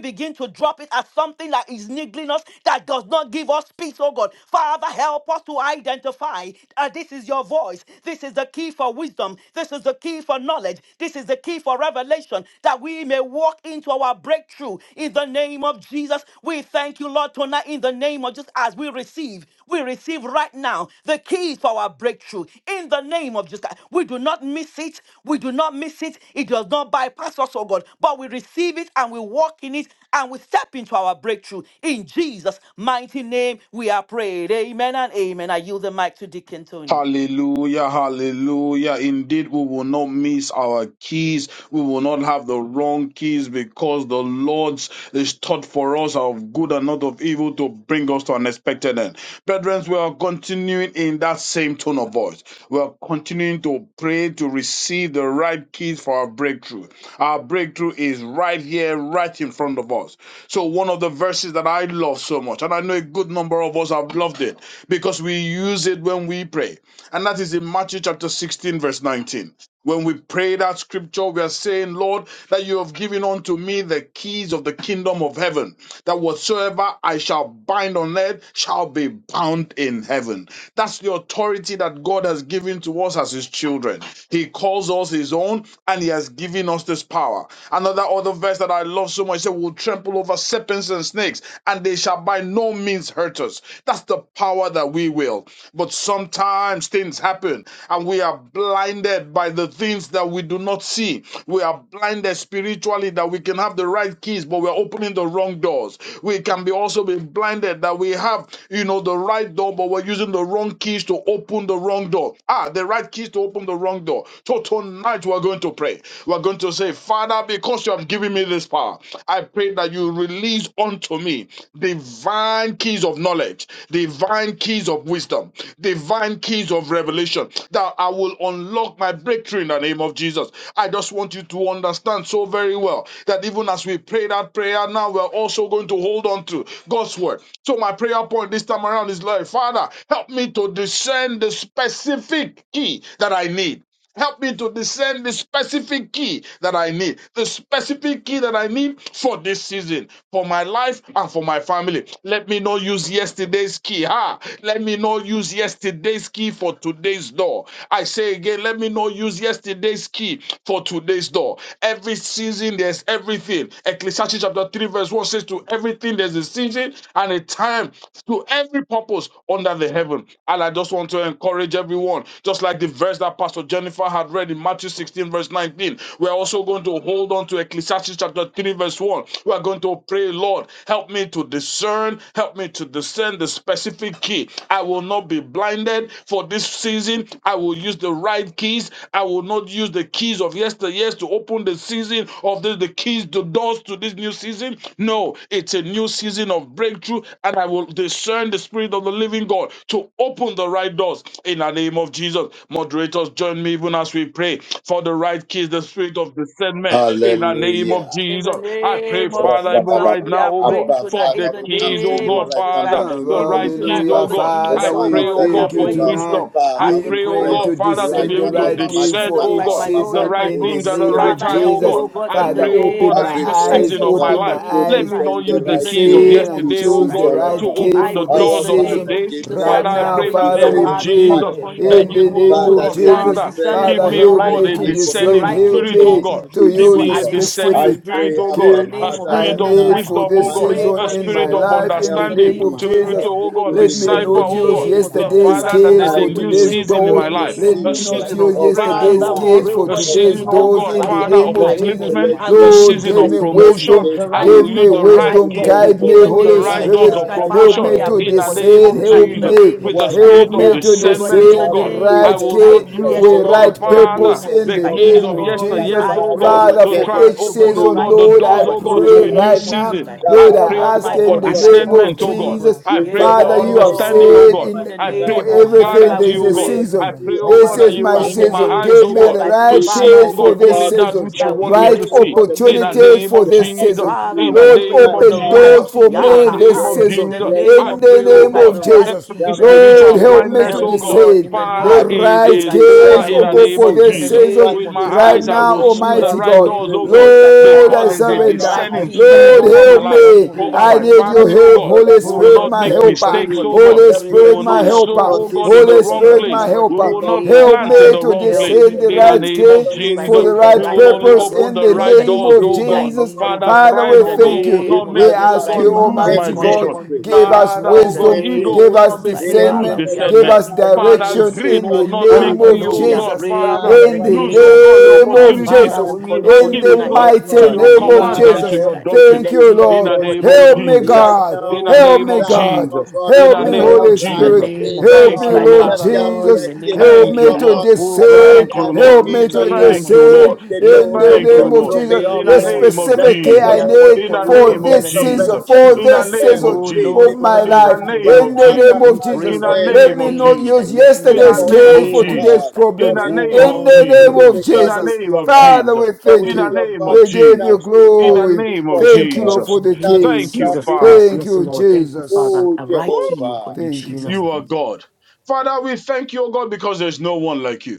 Speaker 2: begin to drop it as something that is niggling us, that does not give us peace, oh God. Father, help us to identify that this is your voice voice. This is the key for wisdom. This is the key for knowledge. This is the key for revelation that we may walk into our breakthrough in the name of Jesus. We thank you, Lord, tonight in the name of just as we receive. We receive right now the keys for our breakthrough in the name of Jesus. We do not miss it. We do not miss it. It does not bypass us, oh God, but we receive it and we walk in it and we step into our breakthrough. In Jesus' mighty name, we are prayed. Amen and amen. I yield the mic to Deacon Tony.
Speaker 6: Hallelujah, hallelujah. Indeed, we will not miss our keys. We will not have the wrong keys because the Lord's is taught for us of good and not of evil to bring us to an expected end. Brethren, we are continuing in that same tone of voice. We're continuing to pray to receive the right keys for our breakthrough. Our breakthrough is right here, right in front of us. So, one of the verses that I love so much, and I know a good number of us have loved it because we use it when we pray, and that is in Matthew chapter 16, verse 19. When we pray that scripture, we are saying, Lord, that you have given unto me the keys of the kingdom of heaven, that whatsoever I shall bind on earth shall be bound in heaven. That's the authority that God has given to us as his children. He calls us his own and he has given us this power. Another other verse that I love so much it said, We'll trample over serpents and snakes, and they shall by no means hurt us. That's the power that we will. But sometimes things happen and we are blinded blinded by the things that we do not see. We are blinded spiritually that we can have the right keys, but we're opening the wrong doors. We can be also be blinded that we have, you know, the right door, but we're using the wrong keys to open the wrong door. Ah, the right keys to open the wrong door. So tonight we're going to pray. We're going to say, Father, because you have given me this power, I pray that you release unto me divine keys of knowledge, divine keys of wisdom, divine keys of revelation revelation that I will unlock my breakthrough in the name of Jesus. I just want you to understand so very well that even as we pray that prayer now, we're also going to hold on to God's word. So my prayer point this time around is Lord Father, help me to discern the specific key that I need. Help me to discern the specific key that I need, the specific key that I need for this season, for my life and for my family. Let me not use yesterday's key. Ha! Let me not use yesterday's key for today's door. I say again, let me not use yesterday's key for today's door. Every season there's everything. Ecclesiastes chapter 3, verse 1 says, To everything there's a season and a time to every purpose under the heaven heaven. And I just want to encourage everyone, just like the verse that Pastor Jennifer had read in Matthew 16, verse 19. We're also going to hold on to Ecclesiastes chapter 3, verse 1. We are going to pray, Lord, help me to discern, help me to discern the specific key. I will not be blinded for this season. I will use the right keys. I will not use the keys of yesteryears to open the season of the, the keys, the doors to this new season. No, it's a new new season of breakthrough, and I will discern the Spirit of the living God to open the right doors in the name of Jesus. Moderators, join me even as we pray for the right keys, the Spirit of discernment in the name of
Speaker 4: Hallelujah.
Speaker 2: In the
Speaker 6: Jesus. I pray,
Speaker 2: name of
Speaker 6: Father, even
Speaker 2: Jesus,
Speaker 6: right
Speaker 2: we
Speaker 6: now,
Speaker 2: are
Speaker 6: oh God,
Speaker 2: praying
Speaker 4: Abba,
Speaker 6: for
Speaker 2: tonight. In
Speaker 6: the
Speaker 4: Father,
Speaker 2: the
Speaker 4: we come
Speaker 6: keys,
Speaker 4: to
Speaker 6: oh
Speaker 2: name
Speaker 4: you
Speaker 6: God,
Speaker 2: of
Speaker 4: right
Speaker 2: Jesus,
Speaker 4: now in the
Speaker 2: that
Speaker 6: Father,
Speaker 4: name
Speaker 6: the
Speaker 4: of
Speaker 2: even
Speaker 6: right
Speaker 4: Jesus
Speaker 6: keys,
Speaker 2: tonight,
Speaker 6: oh
Speaker 5: Hallelujah.
Speaker 4: Christ,
Speaker 2: Brother
Speaker 6: God.
Speaker 4: the
Speaker 6: I
Speaker 2: Keys,
Speaker 5: Father,
Speaker 2: oh
Speaker 4: Son
Speaker 5: we
Speaker 4: of
Speaker 6: pray,
Speaker 2: God,
Speaker 6: oh
Speaker 4: the
Speaker 2: we are
Speaker 6: God,
Speaker 5: thank you
Speaker 4: living
Speaker 6: for
Speaker 2: praying,
Speaker 4: God.
Speaker 2: oh
Speaker 5: tonight.
Speaker 2: God,
Speaker 6: wisdom. I
Speaker 4: Father,
Speaker 2: as
Speaker 5: We are
Speaker 2: we
Speaker 4: we
Speaker 6: pray, oh
Speaker 2: call
Speaker 5: praying
Speaker 4: pray
Speaker 5: to
Speaker 6: God,
Speaker 2: upon
Speaker 6: Father,
Speaker 2: you
Speaker 6: to
Speaker 4: right
Speaker 2: in
Speaker 6: be
Speaker 5: descend
Speaker 2: the
Speaker 5: the
Speaker 4: now,
Speaker 6: able to
Speaker 4: not
Speaker 5: right
Speaker 2: name
Speaker 4: by
Speaker 2: of
Speaker 4: might,
Speaker 5: keys
Speaker 4: not
Speaker 6: discern,
Speaker 5: for
Speaker 2: Jesus
Speaker 4: by
Speaker 6: oh
Speaker 5: each
Speaker 2: Christ,
Speaker 4: power,
Speaker 6: God
Speaker 2: my
Speaker 4: but
Speaker 2: Lord
Speaker 6: the
Speaker 4: by
Speaker 2: and
Speaker 5: season
Speaker 4: the
Speaker 2: my
Speaker 6: right
Speaker 5: in
Speaker 4: Holy
Speaker 5: the
Speaker 2: God.
Speaker 6: things at the
Speaker 5: name
Speaker 4: Spirit,
Speaker 6: right
Speaker 2: Father,
Speaker 5: of
Speaker 4: we
Speaker 6: time,
Speaker 4: are
Speaker 2: help
Speaker 6: oh
Speaker 2: me,
Speaker 5: Jesus.
Speaker 6: God.
Speaker 2: oh
Speaker 4: calling
Speaker 2: God,
Speaker 6: I
Speaker 2: in
Speaker 4: upon
Speaker 2: the
Speaker 5: Father,
Speaker 4: you
Speaker 6: pray, oh
Speaker 2: name
Speaker 6: God,
Speaker 5: open
Speaker 2: of
Speaker 4: as
Speaker 6: that
Speaker 5: my
Speaker 4: we
Speaker 6: in
Speaker 2: Jesus
Speaker 6: this
Speaker 2: Christ,
Speaker 4: pray,
Speaker 5: eyes,
Speaker 6: season
Speaker 4: O
Speaker 6: of
Speaker 2: even,
Speaker 6: my
Speaker 2: oh
Speaker 4: God,
Speaker 5: open
Speaker 6: life,
Speaker 5: my
Speaker 2: God, even
Speaker 4: to
Speaker 6: let
Speaker 5: eyes
Speaker 6: me
Speaker 2: tonight,
Speaker 4: defend
Speaker 6: not
Speaker 5: to
Speaker 4: the
Speaker 6: use the
Speaker 2: in
Speaker 4: right
Speaker 2: the
Speaker 6: keys
Speaker 4: key
Speaker 6: of
Speaker 4: for
Speaker 2: name
Speaker 5: discern
Speaker 2: of
Speaker 5: and
Speaker 4: each
Speaker 6: yesterday,
Speaker 2: Jesus
Speaker 6: oh
Speaker 5: choose
Speaker 2: Christ,
Speaker 5: the
Speaker 6: God,
Speaker 2: eh,
Speaker 4: season, O
Speaker 2: Lord.
Speaker 6: to
Speaker 5: right
Speaker 4: God.
Speaker 5: key
Speaker 6: open
Speaker 2: I
Speaker 6: the
Speaker 5: for
Speaker 2: pray in
Speaker 5: this
Speaker 4: Our
Speaker 6: doors
Speaker 2: the
Speaker 6: of
Speaker 2: name
Speaker 5: season.
Speaker 4: Father,
Speaker 2: of
Speaker 6: today.
Speaker 4: give
Speaker 2: Jesus
Speaker 4: me
Speaker 5: Right
Speaker 6: Father,
Speaker 2: Christ.
Speaker 4: a
Speaker 2: We
Speaker 6: I
Speaker 2: are
Speaker 5: now,
Speaker 7: Baba
Speaker 4: a
Speaker 6: pray in
Speaker 2: praying
Speaker 6: the
Speaker 5: Father,
Speaker 2: tonight
Speaker 6: name
Speaker 5: we
Speaker 6: of
Speaker 4: discerning
Speaker 2: as
Speaker 7: Shanakorra,
Speaker 2: we call
Speaker 5: pray
Speaker 4: heart,
Speaker 6: Jesus
Speaker 7: Shete,
Speaker 4: O
Speaker 7: da,
Speaker 2: upon you
Speaker 7: da,
Speaker 2: in
Speaker 6: that
Speaker 7: da,
Speaker 2: the
Speaker 4: God.
Speaker 5: in
Speaker 7: da,
Speaker 6: you
Speaker 5: the
Speaker 2: name
Speaker 7: da,
Speaker 2: of
Speaker 7: da,
Speaker 6: will,
Speaker 5: name
Speaker 6: oh
Speaker 2: to
Speaker 7: Baba
Speaker 4: Father,
Speaker 5: of
Speaker 6: God,
Speaker 4: to
Speaker 2: discern the
Speaker 5: Jesus.
Speaker 6: Father,
Speaker 7: Shanakorra.
Speaker 4: discern
Speaker 2: discernment
Speaker 6: give
Speaker 5: Father,
Speaker 2: for
Speaker 4: the
Speaker 6: me,
Speaker 7: Thank
Speaker 2: the
Speaker 7: you
Speaker 6: oh
Speaker 5: help
Speaker 7: for the
Speaker 2: right
Speaker 4: right
Speaker 6: God,
Speaker 5: me
Speaker 6: a
Speaker 5: to
Speaker 7: right
Speaker 4: key
Speaker 2: key,
Speaker 4: for,
Speaker 7: key, oh
Speaker 2: the
Speaker 5: discern,
Speaker 6: discerning
Speaker 4: my
Speaker 2: right
Speaker 7: God.
Speaker 2: key
Speaker 5: help
Speaker 4: God,
Speaker 2: to
Speaker 6: spirit,
Speaker 4: for
Speaker 2: be
Speaker 6: oh
Speaker 4: my-
Speaker 2: able
Speaker 5: me
Speaker 7: Help me
Speaker 2: to
Speaker 6: God.
Speaker 4: for
Speaker 5: to
Speaker 4: each
Speaker 2: use,
Speaker 6: Give
Speaker 2: oh
Speaker 5: use
Speaker 2: God,
Speaker 5: the
Speaker 6: me
Speaker 7: discern
Speaker 6: a
Speaker 2: at
Speaker 7: the
Speaker 4: season.
Speaker 2: the
Speaker 7: right
Speaker 2: point
Speaker 6: discerning
Speaker 4: I
Speaker 7: key
Speaker 2: in
Speaker 5: specific
Speaker 6: spirit,
Speaker 2: time,
Speaker 4: pray,
Speaker 7: for
Speaker 6: oh
Speaker 2: in
Speaker 6: God,
Speaker 7: my
Speaker 2: the
Speaker 4: Abba
Speaker 5: Okay,
Speaker 7: life
Speaker 6: a
Speaker 2: name
Speaker 7: at
Speaker 2: of
Speaker 4: Father,
Speaker 5: I
Speaker 7: this
Speaker 4: right
Speaker 6: spirit of
Speaker 2: Jesus
Speaker 7: time,
Speaker 4: now.
Speaker 7: oh
Speaker 5: need
Speaker 2: Christ.
Speaker 5: for
Speaker 7: Father,
Speaker 6: wisdom,
Speaker 7: in
Speaker 6: oh
Speaker 2: We
Speaker 5: this
Speaker 4: My
Speaker 7: the
Speaker 6: God,
Speaker 7: name
Speaker 2: pray
Speaker 7: of
Speaker 4: God,
Speaker 5: season
Speaker 6: a
Speaker 2: for
Speaker 4: I
Speaker 5: in
Speaker 2: this, oh
Speaker 5: my
Speaker 6: spirit
Speaker 7: Jesus.
Speaker 4: pray
Speaker 2: God,
Speaker 6: of
Speaker 7: Yeah, da,
Speaker 5: life
Speaker 7: da,
Speaker 2: tonight,
Speaker 5: in
Speaker 7: da,
Speaker 2: in
Speaker 5: the
Speaker 4: Help
Speaker 7: da,
Speaker 2: the
Speaker 7: da,
Speaker 6: understanding
Speaker 5: name
Speaker 2: name
Speaker 5: of
Speaker 2: of
Speaker 4: me.
Speaker 7: Baba
Speaker 6: to be
Speaker 2: Jesus. I
Speaker 6: able to,
Speaker 5: Jesus.
Speaker 4: Help
Speaker 2: help
Speaker 7: Shanakorra.
Speaker 4: me
Speaker 6: oh
Speaker 2: you, oh
Speaker 6: God,
Speaker 4: to
Speaker 2: God,
Speaker 5: Let me
Speaker 7: Yeah, da,
Speaker 2: in
Speaker 4: discern
Speaker 6: decipher,
Speaker 2: the
Speaker 4: the
Speaker 5: not
Speaker 7: da,
Speaker 6: oh
Speaker 7: da, da,
Speaker 5: use
Speaker 7: da,
Speaker 6: God,
Speaker 2: name
Speaker 7: da,
Speaker 2: of
Speaker 4: specific
Speaker 6: the
Speaker 7: Baba
Speaker 2: Jesus
Speaker 5: yesterday's
Speaker 4: thing
Speaker 6: Father,
Speaker 2: Christ,
Speaker 6: that
Speaker 2: oh
Speaker 5: case
Speaker 7: Shanakorra.
Speaker 6: there's a
Speaker 2: God.
Speaker 5: for
Speaker 4: I
Speaker 2: We
Speaker 6: new
Speaker 7: Yeah,
Speaker 4: need
Speaker 5: today's
Speaker 2: pray,
Speaker 6: season
Speaker 2: oh
Speaker 7: da, da,
Speaker 6: season
Speaker 2: God,
Speaker 6: in
Speaker 2: in
Speaker 7: da,
Speaker 5: doors.
Speaker 4: for
Speaker 6: my
Speaker 2: the
Speaker 7: da, da, da,
Speaker 6: life,
Speaker 4: this
Speaker 2: name of
Speaker 5: Let
Speaker 7: Baba
Speaker 6: a
Speaker 5: me
Speaker 2: Jesus
Speaker 4: season
Speaker 5: not
Speaker 6: season
Speaker 2: Christ.
Speaker 5: use
Speaker 6: of
Speaker 7: Shanakorra,
Speaker 4: of
Speaker 7: Shete,
Speaker 4: my
Speaker 7: da,
Speaker 6: breakthrough,
Speaker 5: yesterday's
Speaker 2: Father,
Speaker 6: oh
Speaker 7: da,
Speaker 2: we
Speaker 7: da,
Speaker 6: God,
Speaker 5: case
Speaker 4: life,
Speaker 2: pray,
Speaker 7: da,
Speaker 2: oh
Speaker 5: for
Speaker 7: Baba
Speaker 6: a
Speaker 2: God,
Speaker 4: of
Speaker 2: in the
Speaker 5: today's
Speaker 6: season,
Speaker 2: name,
Speaker 4: my
Speaker 7: Shanakorra.
Speaker 6: oh
Speaker 2: help me
Speaker 5: doors
Speaker 6: God,
Speaker 2: to
Speaker 5: in
Speaker 4: life.
Speaker 5: the
Speaker 7: Yeah, da,
Speaker 6: Father,
Speaker 7: da,
Speaker 6: of
Speaker 5: name
Speaker 7: da,
Speaker 5: of
Speaker 2: identify,
Speaker 7: da,
Speaker 4: Let,
Speaker 2: oh
Speaker 7: da, da,
Speaker 5: Jesus.
Speaker 2: God,
Speaker 6: upliftment,
Speaker 4: let
Speaker 7: Baba
Speaker 2: and to
Speaker 6: a
Speaker 4: me
Speaker 2: use
Speaker 4: not
Speaker 2: the
Speaker 5: Lord,
Speaker 6: season
Speaker 7: Shanakorra,
Speaker 5: give
Speaker 6: of
Speaker 5: me
Speaker 4: use
Speaker 2: specific
Speaker 7: Shete, da, da,
Speaker 2: key,
Speaker 7: da,
Speaker 6: promotion.
Speaker 5: wisdom.
Speaker 4: yesterday's
Speaker 2: the
Speaker 7: da,
Speaker 6: I
Speaker 7: da,
Speaker 2: right
Speaker 4: keys
Speaker 6: will
Speaker 5: Give
Speaker 2: key
Speaker 7: Baba
Speaker 6: use
Speaker 5: me
Speaker 2: for
Speaker 6: the
Speaker 2: my
Speaker 7: Shanakorra.
Speaker 4: for
Speaker 6: right
Speaker 2: right
Speaker 5: wisdom.
Speaker 6: keys to
Speaker 4: today's
Speaker 2: doors.
Speaker 7: Yeah,
Speaker 5: Guide
Speaker 7: da,
Speaker 5: me,
Speaker 2: In
Speaker 7: da,
Speaker 2: the
Speaker 4: goal.
Speaker 7: da,
Speaker 6: open
Speaker 7: da,
Speaker 6: the
Speaker 5: Holy
Speaker 7: da,
Speaker 2: name
Speaker 6: right
Speaker 4: My
Speaker 7: Baba
Speaker 2: of
Speaker 6: doors
Speaker 5: Spirit.
Speaker 2: Jesus
Speaker 4: God,
Speaker 6: of
Speaker 7: Shanakorra.
Speaker 2: Christ,
Speaker 4: I
Speaker 5: Help
Speaker 2: Father,
Speaker 6: promotion
Speaker 2: we
Speaker 5: me
Speaker 7: Lord,
Speaker 2: are
Speaker 4: pray
Speaker 7: help
Speaker 5: to
Speaker 4: in
Speaker 7: me
Speaker 6: in
Speaker 7: to
Speaker 2: praying
Speaker 4: the
Speaker 6: the
Speaker 2: for
Speaker 7: the
Speaker 2: this
Speaker 4: name
Speaker 6: name
Speaker 2: key
Speaker 4: of
Speaker 5: discern.
Speaker 7: right
Speaker 6: of
Speaker 2: tonight,
Speaker 5: Help
Speaker 2: in
Speaker 7: key.
Speaker 2: the
Speaker 6: Jesus
Speaker 4: Jesus,
Speaker 5: me.
Speaker 2: name of
Speaker 6: with
Speaker 7: HC
Speaker 6: the
Speaker 2: Jesus
Speaker 4: what
Speaker 2: Christ.
Speaker 4: you
Speaker 7: in
Speaker 5: Help
Speaker 6: spirit
Speaker 7: my
Speaker 6: of
Speaker 4: did,
Speaker 5: me
Speaker 2: Help
Speaker 7: life.
Speaker 5: to
Speaker 2: me, oh God,
Speaker 4: Almighty
Speaker 6: discernment,
Speaker 2: in the
Speaker 6: oh
Speaker 5: discern
Speaker 4: God,
Speaker 5: the
Speaker 6: God.
Speaker 2: name
Speaker 6: I
Speaker 2: of
Speaker 5: right
Speaker 2: Jesus
Speaker 4: even
Speaker 6: will
Speaker 2: Christ.
Speaker 5: case
Speaker 4: for
Speaker 6: not use,
Speaker 5: for
Speaker 2: Yes,
Speaker 6: oh
Speaker 5: a
Speaker 4: David, you
Speaker 6: God,
Speaker 2: Lord,
Speaker 5: right
Speaker 2: in the
Speaker 4: can do
Speaker 6: Father,
Speaker 2: name
Speaker 5: purpose
Speaker 2: of
Speaker 4: for
Speaker 5: in
Speaker 2: Jesus
Speaker 6: the
Speaker 4: me,
Speaker 5: the
Speaker 2: Christ.
Speaker 4: oh
Speaker 6: keys
Speaker 2: Yes,
Speaker 5: name
Speaker 6: of
Speaker 4: God.
Speaker 5: of
Speaker 2: Lord,
Speaker 4: That
Speaker 5: Jesus.
Speaker 6: yesteryears,
Speaker 2: I
Speaker 6: oh
Speaker 2: pray,
Speaker 4: Father,
Speaker 2: oh
Speaker 6: God,
Speaker 4: you
Speaker 2: God,
Speaker 5: Father,
Speaker 6: to
Speaker 2: even
Speaker 5: for
Speaker 4: gave
Speaker 2: for
Speaker 6: try
Speaker 4: him
Speaker 6: and
Speaker 5: each
Speaker 2: this,
Speaker 4: the
Speaker 2: oh God,
Speaker 6: open,
Speaker 2: the
Speaker 7: Thank
Speaker 6: oh
Speaker 4: key
Speaker 5: season,
Speaker 7: you,
Speaker 6: God,
Speaker 2: right
Speaker 4: for
Speaker 6: the
Speaker 5: Lord,
Speaker 7: Lord.
Speaker 2: kings,
Speaker 4: the
Speaker 2: oh
Speaker 6: doors,
Speaker 5: I
Speaker 4: right
Speaker 2: God,
Speaker 6: oh
Speaker 2: in
Speaker 6: God,
Speaker 2: the
Speaker 4: season,
Speaker 5: pray
Speaker 6: to a
Speaker 4: oh
Speaker 6: new
Speaker 5: right
Speaker 2: name of
Speaker 4: God.
Speaker 5: now.
Speaker 2: Jesus
Speaker 6: season.
Speaker 2: Christ.
Speaker 6: I
Speaker 4: That
Speaker 5: Lord,
Speaker 2: Oh
Speaker 6: pray,
Speaker 5: I
Speaker 6: oh
Speaker 2: Lord,
Speaker 4: Father,
Speaker 5: ask
Speaker 2: my
Speaker 6: God, for
Speaker 5: in
Speaker 2: God,
Speaker 4: shake
Speaker 5: the
Speaker 2: as
Speaker 4: up
Speaker 2: I
Speaker 4: the
Speaker 5: name
Speaker 2: call
Speaker 5: of
Speaker 6: discernment, oh
Speaker 2: upon you,
Speaker 4: Philistines.
Speaker 6: God.
Speaker 2: God.
Speaker 5: Jesus.
Speaker 6: I
Speaker 4: You
Speaker 6: pray
Speaker 2: Yea,
Speaker 4: gave him
Speaker 5: Father,
Speaker 6: for
Speaker 4: the
Speaker 5: you have
Speaker 4: next
Speaker 6: understanding,
Speaker 4: key,
Speaker 6: oh
Speaker 2: Lord,
Speaker 5: said
Speaker 6: God.
Speaker 2: in the
Speaker 4: Almighty
Speaker 6: I
Speaker 5: in to
Speaker 7: Thank
Speaker 6: pray
Speaker 4: God,
Speaker 2: name
Speaker 7: you,
Speaker 2: of
Speaker 6: for
Speaker 7: God,
Speaker 4: and
Speaker 2: Jesus
Speaker 5: everything
Speaker 4: that
Speaker 2: Christ,
Speaker 5: there
Speaker 6: clarity,
Speaker 2: we
Speaker 7: for
Speaker 5: is
Speaker 6: oh
Speaker 5: a
Speaker 7: the
Speaker 4: key
Speaker 6: God.
Speaker 4: was
Speaker 2: pray.
Speaker 4: the
Speaker 6: I
Speaker 5: season.
Speaker 7: discern the
Speaker 4: key,
Speaker 6: pray, oh
Speaker 5: This
Speaker 6: God, that
Speaker 5: is
Speaker 4: Almighty
Speaker 7: specific.
Speaker 6: you
Speaker 5: my
Speaker 6: will
Speaker 7: people.
Speaker 2: In the
Speaker 6: open
Speaker 4: Father.
Speaker 6: my
Speaker 5: season.
Speaker 2: name of
Speaker 6: eyes,
Speaker 5: Give
Speaker 6: oh
Speaker 5: me
Speaker 2: Jesus
Speaker 4: That
Speaker 6: God,
Speaker 5: the
Speaker 2: Christ,
Speaker 6: to
Speaker 5: right
Speaker 4: indeed,
Speaker 6: see,
Speaker 2: Father,
Speaker 5: case
Speaker 6: oh
Speaker 2: in
Speaker 5: for
Speaker 6: God,
Speaker 2: the
Speaker 4: Almighty
Speaker 5: this
Speaker 6: only
Speaker 4: God,
Speaker 2: name of
Speaker 6: that
Speaker 5: season,
Speaker 2: Jesus
Speaker 6: which
Speaker 4: there
Speaker 6: you
Speaker 2: Christ,
Speaker 4: will
Speaker 2: we
Speaker 6: want
Speaker 4: be,
Speaker 6: me
Speaker 5: right
Speaker 6: to
Speaker 2: pray, oh
Speaker 4: Almighty
Speaker 6: see.
Speaker 4: God,
Speaker 2: God,
Speaker 4: the
Speaker 2: in the
Speaker 6: In the
Speaker 2: name
Speaker 4: movement
Speaker 2: of
Speaker 5: opportunities
Speaker 4: of
Speaker 6: name
Speaker 5: for
Speaker 2: Jesus
Speaker 6: of
Speaker 4: the
Speaker 5: this
Speaker 2: Christ.
Speaker 6: Jesus,
Speaker 4: mulberry
Speaker 5: season.
Speaker 2: Father,
Speaker 6: in
Speaker 4: trees.
Speaker 2: we
Speaker 6: the
Speaker 2: are
Speaker 5: Lord,
Speaker 2: praying
Speaker 6: name
Speaker 4: My
Speaker 2: over
Speaker 6: of
Speaker 2: the
Speaker 5: open
Speaker 4: God, I
Speaker 2: right
Speaker 6: Jesus,
Speaker 5: doors for
Speaker 2: key.
Speaker 6: in
Speaker 4: pray
Speaker 2: Ah,
Speaker 6: the
Speaker 5: me
Speaker 2: ha,
Speaker 6: name
Speaker 5: this
Speaker 2: ha.
Speaker 6: of
Speaker 4: today,
Speaker 2: In
Speaker 5: season.
Speaker 2: the
Speaker 6: Jesus,
Speaker 4: let
Speaker 2: name
Speaker 6: I
Speaker 4: that
Speaker 5: In
Speaker 2: of
Speaker 5: the
Speaker 6: pray,
Speaker 4: key,
Speaker 2: Jesus
Speaker 6: oh
Speaker 5: name
Speaker 4: oh
Speaker 2: Christ,
Speaker 6: God,
Speaker 5: of
Speaker 2: the
Speaker 4: God. God.
Speaker 2: right
Speaker 5: Jesus.
Speaker 2: key,
Speaker 6: every
Speaker 4: Yeah,
Speaker 2: in the
Speaker 4: my
Speaker 2: name
Speaker 4: God,
Speaker 2: of
Speaker 5: Lord,
Speaker 2: Jesus
Speaker 6: spiritual
Speaker 4: give
Speaker 2: Christ.
Speaker 4: me
Speaker 5: help
Speaker 4: the
Speaker 5: me
Speaker 6: blindness,
Speaker 5: to
Speaker 2: Help
Speaker 6: oh
Speaker 4: same
Speaker 2: me,
Speaker 6: God,
Speaker 2: Lord, in the
Speaker 4: discerning
Speaker 5: discern the
Speaker 2: name
Speaker 6: Father,
Speaker 4: heart
Speaker 2: of
Speaker 6: it
Speaker 5: right
Speaker 2: Jesus
Speaker 4: to
Speaker 6: is
Speaker 2: Christ,
Speaker 6: over
Speaker 5: case,
Speaker 2: Father,
Speaker 4: discern
Speaker 6: in
Speaker 5: oh
Speaker 4: in
Speaker 6: the
Speaker 5: God,
Speaker 2: Lord.
Speaker 4: this
Speaker 6: name
Speaker 5: for
Speaker 6: of
Speaker 2: In
Speaker 4: season
Speaker 5: this
Speaker 2: the
Speaker 6: Jesus.
Speaker 4: what
Speaker 2: name
Speaker 6: With
Speaker 5: season.
Speaker 2: of
Speaker 6: my
Speaker 4: key
Speaker 2: Jesus
Speaker 4: to
Speaker 2: Christ,
Speaker 5: Right
Speaker 6: eyes,
Speaker 2: we
Speaker 6: I
Speaker 2: are
Speaker 5: now,
Speaker 4: you,
Speaker 6: will
Speaker 2: praying, oh
Speaker 6: see
Speaker 2: God,
Speaker 6: the
Speaker 4: what
Speaker 5: Almighty
Speaker 2: in the
Speaker 6: right
Speaker 4: key
Speaker 5: God,
Speaker 2: name
Speaker 6: doors,
Speaker 4: to
Speaker 2: of
Speaker 6: oh God,
Speaker 2: Jesus
Speaker 4: you.
Speaker 2: Christ,
Speaker 5: Lord, I
Speaker 6: because
Speaker 2: Father,
Speaker 4: Abba,
Speaker 6: there's a
Speaker 4: Father,
Speaker 2: the
Speaker 5: surrender.
Speaker 2: right
Speaker 4: I
Speaker 6: descending
Speaker 2: key that
Speaker 4: pray
Speaker 6: spirit
Speaker 2: I
Speaker 5: Lord,
Speaker 4: in
Speaker 6: over
Speaker 2: need,
Speaker 4: the
Speaker 2: oh
Speaker 6: my
Speaker 5: help
Speaker 4: name
Speaker 2: God,
Speaker 6: life
Speaker 4: of
Speaker 5: me.
Speaker 2: even in
Speaker 6: over
Speaker 2: the
Speaker 4: Jesus
Speaker 5: I
Speaker 6: my
Speaker 5: need
Speaker 2: name of
Speaker 5: your
Speaker 4: that
Speaker 6: family, oh
Speaker 4: my
Speaker 2: Jesus
Speaker 5: help.
Speaker 6: God.
Speaker 2: Christ.
Speaker 4: Lord
Speaker 5: Holy
Speaker 4: and
Speaker 6: We
Speaker 2: Oh
Speaker 4: my
Speaker 6: will
Speaker 5: Spirit,
Speaker 2: Lord,
Speaker 4: God,
Speaker 6: not
Speaker 5: my
Speaker 6: make
Speaker 4: there
Speaker 2: we
Speaker 4: is a
Speaker 5: helper.
Speaker 2: pray
Speaker 6: mistakes,
Speaker 2: for
Speaker 4: key,
Speaker 6: oh
Speaker 2: this in
Speaker 6: God.
Speaker 2: the
Speaker 5: Holy
Speaker 4: there is
Speaker 6: We
Speaker 2: name of
Speaker 4: a
Speaker 5: Spirit,
Speaker 6: will
Speaker 2: Jesus.
Speaker 5: my
Speaker 2: Christ.
Speaker 6: not
Speaker 4: key
Speaker 2: Help me,
Speaker 6: sow,
Speaker 5: helper.
Speaker 4: for
Speaker 2: Holy
Speaker 6: oh
Speaker 2: Spirit
Speaker 6: God,
Speaker 4: this
Speaker 6: in
Speaker 2: of
Speaker 6: the
Speaker 5: Holy
Speaker 2: God. You
Speaker 4: season
Speaker 6: wrong
Speaker 4: of
Speaker 5: Spirit,
Speaker 2: Help me,
Speaker 6: place.
Speaker 5: my
Speaker 2: O
Speaker 4: God,
Speaker 2: God,
Speaker 6: We
Speaker 2: in the
Speaker 5: helper.
Speaker 4: name
Speaker 6: will
Speaker 4: of
Speaker 6: not
Speaker 2: name
Speaker 4: my
Speaker 2: of
Speaker 5: Help
Speaker 2: Jesus.
Speaker 6: plant in
Speaker 5: me
Speaker 2: Christ.
Speaker 4: life.
Speaker 6: the
Speaker 5: to
Speaker 6: wrong
Speaker 4: There
Speaker 2: Help
Speaker 6: place.
Speaker 4: is
Speaker 5: discern
Speaker 4: a
Speaker 2: me
Speaker 5: the
Speaker 2: in
Speaker 6: In
Speaker 2: the
Speaker 6: the
Speaker 5: right
Speaker 4: key
Speaker 2: name
Speaker 6: name
Speaker 2: of
Speaker 5: key
Speaker 6: of
Speaker 4: for
Speaker 2: Jesus
Speaker 4: this
Speaker 6: Jesus,
Speaker 2: Christ,
Speaker 5: for the
Speaker 2: even for
Speaker 4: season
Speaker 2: the
Speaker 6: we
Speaker 4: of
Speaker 5: right
Speaker 2: right
Speaker 6: will
Speaker 4: my
Speaker 2: things,
Speaker 6: only
Speaker 2: oh
Speaker 5: purpose
Speaker 2: God,
Speaker 4: marriage
Speaker 6: open
Speaker 5: in
Speaker 6: the
Speaker 5: the
Speaker 2: the
Speaker 4: of
Speaker 6: right
Speaker 5: name
Speaker 4: this
Speaker 6: doors,
Speaker 2: specific
Speaker 5: of
Speaker 6: oh
Speaker 2: things
Speaker 4: season,
Speaker 2: I
Speaker 6: God.
Speaker 4: oh
Speaker 5: Jesus.
Speaker 2: need,
Speaker 4: God,
Speaker 2: oh
Speaker 6: Father,
Speaker 4: in
Speaker 2: God,
Speaker 4: my
Speaker 5: Father,
Speaker 6: pride,
Speaker 2: in
Speaker 5: we
Speaker 2: the
Speaker 6: oh
Speaker 4: marriage,
Speaker 6: God,
Speaker 5: thank
Speaker 6: will
Speaker 5: you.
Speaker 6: not
Speaker 2: name
Speaker 4: in
Speaker 2: of
Speaker 5: We
Speaker 4: my
Speaker 6: make me,
Speaker 2: Jesus
Speaker 6: oh
Speaker 5: ask
Speaker 6: God,
Speaker 5: you,
Speaker 2: Christ.
Speaker 4: family,
Speaker 2: Father,
Speaker 6: lose
Speaker 2: we
Speaker 6: my
Speaker 5: Almighty
Speaker 4: in
Speaker 2: call
Speaker 5: God,
Speaker 6: vision.
Speaker 2: upon you,
Speaker 4: ministry,
Speaker 2: Lord
Speaker 5: give
Speaker 2: God,
Speaker 4: in,
Speaker 5: us
Speaker 6: Father,
Speaker 4: ba-
Speaker 2: in
Speaker 6: oh
Speaker 2: the
Speaker 6: God,
Speaker 5: wisdom,
Speaker 4: in
Speaker 2: name
Speaker 6: ego
Speaker 2: of
Speaker 5: give
Speaker 6: will
Speaker 4: business,
Speaker 5: us
Speaker 6: not
Speaker 2: Jesus
Speaker 6: make
Speaker 2: Christ.
Speaker 4: in
Speaker 6: me lose
Speaker 4: every
Speaker 2: Father, we
Speaker 5: discernment,
Speaker 2: are
Speaker 4: area of
Speaker 5: give
Speaker 4: my
Speaker 2: praying
Speaker 6: discernment.
Speaker 5: us
Speaker 2: in
Speaker 4: life
Speaker 2: the
Speaker 4: in
Speaker 2: name
Speaker 6: Father,
Speaker 2: of
Speaker 5: direction
Speaker 4: this
Speaker 2: Jesus
Speaker 6: greed
Speaker 5: in
Speaker 2: Christ.
Speaker 6: will
Speaker 5: the
Speaker 4: season,
Speaker 6: not
Speaker 4: there
Speaker 5: name
Speaker 6: make
Speaker 4: is
Speaker 2: Father,
Speaker 4: a
Speaker 6: me,
Speaker 5: of
Speaker 2: Lord,
Speaker 6: oh
Speaker 2: we are
Speaker 4: key.
Speaker 6: God,
Speaker 5: Jesus
Speaker 2: praying
Speaker 6: Father,
Speaker 2: in
Speaker 4: Father,
Speaker 2: the
Speaker 5: in the
Speaker 6: lose,
Speaker 2: name
Speaker 4: whatever
Speaker 6: oh
Speaker 2: of
Speaker 6: God, the
Speaker 2: Jesus
Speaker 4: keys
Speaker 5: name
Speaker 2: Christ.
Speaker 4: are
Speaker 5: of
Speaker 6: opportunity
Speaker 2: Father,
Speaker 5: Jesus.
Speaker 4: required
Speaker 2: we
Speaker 6: to
Speaker 2: call
Speaker 4: in this
Speaker 2: upon
Speaker 5: In
Speaker 6: hearken,
Speaker 5: the
Speaker 6: oh
Speaker 4: season,
Speaker 2: tonight.
Speaker 6: God,
Speaker 4: oh
Speaker 2: Let me,
Speaker 6: to
Speaker 5: mighty
Speaker 4: God,
Speaker 2: in the
Speaker 6: your
Speaker 5: name of
Speaker 2: name
Speaker 6: commands
Speaker 2: of
Speaker 6: and
Speaker 4: Father,
Speaker 6: to
Speaker 5: Jesus.
Speaker 2: Jesus
Speaker 6: your
Speaker 4: help
Speaker 2: Christ,
Speaker 4: me to
Speaker 6: doctrine
Speaker 5: Thank
Speaker 2: let
Speaker 5: you,
Speaker 2: me
Speaker 4: discern
Speaker 6: in
Speaker 2: be,
Speaker 5: Lord.
Speaker 2: oh
Speaker 6: the
Speaker 4: those
Speaker 2: God,
Speaker 6: name
Speaker 2: in the
Speaker 6: of
Speaker 4: keys
Speaker 5: Help
Speaker 2: name of
Speaker 5: me,
Speaker 2: Jesus
Speaker 4: right
Speaker 6: Jesus.
Speaker 2: Christ.
Speaker 5: God.
Speaker 4: now
Speaker 6: In the
Speaker 2: Oh,
Speaker 4: and
Speaker 5: Help
Speaker 6: name
Speaker 5: me,
Speaker 6: of
Speaker 4: apply them,
Speaker 5: God.
Speaker 4: oh
Speaker 6: Jesus.
Speaker 4: God.
Speaker 6: In
Speaker 5: Help
Speaker 6: the
Speaker 2: we
Speaker 5: me,
Speaker 4: As
Speaker 6: name
Speaker 2: would,
Speaker 4: I
Speaker 6: of
Speaker 5: Holy
Speaker 2: in
Speaker 4: apply
Speaker 2: the
Speaker 5: Spirit.
Speaker 4: the
Speaker 6: Jesus.
Speaker 2: name
Speaker 4: keys,
Speaker 2: of
Speaker 4: oh
Speaker 5: Help
Speaker 6: Thank
Speaker 2: Jesus
Speaker 5: me,
Speaker 4: God,
Speaker 6: you,
Speaker 2: Christ,
Speaker 6: Lord.
Speaker 5: Lord
Speaker 4: let
Speaker 2: Father,
Speaker 4: there be
Speaker 2: Lord, in
Speaker 4: a
Speaker 5: Jesus.
Speaker 2: the name of
Speaker 5: Help
Speaker 6: Thank
Speaker 4: difference,
Speaker 2: Jesus
Speaker 6: you,
Speaker 5: me
Speaker 4: oh
Speaker 2: Christ.
Speaker 5: to
Speaker 6: Lord.
Speaker 4: God,
Speaker 2: Oh
Speaker 4: as I
Speaker 2: God, I
Speaker 6: Thank
Speaker 5: descend.
Speaker 6: you,
Speaker 2: call
Speaker 4: apply the
Speaker 2: upon
Speaker 6: Lord.
Speaker 2: you
Speaker 5: Help
Speaker 2: in the
Speaker 5: me
Speaker 4: keys, oh
Speaker 5: to
Speaker 4: God.
Speaker 2: name
Speaker 6: Thank
Speaker 2: of
Speaker 6: you,
Speaker 2: Jesus
Speaker 5: descend
Speaker 2: Christ.
Speaker 4: Let
Speaker 6: Lord.
Speaker 4: the
Speaker 2: Help
Speaker 5: in
Speaker 4: doors
Speaker 2: me,
Speaker 5: the
Speaker 2: oh
Speaker 4: of
Speaker 6: Thank you,
Speaker 5: name
Speaker 2: God,
Speaker 5: of
Speaker 2: in
Speaker 6: Lord.
Speaker 4: breakthrough
Speaker 2: the
Speaker 5: Jesus.
Speaker 4: be
Speaker 6: In
Speaker 5: The
Speaker 6: the
Speaker 2: name of
Speaker 4: open.
Speaker 6: name
Speaker 5: specific
Speaker 6: of
Speaker 2: Jesus
Speaker 5: the
Speaker 2: Christ.
Speaker 4: Let the
Speaker 5: care
Speaker 2: We
Speaker 5: I
Speaker 6: Jesus.
Speaker 2: are
Speaker 4: doors
Speaker 2: calling
Speaker 4: of
Speaker 6: In
Speaker 5: need
Speaker 4: and
Speaker 2: upon
Speaker 6: the
Speaker 2: you, oh
Speaker 4: the
Speaker 5: for
Speaker 2: God,
Speaker 6: name
Speaker 2: in
Speaker 6: of
Speaker 2: the
Speaker 4: gates
Speaker 5: this
Speaker 4: of
Speaker 2: name
Speaker 5: season,
Speaker 6: Jesus.
Speaker 2: of
Speaker 4: breakthrough
Speaker 5: for
Speaker 4: be
Speaker 2: Jesus
Speaker 6: In the
Speaker 2: Christ.
Speaker 5: this
Speaker 6: name
Speaker 4: open.
Speaker 6: of
Speaker 2: Oh
Speaker 5: season of
Speaker 4: Even
Speaker 6: Jesus.
Speaker 2: Lord
Speaker 5: my
Speaker 2: God, in
Speaker 6: In
Speaker 2: the
Speaker 4: now,
Speaker 6: the
Speaker 5: life.
Speaker 2: name of
Speaker 6: name
Speaker 4: Abba
Speaker 2: Jesus
Speaker 5: In
Speaker 6: of
Speaker 5: the
Speaker 2: Christ.
Speaker 5: name
Speaker 4: Father,
Speaker 6: Jesus.
Speaker 2: We
Speaker 5: of
Speaker 4: I
Speaker 2: pray, oh
Speaker 6: In
Speaker 5: Jesus,
Speaker 6: the
Speaker 2: God,
Speaker 4: pray,
Speaker 2: in the
Speaker 5: let
Speaker 6: name
Speaker 5: me
Speaker 6: of
Speaker 2: name of
Speaker 5: not
Speaker 2: Jesus Christ.
Speaker 5: use
Speaker 6: Jesus.
Speaker 2: Let me
Speaker 6: In
Speaker 2: be,
Speaker 6: the
Speaker 5: yesterday's
Speaker 2: oh, in
Speaker 4: Jehovah
Speaker 2: the
Speaker 6: name
Speaker 5: care
Speaker 6: of
Speaker 4: my
Speaker 5: for
Speaker 2: name of
Speaker 5: today's
Speaker 2: Jesus
Speaker 6: Jesus.
Speaker 4: God,
Speaker 2: Christ.
Speaker 6: In
Speaker 4: there
Speaker 5: problems.
Speaker 6: the
Speaker 4: is
Speaker 2: Oh
Speaker 6: name
Speaker 5: In
Speaker 6: of
Speaker 2: God,
Speaker 5: the
Speaker 2: in
Speaker 4: nothing
Speaker 2: the
Speaker 4: too
Speaker 6: Jesus.
Speaker 2: name
Speaker 5: name
Speaker 2: of
Speaker 5: of
Speaker 6: In
Speaker 2: Jesus
Speaker 4: difficult
Speaker 6: the
Speaker 4: with
Speaker 5: Jesus,
Speaker 2: Christ.
Speaker 6: name
Speaker 4: your
Speaker 6: of
Speaker 4: God.
Speaker 5: Father,
Speaker 6: Jesus.
Speaker 5: we
Speaker 4: For
Speaker 5: thank
Speaker 6: In
Speaker 4: with
Speaker 6: the
Speaker 5: you.
Speaker 4: your
Speaker 6: name
Speaker 4: God,
Speaker 6: of
Speaker 5: We give you
Speaker 6: Jesus.
Speaker 4: nothing
Speaker 6: In
Speaker 4: shall
Speaker 6: the
Speaker 4: be
Speaker 5: glory.
Speaker 6: name of
Speaker 5: Thank you,
Speaker 4: impossible.
Speaker 5: Lord, for
Speaker 2: In
Speaker 6: Jesus.
Speaker 2: the
Speaker 5: the
Speaker 2: name of
Speaker 4: Nothing
Speaker 6: Thank
Speaker 5: case.
Speaker 6: you,
Speaker 4: shall
Speaker 2: Jesus
Speaker 4: be
Speaker 2: Christ.
Speaker 6: Father.
Speaker 5: Thank
Speaker 2: Yes,
Speaker 5: you,
Speaker 2: Lord.
Speaker 4: impossible.
Speaker 2: Thank you,
Speaker 5: Jesus.
Speaker 2: Father.
Speaker 4: Oh,
Speaker 2: I
Speaker 6: Woo!
Speaker 2: write to you, oh
Speaker 4: Jehovah.
Speaker 2: God, in
Speaker 5: Thank you,
Speaker 2: Jesus.
Speaker 5: Lord.
Speaker 6: You are
Speaker 2: name.
Speaker 6: God. Father, we thank you, O God, because there's no one like you.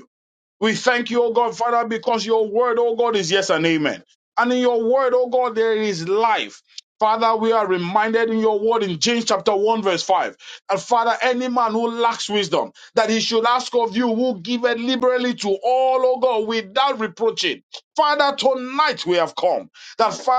Speaker 6: We thank you, O God, Father, because your word, O God, is yes and amen. And in your word, O God, there is life. Father, we are reminded in your word in James chapter 1, verse 5. And Father, any man who lacks wisdom, that of you will give it to all without reproaching. Father, that Father.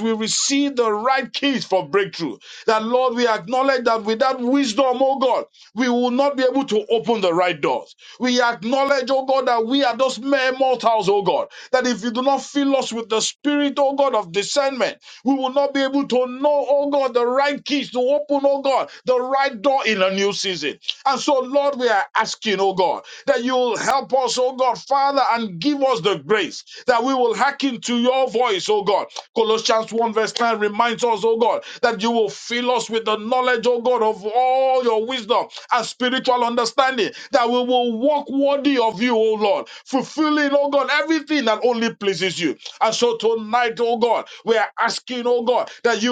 Speaker 6: as we receive the right keys for breakthrough, that Lord, we acknowledge that without wisdom, oh God, we will not be able to open the right doors. We acknowledge, oh God, that we are those mere mortals, oh God, that if you do not fill us with the spirit, oh God, of discernment, we will not be able to know, oh God, the right keys to open, oh God, the right door in a new season. And so, Lord, we are asking, oh God, that you'll help us, oh God, Father, and give us the grace that we will hearken to your voice, oh God, Colossians 1 verse 9 reminds us, oh God, that you will fill us with the knowledge, oh God, of all your wisdom and spiritual understanding, that we will walk worthy of you, oh Lord, fulfilling, oh God, everything that only pleases you. And so tonight, oh God, we are asking, oh God, that you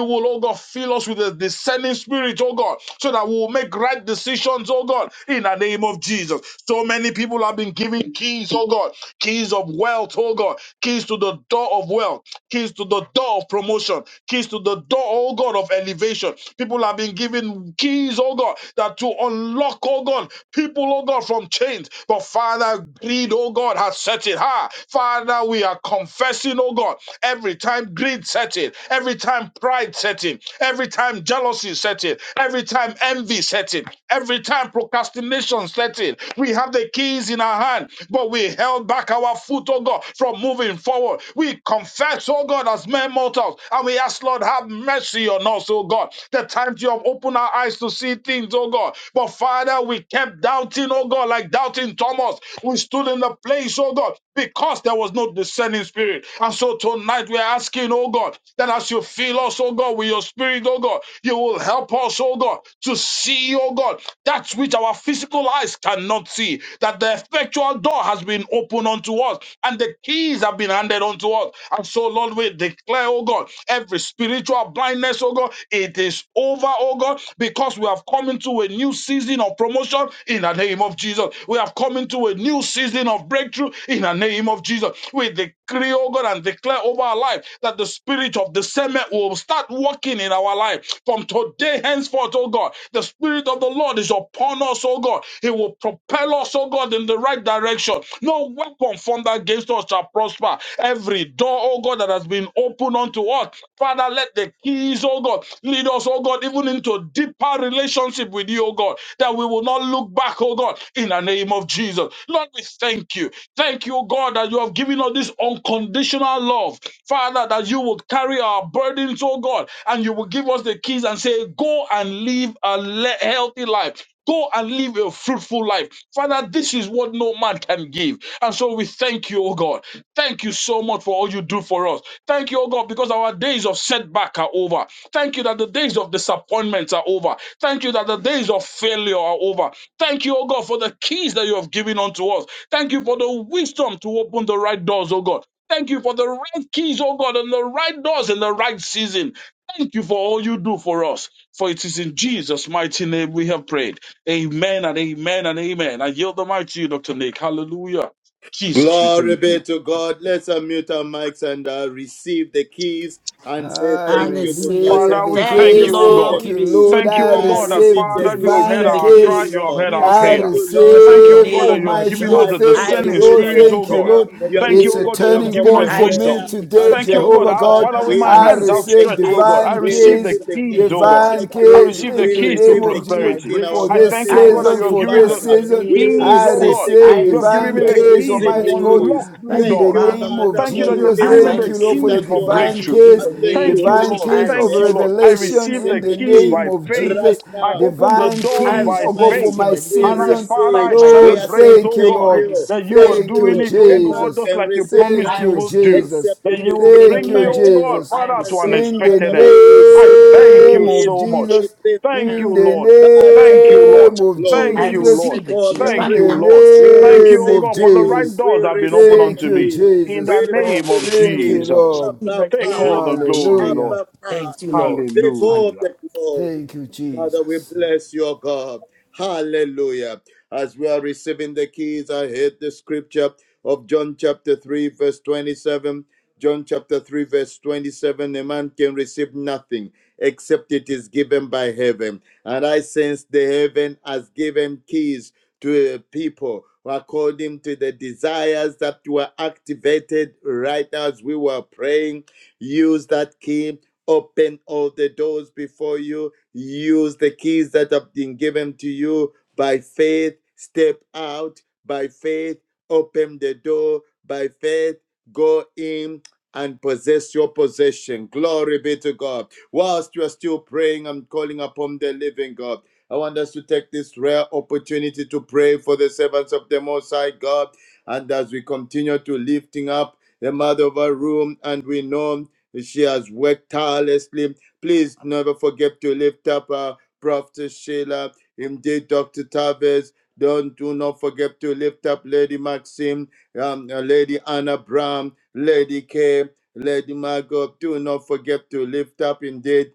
Speaker 6: Every time greed set in, every time pride set in, every time jealousy set in, every time envy set in, every time procrastination set in, we have the keys in our hand, but we held back our foot, oh God, from moving forward. We confess, oh God, as mere mortals, and we ask, Lord, have mercy on us, oh God. The the times you have opened our eyes to see things, oh God. But Father, we kept doubting, oh God, like doubting Thomas. We stood in the place, oh God, because there was no discerning spirit. And so tonight we're asking, oh God, that as you fill us, oh God, with your spirit, oh God, you will help us, oh God, to see, oh God, that which our physical eyes cannot see, that the effectual door has been opened unto us. and and the keys have been handed unto us. And so, Lord, we declare, oh God, every spiritual blindness, oh God, it is over, oh God, because we have come into a new season of promotion in the name of Jesus. We have come into a new season of breakthrough in the name of Jesus. We declare, oh God, and declare over our life that the spirit of discernment will start working in our life from today henceforth, oh God. the the Spirit of the Lord is upon us, oh God, He will propel us, oh God, in the right direction. No weapon formed against us shall prosper. Every door, oh God, that has been opened unto us, Father, let the keys, oh God, lead us, oh God, even into deeper relationship with you, oh God, that we will not look back, oh God, in the name of Jesus. Lord, we thank you. Thank you, oh God, that you have given us this unconditional our love. Father, that you would carry our burdens, oh God, and you will give us the keys and say, Go and live a le- healthy life. Go and live a fruitful life. Father, this is what no man can give. And so we thank you, oh God. Thank you so much for all you do for us. Thank you, oh God, because our days of setback are over. Thank you that the days of disappointments are over. Thank you that the days of failure are over. Thank you, oh God, for the keys that you have given unto us. Thank you for the wisdom to open the right doors, oh God. Thank you for the right keys, oh God, and the right doors in the right season. Thank you for all you do for us. For it is in Jesus' mighty name we have prayed. Amen and amen and amen. I yield the mic to you, Dr. Nick. Hallelujah. Jesus, we
Speaker 4: Glory
Speaker 6: thank you.
Speaker 4: be to God. Let's unmute our mics and uh, receive the keys and say
Speaker 5: I
Speaker 4: thank you to
Speaker 2: Hallelujah.
Speaker 4: God. Say,
Speaker 5: receive
Speaker 6: Father,
Speaker 5: the
Speaker 6: we
Speaker 4: I
Speaker 2: Thank
Speaker 6: thank
Speaker 2: you,
Speaker 5: kiss.
Speaker 6: you, O
Speaker 4: receive
Speaker 2: Lord.
Speaker 4: the
Speaker 5: Thank
Speaker 6: God.
Speaker 2: We
Speaker 5: you,
Speaker 4: keys.
Speaker 5: Lord.
Speaker 2: receive
Speaker 6: Thank
Speaker 2: the
Speaker 6: you,
Speaker 5: I
Speaker 6: O
Speaker 4: I
Speaker 6: God,
Speaker 2: keys.
Speaker 6: that
Speaker 4: receive
Speaker 5: receive
Speaker 4: the
Speaker 2: We
Speaker 6: Father, you
Speaker 4: keys.
Speaker 6: have heard
Speaker 2: receive
Speaker 5: divine
Speaker 2: the
Speaker 4: Thank
Speaker 6: our cry,
Speaker 4: you,
Speaker 2: keys.
Speaker 6: you
Speaker 5: kiss.
Speaker 6: have
Speaker 4: Lord.
Speaker 6: heard
Speaker 2: We
Speaker 6: our
Speaker 5: I
Speaker 4: Thank
Speaker 6: prayer.
Speaker 2: receive the
Speaker 4: you, Lord,
Speaker 2: keys in
Speaker 4: that
Speaker 6: Thank
Speaker 2: the
Speaker 4: you
Speaker 6: you,
Speaker 4: have
Speaker 6: O
Speaker 5: receive
Speaker 6: God,
Speaker 4: heard
Speaker 6: that
Speaker 2: name
Speaker 6: you
Speaker 2: of
Speaker 4: my
Speaker 6: have
Speaker 5: Almighty
Speaker 6: given
Speaker 2: Jesus.
Speaker 6: us
Speaker 5: God.
Speaker 4: cry.
Speaker 6: the
Speaker 2: I
Speaker 4: You
Speaker 5: Thank
Speaker 4: have
Speaker 5: you,
Speaker 6: discerning
Speaker 4: heard
Speaker 5: Lord.
Speaker 2: receive the
Speaker 6: spirit,
Speaker 4: our
Speaker 6: O
Speaker 5: Thank
Speaker 2: keys
Speaker 5: you,
Speaker 6: God.
Speaker 2: now
Speaker 4: prayer.
Speaker 5: Lord.
Speaker 2: in the
Speaker 4: You have
Speaker 6: Thank you,
Speaker 5: It's
Speaker 2: name
Speaker 6: O
Speaker 5: a
Speaker 4: heard
Speaker 2: of
Speaker 6: God, that you
Speaker 4: our
Speaker 6: have
Speaker 5: turning
Speaker 2: Jesus.
Speaker 6: given us
Speaker 5: point
Speaker 4: corporate
Speaker 2: I
Speaker 5: for me
Speaker 4: prayer.
Speaker 6: wisdom.
Speaker 2: receive the
Speaker 4: And
Speaker 5: today,
Speaker 2: keys
Speaker 6: Thank you, O
Speaker 4: thank
Speaker 6: God,
Speaker 2: over
Speaker 4: you,
Speaker 5: Jehovah
Speaker 2: in
Speaker 6: our
Speaker 5: God.
Speaker 4: Father.
Speaker 6: Father, with
Speaker 4: We
Speaker 2: Jesus'
Speaker 6: my
Speaker 5: I
Speaker 2: name.
Speaker 6: hands
Speaker 4: receive the
Speaker 5: receive
Speaker 6: outstretched,
Speaker 2: I
Speaker 6: O
Speaker 4: keys.
Speaker 6: God, I
Speaker 5: divine
Speaker 2: receive the
Speaker 4: We
Speaker 6: receive the
Speaker 5: kiss
Speaker 2: keys
Speaker 4: receive
Speaker 2: in
Speaker 4: the
Speaker 2: the
Speaker 6: keys,
Speaker 4: keys
Speaker 2: name
Speaker 6: O
Speaker 2: of
Speaker 4: of
Speaker 6: God.
Speaker 5: divine
Speaker 2: Jesus.
Speaker 6: I
Speaker 4: breakthrough.
Speaker 5: keys
Speaker 2: The
Speaker 6: receive the
Speaker 5: in
Speaker 4: We
Speaker 5: the
Speaker 6: keys
Speaker 2: keys
Speaker 6: to
Speaker 5: name
Speaker 4: receive the
Speaker 5: of
Speaker 2: over to
Speaker 5: Jesus
Speaker 2: my
Speaker 4: keys
Speaker 6: prosperity.
Speaker 4: in
Speaker 5: for
Speaker 4: our
Speaker 6: I
Speaker 2: breakthrough.
Speaker 5: this
Speaker 6: thank
Speaker 4: families.
Speaker 2: I
Speaker 6: you, O God, that
Speaker 4: Thank
Speaker 5: season,
Speaker 6: you
Speaker 2: receive
Speaker 6: have
Speaker 4: you,
Speaker 5: for
Speaker 2: it
Speaker 6: given
Speaker 2: now
Speaker 5: this
Speaker 6: the
Speaker 2: in
Speaker 4: Father.
Speaker 2: the
Speaker 5: season.
Speaker 2: name
Speaker 4: We
Speaker 2: of
Speaker 6: keys,
Speaker 5: I
Speaker 2: Jesus.
Speaker 6: O
Speaker 4: receive
Speaker 6: God.
Speaker 4: the
Speaker 2: I
Speaker 5: receive
Speaker 6: You have
Speaker 4: keys.
Speaker 6: given
Speaker 2: receive
Speaker 5: divine
Speaker 6: me
Speaker 2: the
Speaker 6: the
Speaker 4: We
Speaker 5: keys.
Speaker 2: keys in
Speaker 6: keys
Speaker 2: the
Speaker 4: receive
Speaker 6: to
Speaker 5: Almighty
Speaker 4: the
Speaker 2: name
Speaker 5: God,
Speaker 2: of
Speaker 6: unlock
Speaker 4: keys.
Speaker 6: new
Speaker 5: in
Speaker 2: Jesus.
Speaker 4: Thank
Speaker 5: the
Speaker 6: doors.
Speaker 4: you,
Speaker 2: Father,
Speaker 5: name
Speaker 2: Lord,
Speaker 5: of
Speaker 4: Father,
Speaker 6: Thank you
Speaker 2: thank
Speaker 4: for
Speaker 2: you
Speaker 6: that you
Speaker 2: for
Speaker 6: have
Speaker 5: Jesus.
Speaker 2: as
Speaker 6: given me
Speaker 4: releasing
Speaker 2: I
Speaker 5: Thank
Speaker 4: the
Speaker 6: the
Speaker 5: you, Lord,
Speaker 4: keys
Speaker 5: for
Speaker 2: receive
Speaker 5: the
Speaker 6: keys for
Speaker 4: unto
Speaker 2: my
Speaker 4: us.
Speaker 5: divine
Speaker 6: breakthrough.
Speaker 2: truth in
Speaker 5: keys.
Speaker 2: the
Speaker 4: And thank
Speaker 2: name
Speaker 4: you,
Speaker 6: Thank you,
Speaker 2: of
Speaker 4: Holy
Speaker 5: divine
Speaker 2: Jesus.
Speaker 6: Lord.
Speaker 2: I
Speaker 4: Spirit,
Speaker 5: keys
Speaker 4: for
Speaker 5: of
Speaker 6: Thank you,
Speaker 2: receive,
Speaker 4: helping
Speaker 6: Lord. I
Speaker 4: us to
Speaker 5: revelation
Speaker 6: receive
Speaker 4: receive
Speaker 5: in
Speaker 6: the
Speaker 5: the
Speaker 4: the
Speaker 6: keys
Speaker 4: keys
Speaker 5: name
Speaker 6: by
Speaker 5: of
Speaker 6: faith.
Speaker 5: Jesus,
Speaker 4: right
Speaker 6: I
Speaker 4: now.
Speaker 6: open the
Speaker 4: The
Speaker 5: divine
Speaker 6: doors
Speaker 2: I
Speaker 4: keys,
Speaker 5: keys,
Speaker 6: by
Speaker 5: oh
Speaker 2: receive
Speaker 5: God,
Speaker 4: Almighty
Speaker 5: for
Speaker 2: it
Speaker 6: faith.
Speaker 2: in
Speaker 5: my
Speaker 4: God,
Speaker 2: the
Speaker 4: we
Speaker 2: name
Speaker 6: And
Speaker 2: of
Speaker 6: I,
Speaker 2: Jesus
Speaker 5: season.
Speaker 6: Father,
Speaker 4: receive.
Speaker 2: Christ,
Speaker 6: I
Speaker 2: my
Speaker 4: We
Speaker 5: Lord,
Speaker 2: Lord and
Speaker 4: are
Speaker 2: my
Speaker 6: celebrate,
Speaker 2: God.
Speaker 4: saying
Speaker 5: thank
Speaker 6: oh
Speaker 5: you,
Speaker 4: thank
Speaker 6: God,
Speaker 2: I
Speaker 5: Lord.
Speaker 4: you.
Speaker 6: that
Speaker 2: receive the
Speaker 6: you
Speaker 4: Thank
Speaker 6: are
Speaker 2: truth
Speaker 5: Thank you,
Speaker 6: doing
Speaker 2: in
Speaker 4: you.
Speaker 6: it,
Speaker 2: the name.
Speaker 6: oh
Speaker 4: A man
Speaker 6: God,
Speaker 5: Jesus.
Speaker 6: just
Speaker 4: can
Speaker 6: like you
Speaker 4: receive
Speaker 6: promised
Speaker 5: Thank
Speaker 2: I
Speaker 6: you
Speaker 5: you,
Speaker 4: nothing
Speaker 6: will
Speaker 2: receive
Speaker 6: do.
Speaker 5: Jesus.
Speaker 4: except
Speaker 6: That
Speaker 4: it
Speaker 2: in
Speaker 6: you
Speaker 4: is
Speaker 6: will
Speaker 2: the
Speaker 5: Thank
Speaker 4: given
Speaker 6: bring me,
Speaker 5: you,
Speaker 2: name of
Speaker 4: by
Speaker 6: oh
Speaker 2: Jesus.
Speaker 4: heaven.
Speaker 6: God,
Speaker 5: Jesus.
Speaker 2: I
Speaker 6: Father,
Speaker 4: And
Speaker 6: to an
Speaker 4: so,
Speaker 2: receive,
Speaker 5: In the
Speaker 4: Father,
Speaker 6: expected
Speaker 4: we
Speaker 6: end. I
Speaker 4: receive the
Speaker 6: thank
Speaker 5: name
Speaker 6: you
Speaker 5: of
Speaker 4: keys
Speaker 6: so much.
Speaker 5: Jesus,
Speaker 4: even
Speaker 6: Thank
Speaker 5: in
Speaker 6: you,
Speaker 4: now.
Speaker 5: the
Speaker 6: Lord.
Speaker 4: Father,
Speaker 6: Thank
Speaker 4: take
Speaker 6: you,
Speaker 4: all
Speaker 6: Lord.
Speaker 5: name
Speaker 4: the
Speaker 5: of
Speaker 2: I
Speaker 4: glory,
Speaker 6: Thank you,
Speaker 5: Jesus,
Speaker 6: Lord.
Speaker 2: receive
Speaker 4: take
Speaker 2: the
Speaker 4: all
Speaker 2: keys
Speaker 4: the
Speaker 5: in
Speaker 6: Thank
Speaker 2: right
Speaker 6: you,
Speaker 5: the
Speaker 2: now.
Speaker 4: praise.
Speaker 6: Lord.
Speaker 4: We
Speaker 6: Thank you,
Speaker 5: name
Speaker 6: oh
Speaker 4: receive
Speaker 5: of
Speaker 6: God,
Speaker 4: the
Speaker 6: for the
Speaker 4: keys,
Speaker 6: right
Speaker 5: Jesus.
Speaker 4: we
Speaker 6: doors have been opened
Speaker 4: receive
Speaker 5: Thank
Speaker 4: the
Speaker 6: unto
Speaker 5: you,
Speaker 6: me.
Speaker 4: keys,
Speaker 6: In
Speaker 4: we
Speaker 6: the
Speaker 5: Jesus.
Speaker 2: Lord,
Speaker 6: name
Speaker 4: receive
Speaker 6: of
Speaker 4: the
Speaker 5: Thank
Speaker 4: keys.
Speaker 5: you,
Speaker 6: Jesus.
Speaker 5: Lord.
Speaker 2: in
Speaker 4: Abba
Speaker 2: the
Speaker 6: Take
Speaker 2: name
Speaker 6: all the
Speaker 4: Father,
Speaker 2: of Jesus.
Speaker 6: glory,
Speaker 5: Hallelujah.
Speaker 6: Lord.
Speaker 4: Abba
Speaker 2: Thank you,
Speaker 4: Father,
Speaker 2: Lord.
Speaker 4: take
Speaker 2: Hallelujah.
Speaker 4: all
Speaker 6: Hallelujah.
Speaker 4: the glory,
Speaker 5: Thank you,
Speaker 4: Father, we
Speaker 5: Jesus.
Speaker 4: bless your God. Hallelujah. As we are receiving the keys, I heard the scripture of John chapter 3, verse 27. John chapter 3, verse 27 a man can receive nothing except it is given by heaven. And I sense the heaven has given keys to uh, people according to the desires that were activated right now as we were praying. Use that key, open all the doors before you, Use the keys that have been given to you by faith. Step out by faith. Open the door by faith. Go in and possess your possession. Glory be to God. Whilst you are still praying and calling upon the living God, I want us to take this rare opportunity to pray for the servants of the Most High God. And as we continue to lifting up the mother of our room, and we know she has worked tirelessly Please never forget to lift up uh, Prophet Sheila, indeed Dr. Tavis. Don't do not forget to lift up Lady Maxim, um, uh, Lady Anna Brown, Lady K, Lady Margot. Do not forget to lift up indeed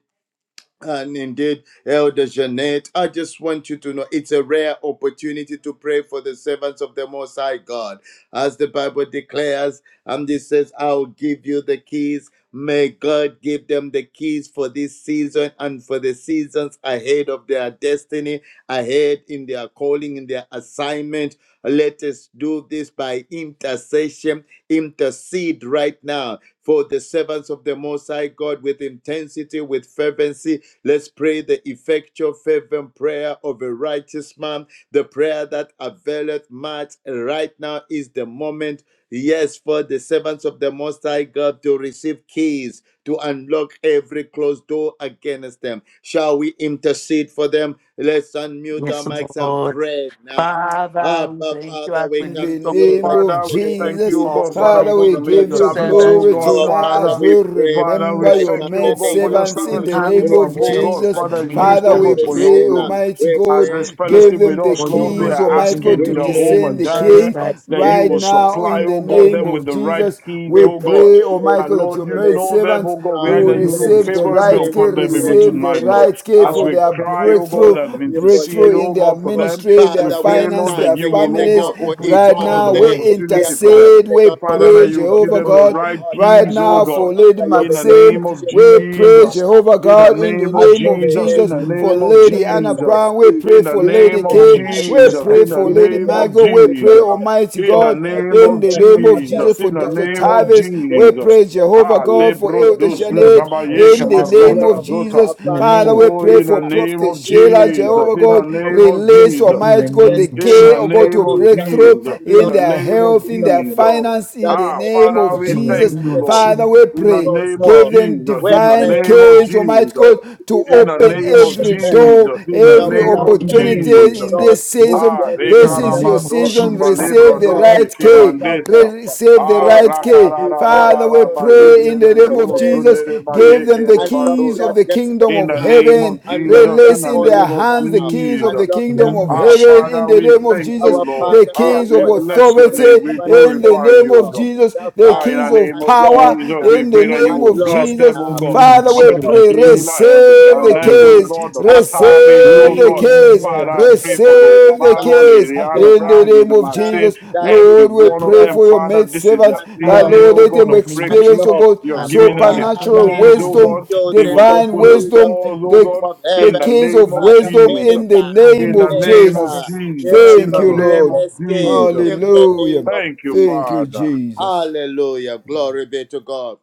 Speaker 4: and indeed, Elder Jeanette, I just want you to know it's a rare opportunity to pray for the servants of the Most High God. As the Bible declares, and it says, I'll give you the keys. May God give them the keys for this season and for the seasons ahead of their destiny, ahead in their calling, in their assignment. Let us do this by intercession, intercede right now for the servants of the Most High God with intensity, with fervency, Let's pray the effectual, fervent prayer of a righteous man, the prayer that availeth much. Right now is the moment, yes, for the servants of the Most High God to receive keys to unlock every closed door against them. Shall we intercede for them? Let's unmute our
Speaker 2: Yes,
Speaker 4: mics and
Speaker 2: Lord.
Speaker 4: pray now.
Speaker 2: Father, we
Speaker 4: Abba,
Speaker 2: thank you
Speaker 4: Father,
Speaker 2: as
Speaker 4: we
Speaker 2: we
Speaker 5: In
Speaker 2: lift
Speaker 4: come
Speaker 5: the
Speaker 4: to
Speaker 2: up your
Speaker 4: you
Speaker 5: name
Speaker 2: God,
Speaker 4: right now
Speaker 5: of
Speaker 4: in
Speaker 6: Father,
Speaker 4: the
Speaker 6: we
Speaker 4: name of
Speaker 6: thank
Speaker 5: Jesus,
Speaker 6: you, O
Speaker 2: all
Speaker 4: Jesus
Speaker 6: God,
Speaker 2: the
Speaker 4: Christ,
Speaker 6: Father,
Speaker 4: the
Speaker 5: Father,
Speaker 2: name.
Speaker 6: for
Speaker 4: Son
Speaker 5: we
Speaker 6: the
Speaker 4: of the
Speaker 6: maid
Speaker 5: give
Speaker 2: Your
Speaker 5: you
Speaker 4: living
Speaker 6: servants,
Speaker 4: God.
Speaker 6: O
Speaker 2: servants,
Speaker 5: glory
Speaker 2: we
Speaker 6: God,
Speaker 2: lift
Speaker 4: Our
Speaker 2: up
Speaker 5: tonight
Speaker 4: Father,
Speaker 5: as
Speaker 6: Father.
Speaker 5: we
Speaker 4: we pray
Speaker 6: Father, we
Speaker 5: remember
Speaker 4: right
Speaker 5: your
Speaker 4: now
Speaker 6: thank you, O
Speaker 5: maid
Speaker 4: in the
Speaker 6: God,
Speaker 4: name
Speaker 6: for
Speaker 4: of
Speaker 6: your
Speaker 5: servants
Speaker 2: with
Speaker 5: in
Speaker 4: Jesus.
Speaker 6: servants
Speaker 5: the
Speaker 6: who
Speaker 5: name
Speaker 2: harvest,
Speaker 4: We
Speaker 6: you
Speaker 2: we
Speaker 6: have,
Speaker 5: of
Speaker 2: lift
Speaker 6: O
Speaker 2: up
Speaker 4: pray,
Speaker 6: God,
Speaker 5: Jesus.
Speaker 2: in
Speaker 4: Father,
Speaker 6: Father,
Speaker 2: the name
Speaker 4: for
Speaker 6: used,
Speaker 2: of
Speaker 5: Father,
Speaker 6: O
Speaker 5: we
Speaker 6: God,
Speaker 4: Prophet
Speaker 6: for
Speaker 2: God.
Speaker 6: your
Speaker 5: pray,
Speaker 4: Sheila.
Speaker 6: glory.
Speaker 5: Almighty
Speaker 4: We
Speaker 6: As
Speaker 5: God,
Speaker 4: pray,
Speaker 6: this
Speaker 4: God,
Speaker 5: give
Speaker 6: fellowship
Speaker 4: for
Speaker 6: with
Speaker 5: them the
Speaker 6: us,
Speaker 2: for
Speaker 4: Dr.
Speaker 2: you,
Speaker 6: Lord, we
Speaker 2: Lord.
Speaker 6: are
Speaker 5: keys,
Speaker 4: Davis.
Speaker 5: Almighty
Speaker 2: In the
Speaker 5: God,
Speaker 6: asking
Speaker 5: to
Speaker 4: We pray,
Speaker 2: name
Speaker 6: Jehovah
Speaker 5: descend
Speaker 2: of
Speaker 5: the
Speaker 4: Almighty
Speaker 2: Jesus
Speaker 6: Jireh
Speaker 5: keys
Speaker 4: God,
Speaker 2: Christ,
Speaker 6: that you
Speaker 5: right
Speaker 6: will
Speaker 4: even
Speaker 5: now
Speaker 4: now
Speaker 6: supply,
Speaker 5: in
Speaker 4: for
Speaker 5: the
Speaker 6: oh God,
Speaker 5: name
Speaker 4: Elder
Speaker 6: them with
Speaker 5: of
Speaker 6: the right
Speaker 4: Jeanette.
Speaker 5: Jesus.
Speaker 6: keys,
Speaker 5: We
Speaker 4: We
Speaker 6: oh
Speaker 4: pray
Speaker 6: God.
Speaker 5: pray,
Speaker 4: for Lady
Speaker 5: Almighty
Speaker 6: That
Speaker 5: God, that
Speaker 6: Lord,
Speaker 5: your
Speaker 4: Michael,
Speaker 6: you
Speaker 5: maid
Speaker 4: Lady
Speaker 6: know them,
Speaker 4: Anna
Speaker 5: servants
Speaker 6: oh God. We
Speaker 4: Brown,
Speaker 2: in
Speaker 6: ask
Speaker 2: the
Speaker 5: will
Speaker 6: that you
Speaker 2: name
Speaker 6: look
Speaker 4: Lady
Speaker 2: of
Speaker 5: receive
Speaker 2: Jesus,
Speaker 5: the
Speaker 2: we
Speaker 6: favorably
Speaker 5: right
Speaker 2: pray,
Speaker 4: Maxine,
Speaker 2: Lord,
Speaker 5: care,
Speaker 6: upon
Speaker 2: in
Speaker 6: them
Speaker 2: the
Speaker 6: even
Speaker 2: name
Speaker 5: receive
Speaker 4: Lady
Speaker 2: of
Speaker 5: the
Speaker 6: tonight,
Speaker 2: Jesus,
Speaker 6: Lord.
Speaker 4: Gabe.
Speaker 5: right care
Speaker 6: As
Speaker 5: for
Speaker 4: Our
Speaker 5: for
Speaker 6: we
Speaker 5: their
Speaker 4: God,
Speaker 6: cry,
Speaker 4: we
Speaker 6: oh
Speaker 4: call
Speaker 5: breakthrough,
Speaker 6: God, and
Speaker 4: upon you for
Speaker 5: breakthrough
Speaker 6: intercede,
Speaker 4: Lady
Speaker 5: in
Speaker 6: oh
Speaker 5: their
Speaker 6: God, for
Speaker 4: Margot.
Speaker 6: them,
Speaker 5: ministry, their
Speaker 6: we
Speaker 4: Father, we are
Speaker 6: pray,
Speaker 5: finance,
Speaker 6: Lord, that
Speaker 5: their
Speaker 6: you
Speaker 4: standing in
Speaker 6: will,
Speaker 4: the
Speaker 6: oh
Speaker 5: families.
Speaker 6: God,
Speaker 4: gap for
Speaker 6: open
Speaker 4: each
Speaker 5: Right
Speaker 4: one
Speaker 2: in
Speaker 6: doors
Speaker 4: of
Speaker 2: the
Speaker 5: now,
Speaker 6: of
Speaker 2: name
Speaker 4: them.
Speaker 2: of,
Speaker 5: we
Speaker 4: We are
Speaker 6: opportunity for
Speaker 4: standing
Speaker 6: them.
Speaker 4: in
Speaker 5: intercede,
Speaker 4: the
Speaker 5: we
Speaker 4: gap for the
Speaker 6: Father,
Speaker 5: pray,
Speaker 6: that you
Speaker 4: servants
Speaker 6: will
Speaker 4: of
Speaker 6: give
Speaker 4: the
Speaker 5: Jehovah
Speaker 6: them
Speaker 4: Most
Speaker 6: the
Speaker 5: God.
Speaker 4: High
Speaker 6: right
Speaker 4: God.
Speaker 5: Right
Speaker 4: That
Speaker 6: keys, oh
Speaker 5: now,
Speaker 4: Abba,
Speaker 5: for
Speaker 6: God,
Speaker 5: Lady
Speaker 4: Father, you
Speaker 6: in the
Speaker 4: begin to
Speaker 5: Maxine,
Speaker 6: name of
Speaker 4: shift
Speaker 5: we
Speaker 4: things in
Speaker 5: pray,
Speaker 4: their
Speaker 6: Jesus.
Speaker 4: lives
Speaker 5: Jehovah
Speaker 6: In
Speaker 4: right
Speaker 6: the
Speaker 5: God,
Speaker 4: now
Speaker 5: in the
Speaker 6: name of
Speaker 4: as
Speaker 5: name
Speaker 4: you
Speaker 5: of
Speaker 6: Jesus,
Speaker 4: release
Speaker 6: in
Speaker 5: Jesus.
Speaker 6: the
Speaker 4: the
Speaker 2: in
Speaker 5: For
Speaker 4: time
Speaker 6: name of
Speaker 4: of the
Speaker 5: Lady Anna
Speaker 6: Jesus
Speaker 4: precise
Speaker 5: Brown, we pray
Speaker 6: in the
Speaker 5: for
Speaker 4: into
Speaker 5: Lady
Speaker 6: name
Speaker 2: the
Speaker 6: of
Speaker 4: their
Speaker 2: name of
Speaker 5: Kay,
Speaker 4: lives,
Speaker 5: we
Speaker 4: oh
Speaker 2: Jesus
Speaker 6: Jesus,
Speaker 4: God,
Speaker 2: Christ,
Speaker 5: pray
Speaker 6: in the
Speaker 5: for Lady
Speaker 4: into
Speaker 6: name
Speaker 4: their
Speaker 6: of
Speaker 5: Margot, we
Speaker 4: families, oh
Speaker 5: pray,
Speaker 6: Jesus,
Speaker 4: God,
Speaker 5: Almighty
Speaker 6: in
Speaker 4: upon
Speaker 6: the
Speaker 5: God,
Speaker 4: their
Speaker 6: name
Speaker 5: in
Speaker 6: of
Speaker 5: the
Speaker 4: children,
Speaker 5: name
Speaker 4: of
Speaker 5: of
Speaker 4: their
Speaker 6: Jesus,
Speaker 5: Jesus. For
Speaker 6: in the
Speaker 4: children's
Speaker 5: Dr.
Speaker 6: name of
Speaker 4: children.
Speaker 5: Tavis, we
Speaker 4: The mighty
Speaker 6: Jesus.
Speaker 5: praise
Speaker 4: God, the
Speaker 5: Jehovah
Speaker 6: Ah,
Speaker 4: keys
Speaker 5: God
Speaker 4: that
Speaker 5: for
Speaker 6: lebro
Speaker 4: will
Speaker 5: Elder
Speaker 2: in the
Speaker 6: dozun
Speaker 4: unlock,
Speaker 5: Janet
Speaker 2: name of
Speaker 4: mighty
Speaker 6: tabayeke
Speaker 5: in
Speaker 4: God,
Speaker 5: the
Speaker 2: Jesus
Speaker 5: name
Speaker 2: Christ,
Speaker 6: maroda
Speaker 5: of
Speaker 2: in
Speaker 4: wealth,
Speaker 6: zota.
Speaker 5: Jesus.
Speaker 2: the
Speaker 4: abundance,
Speaker 5: Father,
Speaker 2: name
Speaker 5: we
Speaker 2: of,
Speaker 6: Oh,
Speaker 5: pray
Speaker 6: in
Speaker 5: for
Speaker 6: the
Speaker 4: favor,
Speaker 6: name
Speaker 4: the
Speaker 5: Prophet
Speaker 6: of
Speaker 4: keys
Speaker 5: Sheila,
Speaker 4: that will
Speaker 6: Jesus,
Speaker 5: Jehovah
Speaker 6: in the
Speaker 5: God,
Speaker 6: name of
Speaker 5: release
Speaker 6: Jesus,
Speaker 2: in the
Speaker 5: Almighty God
Speaker 2: name
Speaker 5: the
Speaker 2: of
Speaker 6: in
Speaker 2: Jesus,
Speaker 5: care
Speaker 6: the
Speaker 5: of God
Speaker 6: name
Speaker 5: to
Speaker 6: of
Speaker 5: breakthrough
Speaker 6: Jesus, in
Speaker 5: in
Speaker 6: the
Speaker 5: their
Speaker 6: name of
Speaker 5: health, in their
Speaker 6: Jesus.
Speaker 5: finance, in the
Speaker 6: Ah,
Speaker 5: name
Speaker 6: Father,
Speaker 5: of
Speaker 2: in
Speaker 6: we
Speaker 2: the
Speaker 6: thank
Speaker 5: Jesus.
Speaker 2: name
Speaker 6: you,
Speaker 2: of
Speaker 6: Lord.
Speaker 5: Father,
Speaker 2: Jesus,
Speaker 5: we
Speaker 6: In the
Speaker 5: pray,
Speaker 6: name of
Speaker 5: give them
Speaker 6: Jesus, in the
Speaker 5: divine
Speaker 6: name of
Speaker 5: case, Almighty
Speaker 6: Jesus,
Speaker 5: God, to
Speaker 6: in the
Speaker 5: open
Speaker 2: in
Speaker 6: name of
Speaker 5: every
Speaker 2: Jesus Christ,
Speaker 5: door,
Speaker 6: Jesus, in the
Speaker 2: we
Speaker 5: every
Speaker 2: pray,
Speaker 6: name
Speaker 2: Lord,
Speaker 6: of
Speaker 2: in the
Speaker 5: opportunity
Speaker 2: name of
Speaker 6: Jesus.
Speaker 2: Jesus
Speaker 5: in this
Speaker 2: Christ,
Speaker 5: season,
Speaker 6: Ah,
Speaker 5: this
Speaker 2: in the
Speaker 5: this is your
Speaker 2: name of
Speaker 6: Rekarabados
Speaker 5: season.
Speaker 2: Jesus Christ,
Speaker 5: Receive
Speaker 2: we
Speaker 5: the
Speaker 6: Zumbalebrodos
Speaker 2: pray.
Speaker 5: right key.
Speaker 6: mandesta.
Speaker 5: Receive the
Speaker 6: Ah,
Speaker 5: right key. Father, we
Speaker 6: Rakararararaba
Speaker 5: pray in the name of
Speaker 6: Yendelebo
Speaker 5: Jesus.
Speaker 6: Zundereba
Speaker 5: Give them the keys of
Speaker 6: Yekerebandosa.
Speaker 5: the kingdom
Speaker 6: In
Speaker 5: of
Speaker 6: the name of
Speaker 5: heaven.
Speaker 6: Jesus, in
Speaker 5: Release
Speaker 6: the
Speaker 5: in their
Speaker 6: name of
Speaker 5: hands the keys of
Speaker 6: Jesus.
Speaker 5: the
Speaker 2: In the
Speaker 5: kingdom
Speaker 2: name
Speaker 5: of
Speaker 2: of
Speaker 6: Ah,
Speaker 2: Jesus,
Speaker 5: heaven in
Speaker 6: Father,
Speaker 5: the
Speaker 6: we
Speaker 5: name of
Speaker 6: thank
Speaker 5: Jesus.
Speaker 6: you, Lord.
Speaker 5: The
Speaker 6: Ah,
Speaker 5: keys of
Speaker 6: we bless your name. We
Speaker 5: authority in the
Speaker 6: glorify
Speaker 5: name
Speaker 6: you,
Speaker 5: of
Speaker 6: God.
Speaker 5: Jesus. The
Speaker 6: Ah, in the
Speaker 5: keys of
Speaker 6: name of
Speaker 5: power
Speaker 6: Jesus, we
Speaker 5: in
Speaker 6: pray
Speaker 5: the
Speaker 6: that you
Speaker 5: name
Speaker 6: will
Speaker 5: of
Speaker 6: bless
Speaker 5: Jesus.
Speaker 6: them, oh
Speaker 2: in the
Speaker 6: God.
Speaker 2: name of
Speaker 5: Father, we
Speaker 6: Prophet
Speaker 2: Jesus, I
Speaker 5: pray,
Speaker 2: pray in
Speaker 6: Sheila,
Speaker 5: receive
Speaker 6: Elder
Speaker 5: the
Speaker 2: the
Speaker 6: Janet, oh
Speaker 2: name of
Speaker 5: keys,
Speaker 6: God,
Speaker 2: Jesus.
Speaker 6: Dr. Tavis, oh
Speaker 5: receive the
Speaker 6: God.
Speaker 2: In the
Speaker 5: keys,
Speaker 2: name
Speaker 6: Father,
Speaker 2: of
Speaker 6: I
Speaker 2: Jesus.
Speaker 6: pray for Lady
Speaker 5: receive the
Speaker 6: Margot,
Speaker 5: keys
Speaker 6: Lady Anna
Speaker 5: in the
Speaker 6: Brown,
Speaker 5: name
Speaker 6: Lady
Speaker 5: of
Speaker 6: Maxine,
Speaker 5: Jesus.
Speaker 6: every
Speaker 5: Lord, we
Speaker 6: one of
Speaker 5: pray
Speaker 6: them.
Speaker 5: for your
Speaker 6: Father,
Speaker 5: maid
Speaker 6: this is
Speaker 5: servants
Speaker 6: their
Speaker 5: that,
Speaker 2: Father, we
Speaker 6: season,
Speaker 5: Lord,
Speaker 2: pray
Speaker 6: oh
Speaker 5: let
Speaker 2: in
Speaker 6: God,
Speaker 5: them
Speaker 6: of
Speaker 2: the name of Jesus.
Speaker 5: experience,
Speaker 6: breakthrough.
Speaker 5: oh God,
Speaker 6: You're
Speaker 2: The
Speaker 6: giving
Speaker 2: Lord,
Speaker 6: them
Speaker 2: we
Speaker 6: the
Speaker 2: are praying for
Speaker 5: supernatural
Speaker 2: them
Speaker 6: keys,
Speaker 2: in
Speaker 4: Father,
Speaker 6: oh
Speaker 2: the
Speaker 5: wisdom,
Speaker 6: God.
Speaker 2: name
Speaker 6: They
Speaker 4: using
Speaker 6: will
Speaker 4: the
Speaker 5: divine
Speaker 6: open the
Speaker 4: keys of
Speaker 5: wisdom,
Speaker 4: the
Speaker 6: doors, oh
Speaker 5: the,
Speaker 4: kingdom
Speaker 6: God,
Speaker 4: of
Speaker 5: the
Speaker 6: in the
Speaker 4: heaven,
Speaker 5: keys
Speaker 6: name
Speaker 5: of
Speaker 6: of
Speaker 4: Father,
Speaker 5: wisdom in
Speaker 6: Jesus.
Speaker 5: the
Speaker 4: minister,
Speaker 2: in the
Speaker 5: name
Speaker 6: In the
Speaker 2: name
Speaker 5: of
Speaker 2: of
Speaker 6: name of
Speaker 5: Jesus.
Speaker 4: minister,
Speaker 2: Jesus, the King
Speaker 6: Jesus.
Speaker 2: of
Speaker 6: In
Speaker 5: Thank
Speaker 4: miracle
Speaker 6: the
Speaker 5: you,
Speaker 2: God.
Speaker 6: name
Speaker 5: Lord.
Speaker 6: of
Speaker 4: keys
Speaker 6: Jesus.
Speaker 4: in the
Speaker 5: Hallelujah.
Speaker 4: name of
Speaker 6: Thank you,
Speaker 4: Jesus.
Speaker 5: Thank you,
Speaker 6: Father.
Speaker 5: Jesus.
Speaker 4: Hallelujah. Glory be to God.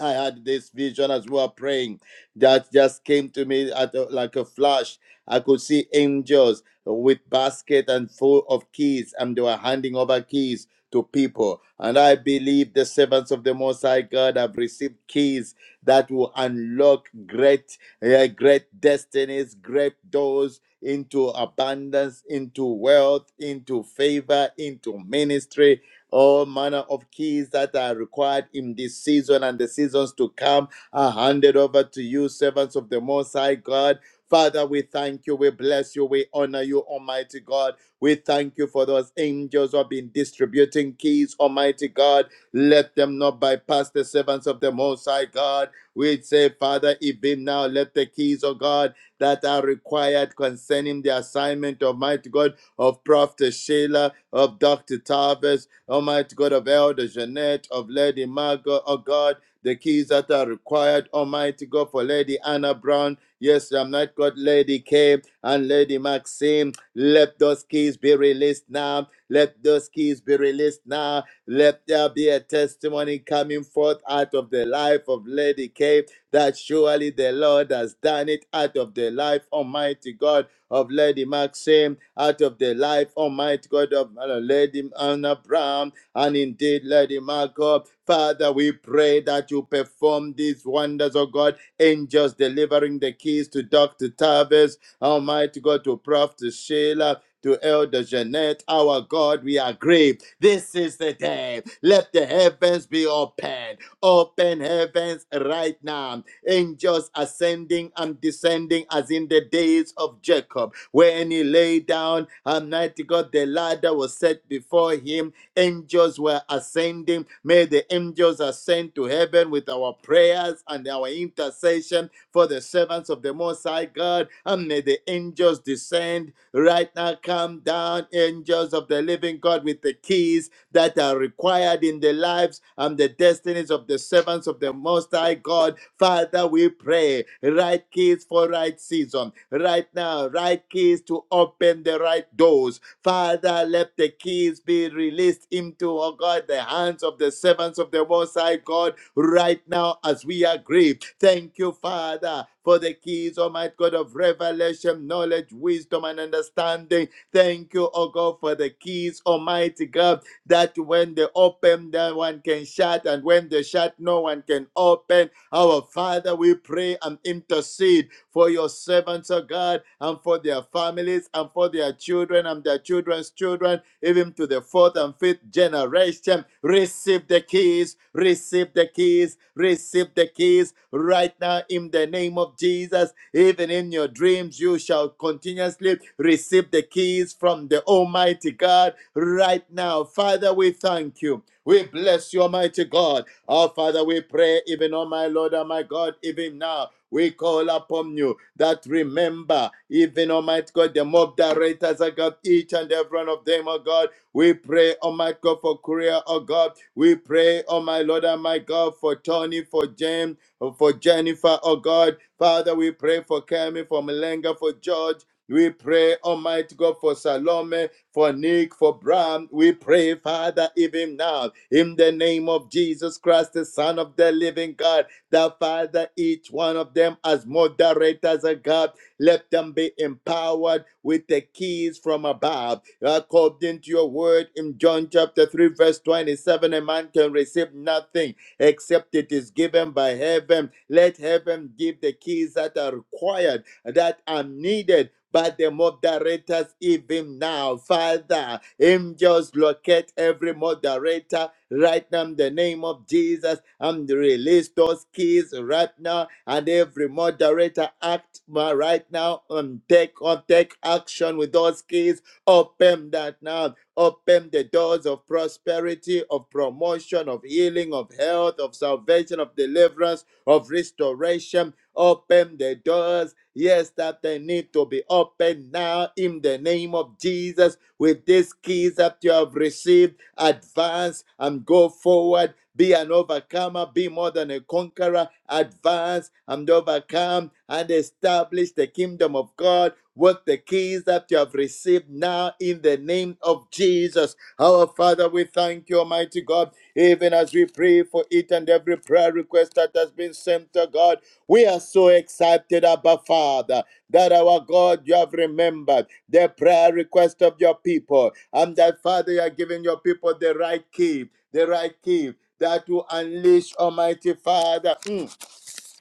Speaker 4: I had this vision as we were praying that just came to me at a, like a flash. I could see angels with basket and full of keys, and they were handing over keys to people. And I believe the servants of the Most High God have received keys that will unlock great, eh, great destinies, great doors into abundance, into wealth, into favor, into ministry, all manner of keys that are required in this season and the seasons to come are handed over to you, servants of the Most High God. Father, we thank you, we bless you, we honor you, Almighty God. We thank you for those angels who have been distributing keys, Almighty God. Let them not bypass the servants of the Most High God. We say, Father, even now, let the keys, of God, that are required concerning the assignment, Almighty God, of Prophet Sheila, of Dr. Tavis, Almighty God of Elder Jeanette, of Lady Margot, oh God, the keys that are required, Almighty God, for Lady Anna Brown. Yes, I'm not God, Lady K and Lady Maxine. Let those keys be released now. Let those keys be released now. Let there be a testimony coming forth out of the life of Lady K that surely the Lord has done it out of the life, Almighty God of Lady Maxim, out of the life, Almighty God, of uh, Lady Anna Brown, and indeed Lady Marco. Father, we pray that you perform these wonders, oh God, angels delivering the keys to Dr. Tavis, Almighty God, to Prof. Sheila, to Elder Jeanette, our God, we agree. This is the day. Let the heavens be open. Open heavens right now angels ascending and descending as in the days of Jacob. When he lay down, Almighty God, the ladder was set before him. Angels were ascending. May the angels ascend to heaven with our prayers and our intercession for the servants of the Most High God. And may the angels descend right now. Come down, angels of the living God, with the keys that are required in the lives and the destinies of the servants of the Most High God. Father, Father, we pray right keys for right season, right now, right keys to open the right doors. Father, let the keys be released into, oh God, the hands of the servants of the Most High God right now as we agree. Thank you, Father, for the keys, Almighty God, of revelation, knowledge, wisdom, and understanding. Thank you, oh God, for the keys, Almighty God, that when they open, no one can shut, and when they shut, no one can open. Our Father, we pray and intercede for your servants, O God, and for their families, and for their children, and their children's children, even to the fourth and fifth generation restoration. Receive the keys, receive the keys, receive the keys right now in the name of Jesus. Even in your dreams, you shall continuously receive the keys from the Almighty God right now. Father, we thank you. We bless you, Almighty God. Our Father, we pray, even, oh my Lord, oh my God, even now. We call upon you that remember, even Almighty God, the mob directors, I got each and every one of them, oh God. We pray, oh my God, for Korea, oh God. We pray, oh my Lord and my God, for Tony, for James, for Jennifer, oh God. Father, we pray for Kemi, for Malenga, for George. We pray, Almighty God, for Salome, for Nick, for Bram. We pray, Father, even now, in the name of Jesus Christ, the Son of the living God, that Father, each one of them as moderators, oh God, let them be empowered with the keys from above. According to your word in John chapter 3, verse 27, a man can receive nothing except it is given by heaven. Let heaven give the keys that are required, that are needed by the moderators even now. Father, angels locate every moderator right now in the name of Jesus and release those keys right now and every moderator act ma- right now and take or take action with those keys. Open that now. Open the doors of prosperity, of promotion, of healing, of health, of salvation, of deliverance, of restoration Open the doors, yes, that they need to be opened now in the name of Jesus. With these keys that you have received, advance and go forward. Be an overcomer, be more than a conqueror, advance and overcome and establish the kingdom of God with the keys that you have received now in the name of Jesus. Our Father, we thank you, Almighty God, even as we pray for each and every prayer request that has been sent to God. We are so excited, Abba Father, that our God, you have remembered the prayer request of your people, and that, Father, you are giving your people the right key, the right key that will unleash, Almighty Father. mm,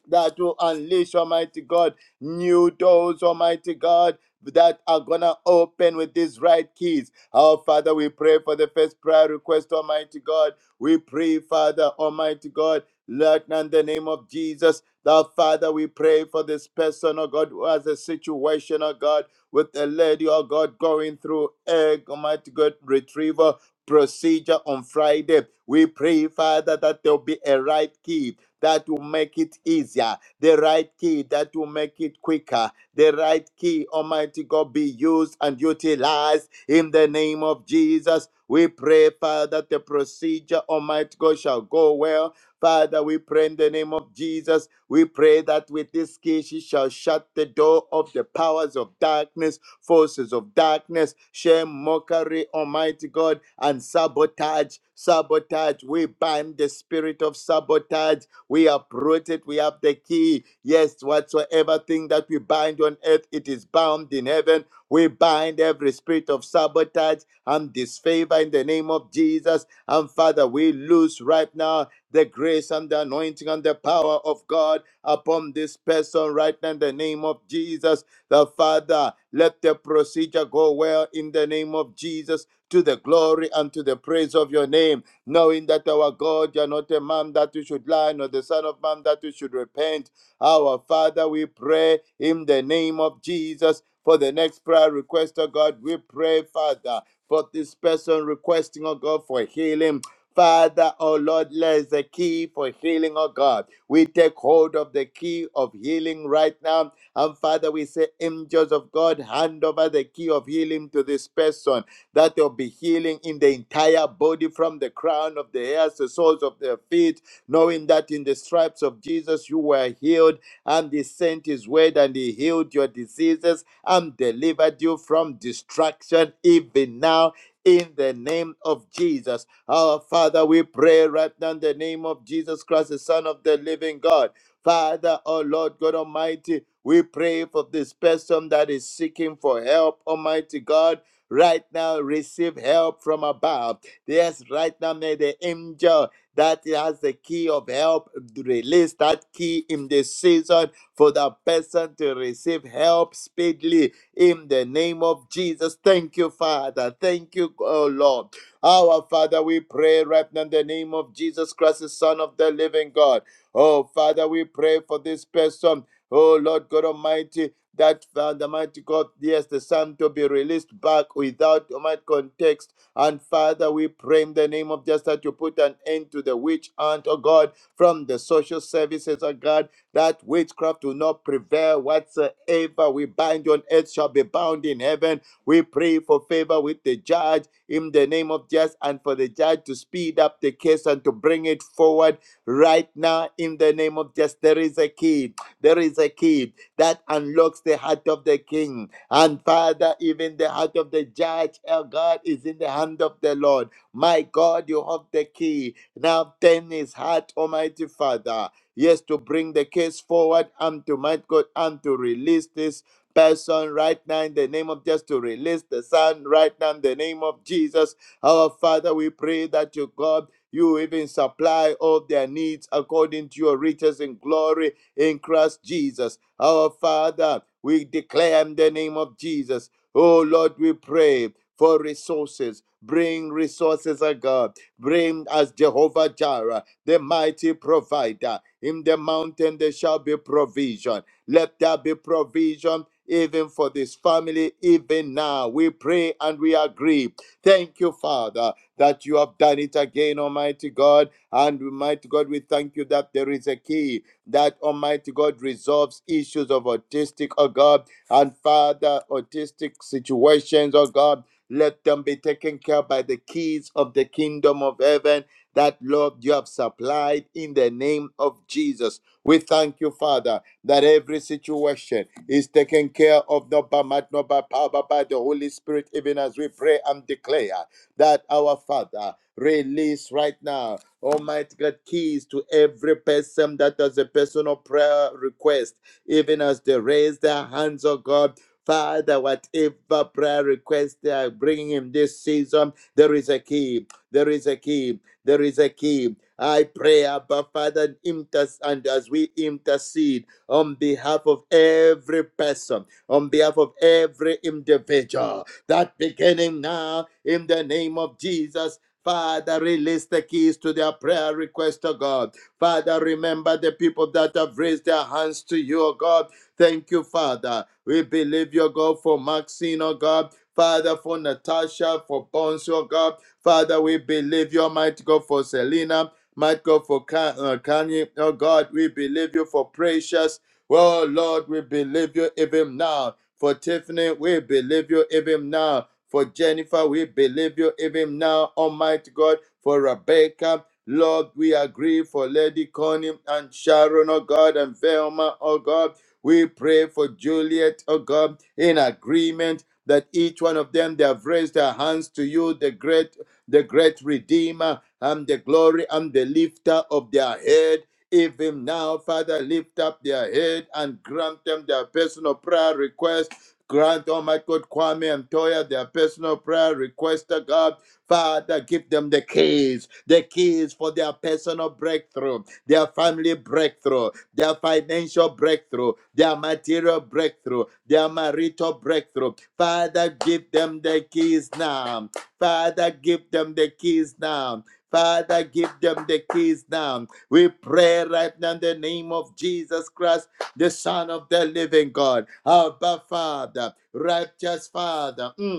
Speaker 4: that will unleash, Almighty God, new doors, Almighty God, that are gonna open with these right keys. Our Father, we pray for the first prayer request, Almighty God. We pray, Father, Almighty God, Lord, in the name of Jesus. The Father, we pray for this person, oh God, who has a situation, oh God, with a lady, oh God, going through egg, Almighty God, retrieval procedure on Friday. We pray, Father, that there'll be a right key that will make it easier, the right key that will make it quicker, the right key, Almighty God, be used and utilized in the name of Jesus. We pray, Father, that the procedure, Almighty God, shall go well. Father, we pray in the name of Jesus. We pray that with this key, she shall shut the door of the powers of darkness, forces of darkness, shame, mockery, Almighty God, and sabotage. Sabotage. We bind the spirit of sabotage we uproot it. We have the key. Yes, whatsoever thing that we bind on earth, it is bound in heaven. We bind every spirit of sabotage and disfavor in the name of Jesus. And Father, we loose right now the grace and the anointing and the power of God upon this person right now in the name of Jesus. The Father, let the procedure go well in the name of Jesus to the glory and to the praise of your name knowing that our God, you are not a man that you should lie, nor the Son of Man that you should repent. Our Father, we pray in the name of Jesus. For the next prayer request, oh God, we pray, Father, for this person requesting, oh God, for healing. Father, oh Lord, there's the key for healing, oh God. We take hold of the key of healing right now. And Father, we say, angels of God, hand over the key of healing to this person that there'll be healing in the entire body from the crown of the hair to the soles of their feet, knowing that in the stripes of Jesus you were healed, and He sent His word and He healed your diseases and delivered you from destruction, even now. In the name of Jesus. Our Father, we pray right now in the name of Jesus Christ, the Son of the living God. Father, oh Lord God Almighty, we pray for this person that is seeking for help, Almighty God. Right now, receive help from above. Yes, right now, may the angel that has the key of help release that key in this season for the person to receive help speedily in the name of Jesus. Thank you, Father. Thank you, oh Lord. Our Father, we pray right now in the name of Jesus Christ, the Son of the living God. Oh, Father, we pray for this person. Oh, Lord God Almighty that Father, mighty God, yes, the Son to be released back without Almighty context. And Father, we pray in the name of just that you put an end to the witch hunt, oh God, from the social services, oh God, that witchcraft will not prevail whatsoever. We bind on earth shall be bound in heaven. We pray for favor with the judge in the name of Jesus and for the judge to speed up the case and to bring it forward right now in the name of Jesus. There is a key. There is a key that unlocks the heart of the king. And Father, even the heart of the judge, our God, is in the hand of the Lord. My God, you have the key. Now turn his heart, Almighty Father. Yes, to bring the case forward and to my God and to release this person right now in the name of just to release the son right now in the name of Jesus. Our Father, we pray that you God you even supply all their needs according to your riches and glory in Christ Jesus. Our Father, we declare in the name of Jesus. Oh Lord, we pray for resources. Bring resources, O God. Bring us Jehovah Jireh, the mighty provider. In the mountain there shall be provision. Let there be provision even for this family, even now. We pray and we agree. Thank you, Father, that you have done it again, Almighty God. And Almighty God, we thank you that there is a key that Almighty God resolves issues of autistic, oh God, and Father, autistic situations, oh God. Let them be taken care of by the keys of the kingdom of heaven that, Lord, you have supplied in the name of Jesus. We thank you, Father, that every situation is taken care of not by might, not by power, but by the Holy Spirit, even as we pray and declare that our Father release right now Almighty God, keys to every person that has a personal prayer request, even as they raise their hands, oh God. Father, whatever prayer request they are bringing in this season, there is a key. There is a key. There is a key. I pray, Abba Father, inter- and as we intercede on behalf of every person, on behalf of every individual, that beginning now, in the name of Jesus, Father, release the keys to their prayer request, oh God. Father, remember the people that have raised their hands to you, oh God. Thank you, Father. We believe you, God, for Maxine, oh God. Father, for Natasha, for Bonsu, oh God. Father, we believe you, might God, for Selena. Might God, for Ka- uh, Kanye, oh God. We believe you for Precious. Well, Lord, we believe you even now for Tiffany, we believe you even now. For Jennifer, we believe you even now, Almighty God. For Rebecca, Lord, we agree for Lady Connie and Sharon, oh God, and Velma, oh God. We pray for Juliet, oh God, in agreement that each one of them they have raised their hands to you, the great, the great Redeemer, and the glory and the lifter of their head. Even now, Father, lift up their head and grant them their personal prayer request. Grant, oh my God, Kwame and Toya their personal prayer request, oh God. Father, give them the keys, the keys for their personal breakthrough, their family breakthrough, their financial breakthrough, their material breakthrough, their marital breakthrough. Father, give them the keys now. Father, give them the keys now. Father, give them the keys now. We pray right now in the name of Jesus Christ, the Son of the living God. Abba, Father, righteous Father. Mm.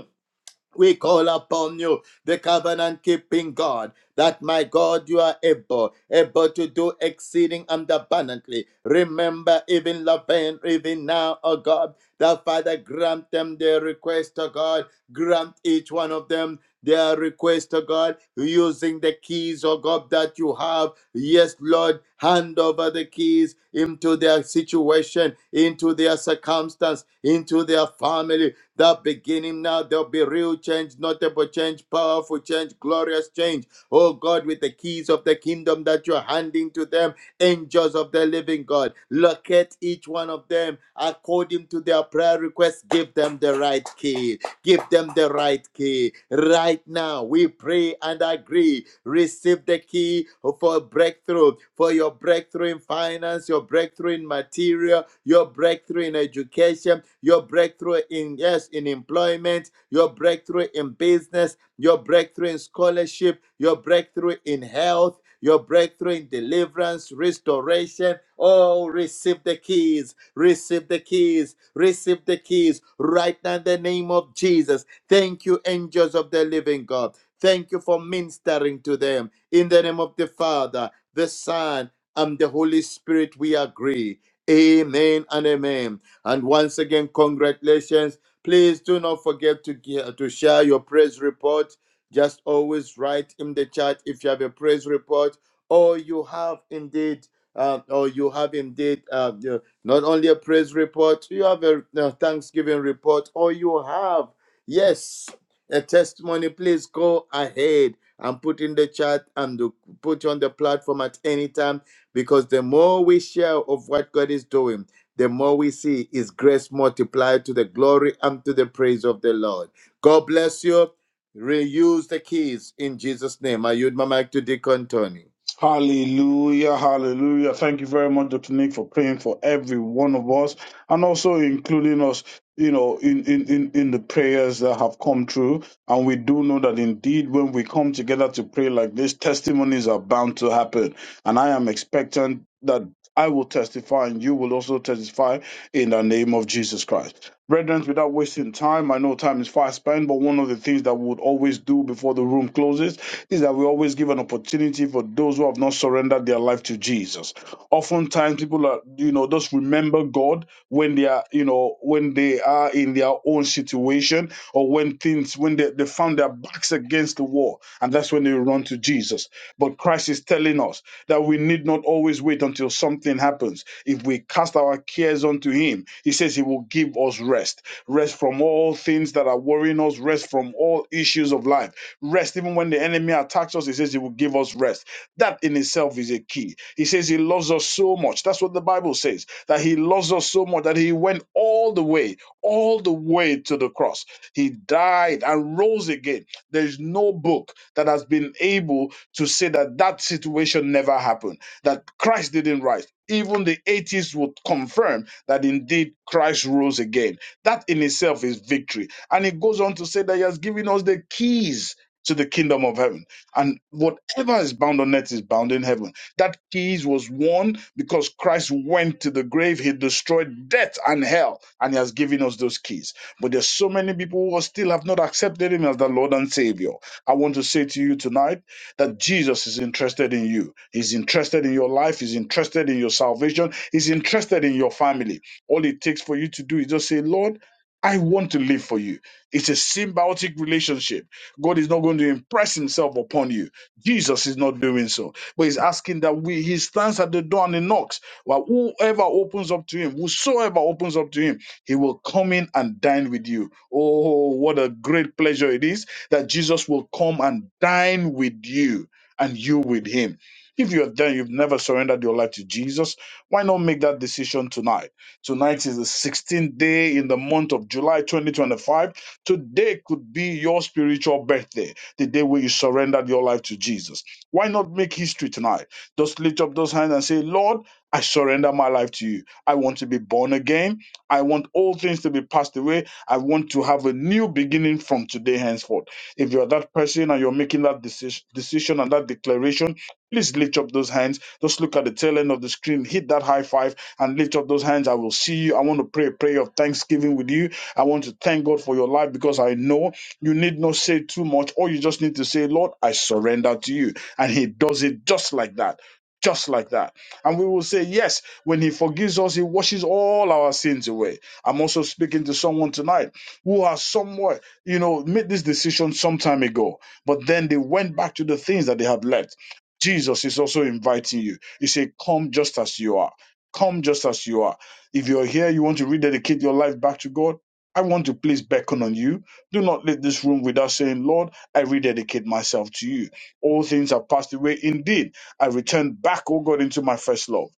Speaker 4: We call upon you, the covenant keeping God, that my God, you are able, able to do exceeding and abundantly. Remember, even Laban, even now, oh God, that Father, grant them their request, oh God, grant each one of them their request, oh God, using the keys, oh God, that you have. Yes, Lord, hand over the keys into their situation, into their circumstance, into their family that beginning now, there'll be real change, notable change, powerful change, glorious change. Oh God, with the keys of the kingdom that you're handing to them, angels of the living God, locate each one of them according to their prayer requests. Give them the right key Give them the right key. Right now, we pray and agree. Receive the key for breakthrough, for your breakthrough in finance, your breakthrough in material, your breakthrough in education, your breakthrough in yes, in employment, your breakthrough in business, your breakthrough in scholarship, your breakthrough in health your breakthrough in deliverance, restoration. Oh, receive the keys Receive the keys. Receive the keys right now in the name of Jesus. Thank you, angels of the living God. Thank you for ministering to them. In the name of the Father, the Son, and the Holy Spirit, we agree. Amen and amen. And once again, congratulations. Please do not forget to, ge- to share your praise report. Just always write in the chat if you have a praise report or you have indeed, uh, or you have indeed uh, not only a praise report, you have a, a thanksgiving report, or you have, yes, a testimony. Please go ahead and put in the chat and do- put on the platform at any time because the more we share of what God is doing, the more we see His grace multiplied to the glory and to the praise of the Lord. God bless you. Reuse the keys in Jesus' name. I yield my mic to Deacon Tony.
Speaker 6: Hallelujah, hallelujah. Thank you very much, Dr. Nick, for praying for every one of us and also including us, you know, in, in, in, in the prayers that have come through. And we do know that indeed when we come together to pray like this, testimonies are bound to happen. And I am expectant. that I will testify, and you will also testify in the name of Jesus Christ. Brethren, without wasting time, I know time is fast spent, but one of the things that we would always do before the room closes is that we always give an opportunity for those who have not surrendered their life to Jesus. Oftentimes, people are, you know, just remember God when they are, you know, when they are in their own situation or when things, when they, they found their backs against the wall, and that's when they run to Jesus. But Christ is telling us that we need not always wait until something happens. If we cast our cares unto Him, He says He will give us rest. Rest from all things that are worrying us, rest from all issues of life. Rest, even when the enemy attacks us, He says He will give us rest. That in itself is a key. He says He loves us so much. That's what the Bible says, that He loves us so much that He went all the way, all the way to the cross. He died and rose again. There's no book that has been able to say that that situation never happened, that Christ didn't rise. Even the atheists would confirm that indeed Christ rose again. That in itself is victory. And it goes on to say that He has given us the keys to the kingdom of heaven. And whatever is bound on earth is bound in heaven. That keys was won because Christ went to the grave. He destroyed death and hell, and He has given us those keys. But there's so many people who still have not accepted Him as the Lord and Savior. I want to say to you tonight that Jesus is interested in you. He's interested in your life. He's interested in your salvation. He's interested in your family. All it takes for you to do is just say, Lord, I want to live for you. It's a symbiotic relationship. God is not going to impress himself upon you. Jesus is not doing so. But he's asking that we, he stands at the door and he knocks. Well, whoever opens up to him, whosoever opens up to him, he will come in and dine with you. Oh, what a great pleasure it is that Jesus will come and dine with you and you with him. If you're there, you've never surrendered your life to Jesus, why not make that decision tonight? Tonight is the 16th day in the month of July 2025. Today could be your spiritual birthday, the day where you surrendered your life to Jesus. Why not make history tonight? Just lift up those hands and say, Lord, I surrender my life to you. I want to be born again. I want all things to be passed away. I want to have a new beginning from today henceforth. If you're that person and you're making that decision, decision and that declaration, please lift up those hands. Just look at the tail end of the screen, hit that high five, and lift up those hands. I will see you. I want to pray a prayer of thanksgiving with you. I want to thank God for your life because I know you need not say too much. All you just need to say, Lord, I surrender to you. And He does it just like that. Just like that. And we will say, Yes, when He forgives us, He washes all our sins away. I'm also speaking to someone tonight who has somewhere you know, made this decision some time ago, but then they went back to the things that they had left. Jesus is also inviting you. He said, Come just as you are. Come just as you are. If you're here, you want to rededicate your life back to God. I want to please beckon on you. Do not leave this room without saying, Lord, I rededicate myself to you. All things have passed away. Indeed, I return back, oh God, into my first love.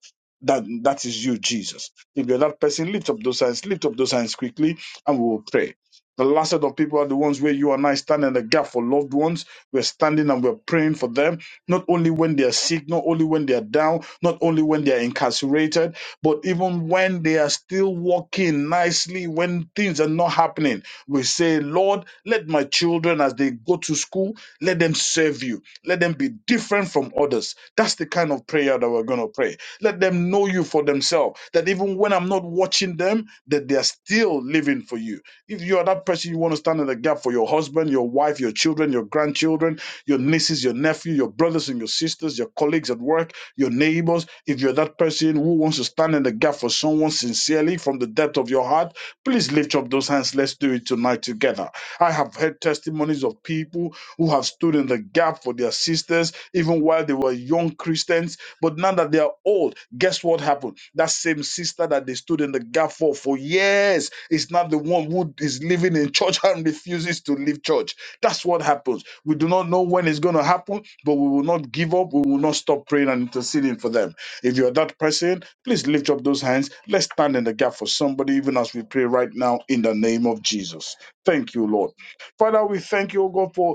Speaker 6: That, that is you, Jesus. If you're that person, lift up those hands, lift up those hands quickly, and we will pray. The last set of people are the ones where you and I stand in the gap for loved ones. We're standing and we're praying for them, not only when they're sick, not only when they're down, not only when they're incarcerated, but even when they are still walking nicely, when things are not happening. We say, Lord, let my children, as they go to school, let them serve you. Let them be different from others. That's the kind of prayer that we're going to pray. Let them know you for themselves, that even when I'm not watching them, that they are still living for you if you are that person, you want to stand in the gap for your husband, your wife, your children, your grandchildren, your nieces, your nephew, your brothers and your sisters, your colleagues at work, your neighbors. If you're that person who wants to stand in the gap for someone sincerely from the depth of your heart, please lift up those hands. Let's do it tonight together. I have heard testimonies of people who have stood in the gap for their sisters, even while they were young Christians. But now that they are old, guess what happened? That same sister that they stood in the gap for for years is not the one who is living in church and refuses to leave church. That's what happens. We do not know when it's going to happen, but we will not give up. We will not stop praying and interceding for them. If you're that person, please lift up those hands. Let's stand in the gap for somebody, even as we pray right now in the name of Jesus. Thank you, Lord. Father, we thank you, O God, for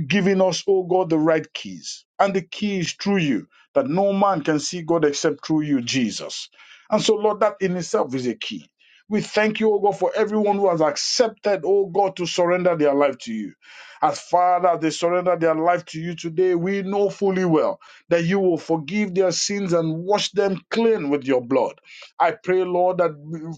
Speaker 6: giving us, oh God, the right keys. And the key is through you, that no man can see God except through you, Jesus. And so, Lord, that in itself is a key. We thank you, oh God, for everyone who has accepted, oh God, to surrender their life to you. As far as they surrender their life to you today, we know fully well that you will forgive their sins and wash them clean with your blood. I pray, Lord, that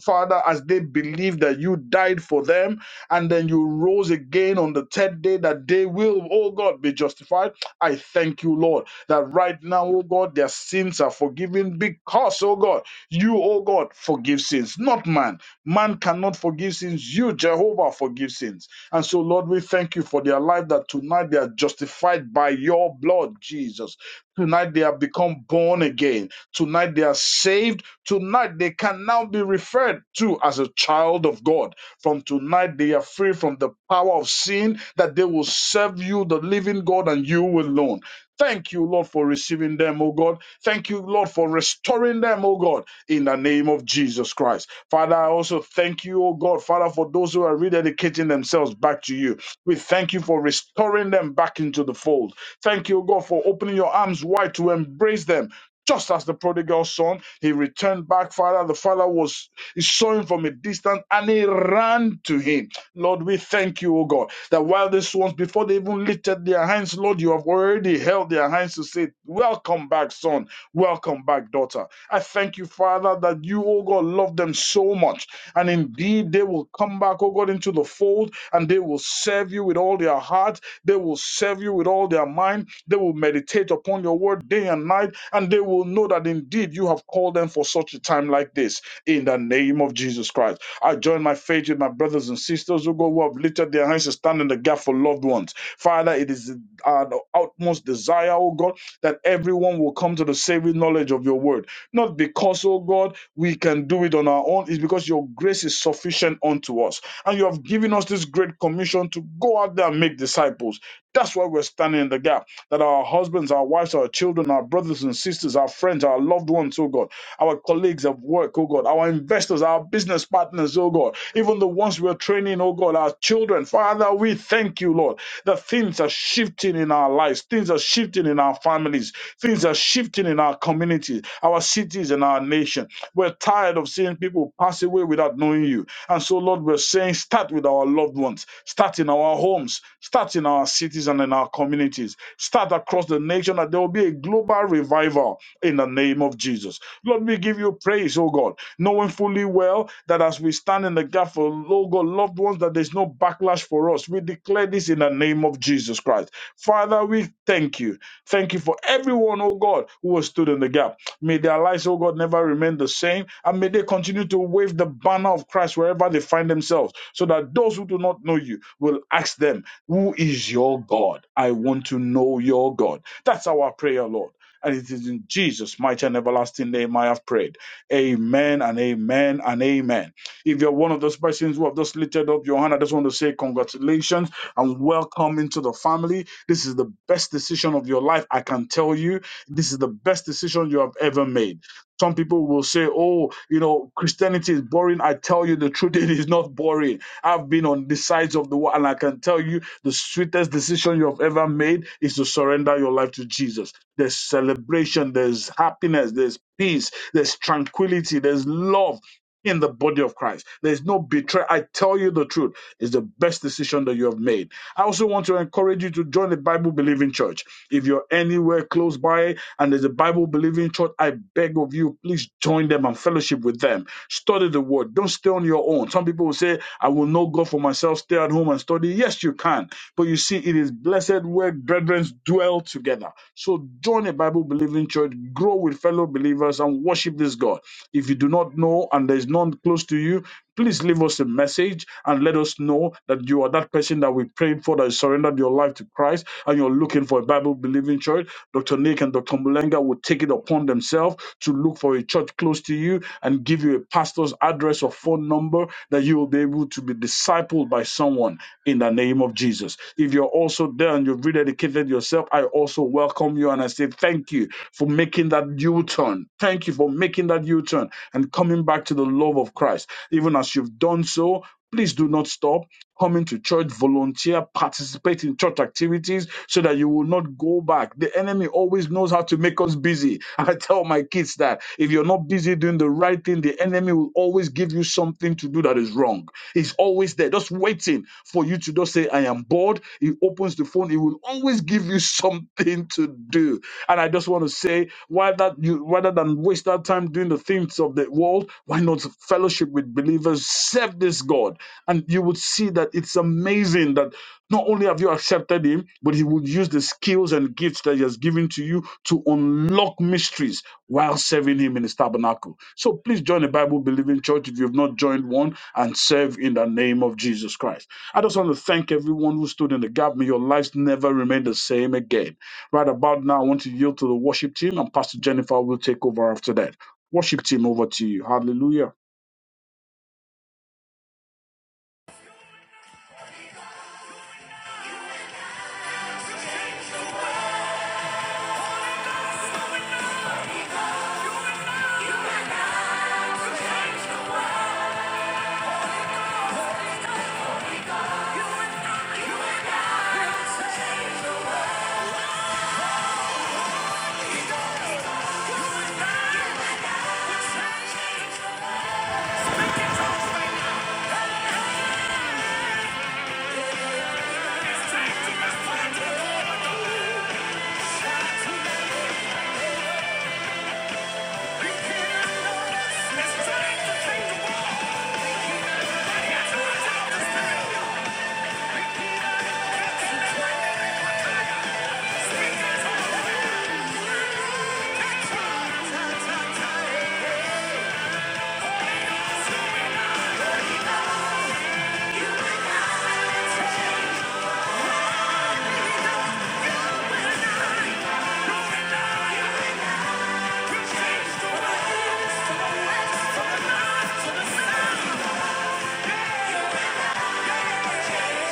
Speaker 6: Father, as they believe that you died for them, and then you rose again on the third day that they will, oh God, be justified. I thank you, Lord, that right now, oh God, their sins are forgiven because, oh God, you, oh God, forgive sins, not man. Man cannot forgive sins. You, Jehovah, forgive sins. And so, Lord, we thank you for their life that tonight they are justified by your blood, Jesus. Tonight they have become born again. Tonight they are saved. Tonight they can now be referred to as a child of God from tonight, they are free from the power of sin, that they will serve you, the living God, and you alone. Thank you, Lord, for receiving them, O God. Thank you, Lord, for restoring them, O God, in the name of Jesus Christ. Father, I also thank you, O God, Father, for those who are rededicating themselves back to you. We thank you for restoring them back into the fold. Thank you, O God, for opening your arms wide to embrace them. Just as the prodigal son, he returned back, Father. The father was he saw him from a distance and he ran to him. Lord, we thank you, O God, that while these ones, before they even lifted their hands, Lord, you have already held their hands to say, Welcome back, son. Welcome back, daughter. I thank you, Father, that you, O God, love them so much. And indeed, they will come back, O God, into the fold and they will serve you with all their heart. They will serve you with all their mind. They will meditate upon your word day and night. And they will know that indeed you have called them for such a time like this in the name of Jesus Christ. I join my faith with my brothers and sisters who go who have lifted their hands and stand in the gap for loved ones. Father, it is our utmost desire, oh God, that everyone will come to the saving knowledge of your word. Not because, oh God, we can do it on our own, it's because your grace is sufficient unto us. And you have given us this great commission to go out there and make disciples. That's why we're standing in the gap. That our husbands, our wives, our children, our brothers and sisters, our friends, our loved ones, oh God our colleagues of work, oh God, our investors, our business partners, oh God, even the ones we're training, oh God, our children. Father, we thank you, Lord, that things are shifting in our lives, things are shifting in our families, things are shifting in our communities, our cities, and our nation. We're tired of seeing people pass away without knowing you. And so, Lord, we're saying start with our loved ones, start in our homes, start in our cities and in our communities, start across the nation, that there will be a global revival in the name of Jesus. Lord, we give you praise, oh God, knowing fully well that as we stand in the gap for, oh God, loved ones, that there's no backlash for us. We declare this in the name of Jesus Christ. Father, we thank you. Thank you for everyone, oh God, who has stood in the gap. May their lives, oh God, never remain the same. And may they continue to wave the banner of Christ wherever they find themselves, so that those who do not know you will ask them, Who is your God? I want to know your God. That's our prayer, Lord. And it is in Jesus' mighty and everlasting name I have prayed. Amen and amen and amen. If you're one of those persons who have just lifted up your hand, I just want to say congratulations and welcome into the family. This is the best decision of your life, I can tell you this is the best decision you have ever made. Some people will say, oh, you know, Christianity is boring. I tell you the truth, it is not boring. I've been on the sides of the world, and I can tell you the sweetest decision you have ever made is to surrender your life to Jesus. There's celebration, there's happiness, there's peace, there's tranquility, there's love in the body of Christ. There's no betrayal. I tell you the truth, it's the best decision that you have made I also want to encourage you to join the Bible believing church. If you're anywhere close by and there's a Bible believing church, I beg of you, please join them and fellowship with them. Study the word. Don't stay on your own. Some people will say, I will know God for myself, stay at home and study. Yes, you can. But you see, it is blessed where brethren dwell together. So join a Bible believing church, grow with fellow believers, and worship this God. If you do not know and there's none close to you, Please leave us a message and let us know that you are that person that we prayed for that surrendered your life to Christ and you're looking for a Bible believing church. Dr. Nick and Dr. Mulenga will take it upon themselves to look for a church close to you and give you a pastor's address or phone number that you will be able to be discipled by someone in the name of Jesus. If you're also there and you've rededicated yourself, I also welcome you and I say thank you for making that U turn. Thank you for making that U turn and coming back to the love of Christ. Even as you've done so, please do not stop coming to church, volunteer, participate in church activities so that you will not go back. The enemy always knows how to make us busy. I tell my kids that if you're not busy doing the right thing, the enemy will always give you something to do that is wrong. He's always there, just waiting for you to just say, I am bored. He opens the phone, he will always give you something to do. And I just want to say, why that you rather than waste that time doing the things of the world, why not fellowship with believers, serve this God, and you would see that it's amazing that not only have you accepted Him, but He would use the skills and gifts that He has given to you to unlock mysteries while serving Him in His tabernacle. So please join a Bible believing church if you have not joined one, and serve in the name of Jesus Christ. I just want to thank everyone who stood in the gap. May your lives never remain the same again. Right about now, I want to yield to the worship team, and Pastor Jennifer will take over after that. Worship team, over to you. Hallelujah.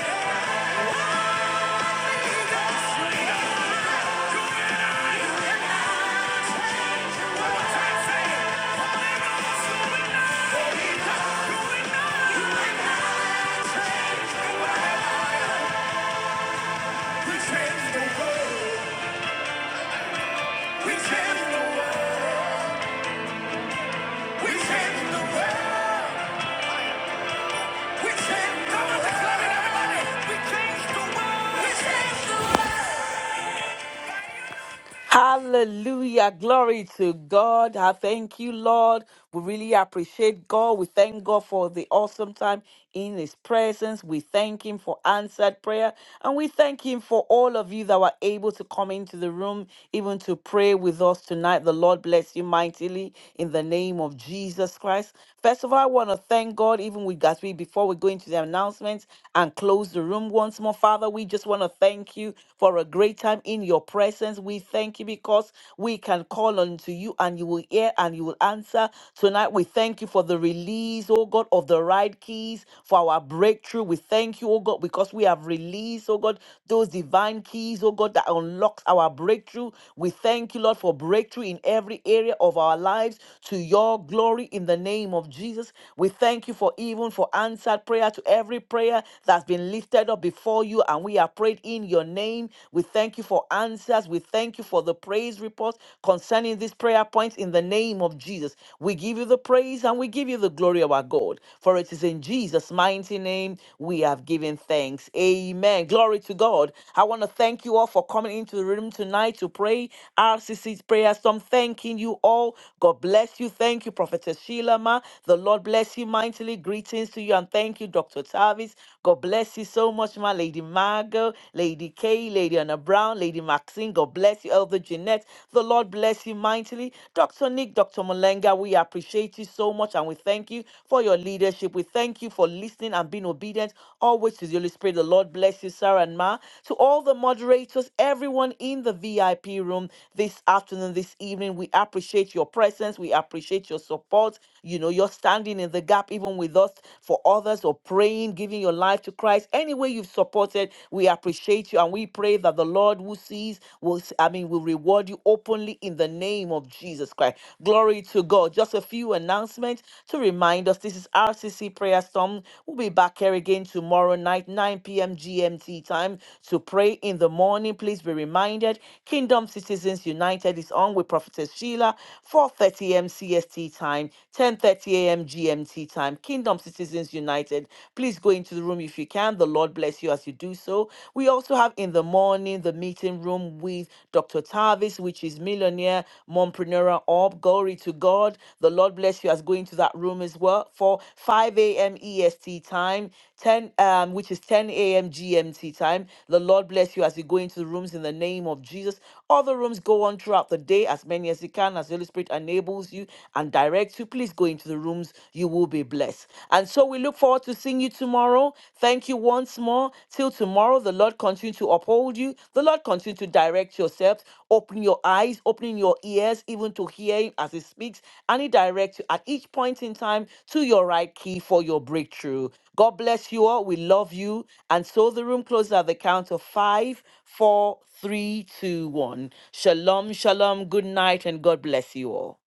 Speaker 1: you. We change the world.
Speaker 2: Hallelujah. Glory to God. I thank you, Lord. We really appreciate God. We thank God for the awesome time in His presence. We thank Him for answered prayer. And we thank Him for all of you that were able to come into the room, even to pray with us tonight. The Lord bless you mightily in the name of Jesus Christ. First of all, I want to thank God, even with Gatsby, before we go into the announcements and close the room once more. Father, we just want to thank you for a great time in your presence. We thank you because we can call unto you and you will hear and you will answer. Tonight, we thank you for the release, oh God, of the right keys for our breakthrough. We thank you, oh God, because we have released, oh God, those divine keys, oh God, that unlocks our breakthrough. We thank you, Lord, for breakthrough in every area of our lives to your glory in the name of Jesus. We thank you for even for answered prayer to every prayer that's been lifted up before you. And we are praying have prayed in your name. We thank you for answers. We thank you for the praise reports concerning these prayer points in the name of Jesus. We give you the praise and we give you the glory of our God. For it is in Jesus' mighty name we have given thanks. Amen. Glory to God. I want to thank you all for coming into the room tonight to pray RCC's prayer storm. Thanking you all. God bless you. Thank you, Prophetess Sheila Ma. The Lord bless you mightily. Greetings to you and thank you, Dr. Tavis. God bless you bless you so much, my Lady Margot, Lady Kay, Lady Anna Brown, Lady Maxine. God bless you, Elder Jeanette. The Lord bless you mightily. Dr. Nick, Dr. Malenga, we appreciate you so much and we thank you for your leadership. We thank you for listening and being obedient always to the Holy Spirit. The Lord bless you, Sarah and Ma. To all the moderators, everyone in the VIP room this afternoon, this evening, we appreciate your presence. We appreciate your support. You know, you're standing in the gap even with us for others or for praying, giving your life to Christ. Any way you've supported, we appreciate you and we pray that the Lord who sees will, s- I mean, will reward you openly in the name of Jesus Christ. Glory to God. Just a few announcements to remind us this is RCC Prayer Storm. We'll be back here again tomorrow night, 9 p.m. GMT time to pray in the morning. Please be reminded Kingdom Citizens United is on with Prophetess Sheila, 4:30 a.m. CST time, 10:30 a.m. GMT time time. Kingdom Citizens United, please go into the room if you can. The Lord bless you as you do so. We also have in the morning the meeting room with Dr. Tavis, which is millionaire, mompreneur, orb. Glory to God. The Lord bless you as going to that room as well for 5 a.m. EST time, 10 um, which is 10 a.m. GMT time. The Lord bless you as you go into the rooms in the name of Jesus. Other rooms go on throughout the day, as many as you can, as the Holy Spirit enables you and directs you. Please please go into the rooms. You will be blessed. And so we look forward to seeing you tomorrow. Thank you once more. Till tomorrow, the Lord continue to uphold you. The Lord continue to direct yourselves. Open your eyes, opening your ears, even to hear Him as He speaks. And He directs you at each point in time to your right key for your breakthrough. God bless you all. We love you. And so the room closes at the count of five, four, three, two, one. Shalom, shalom. Good night, and God bless you all.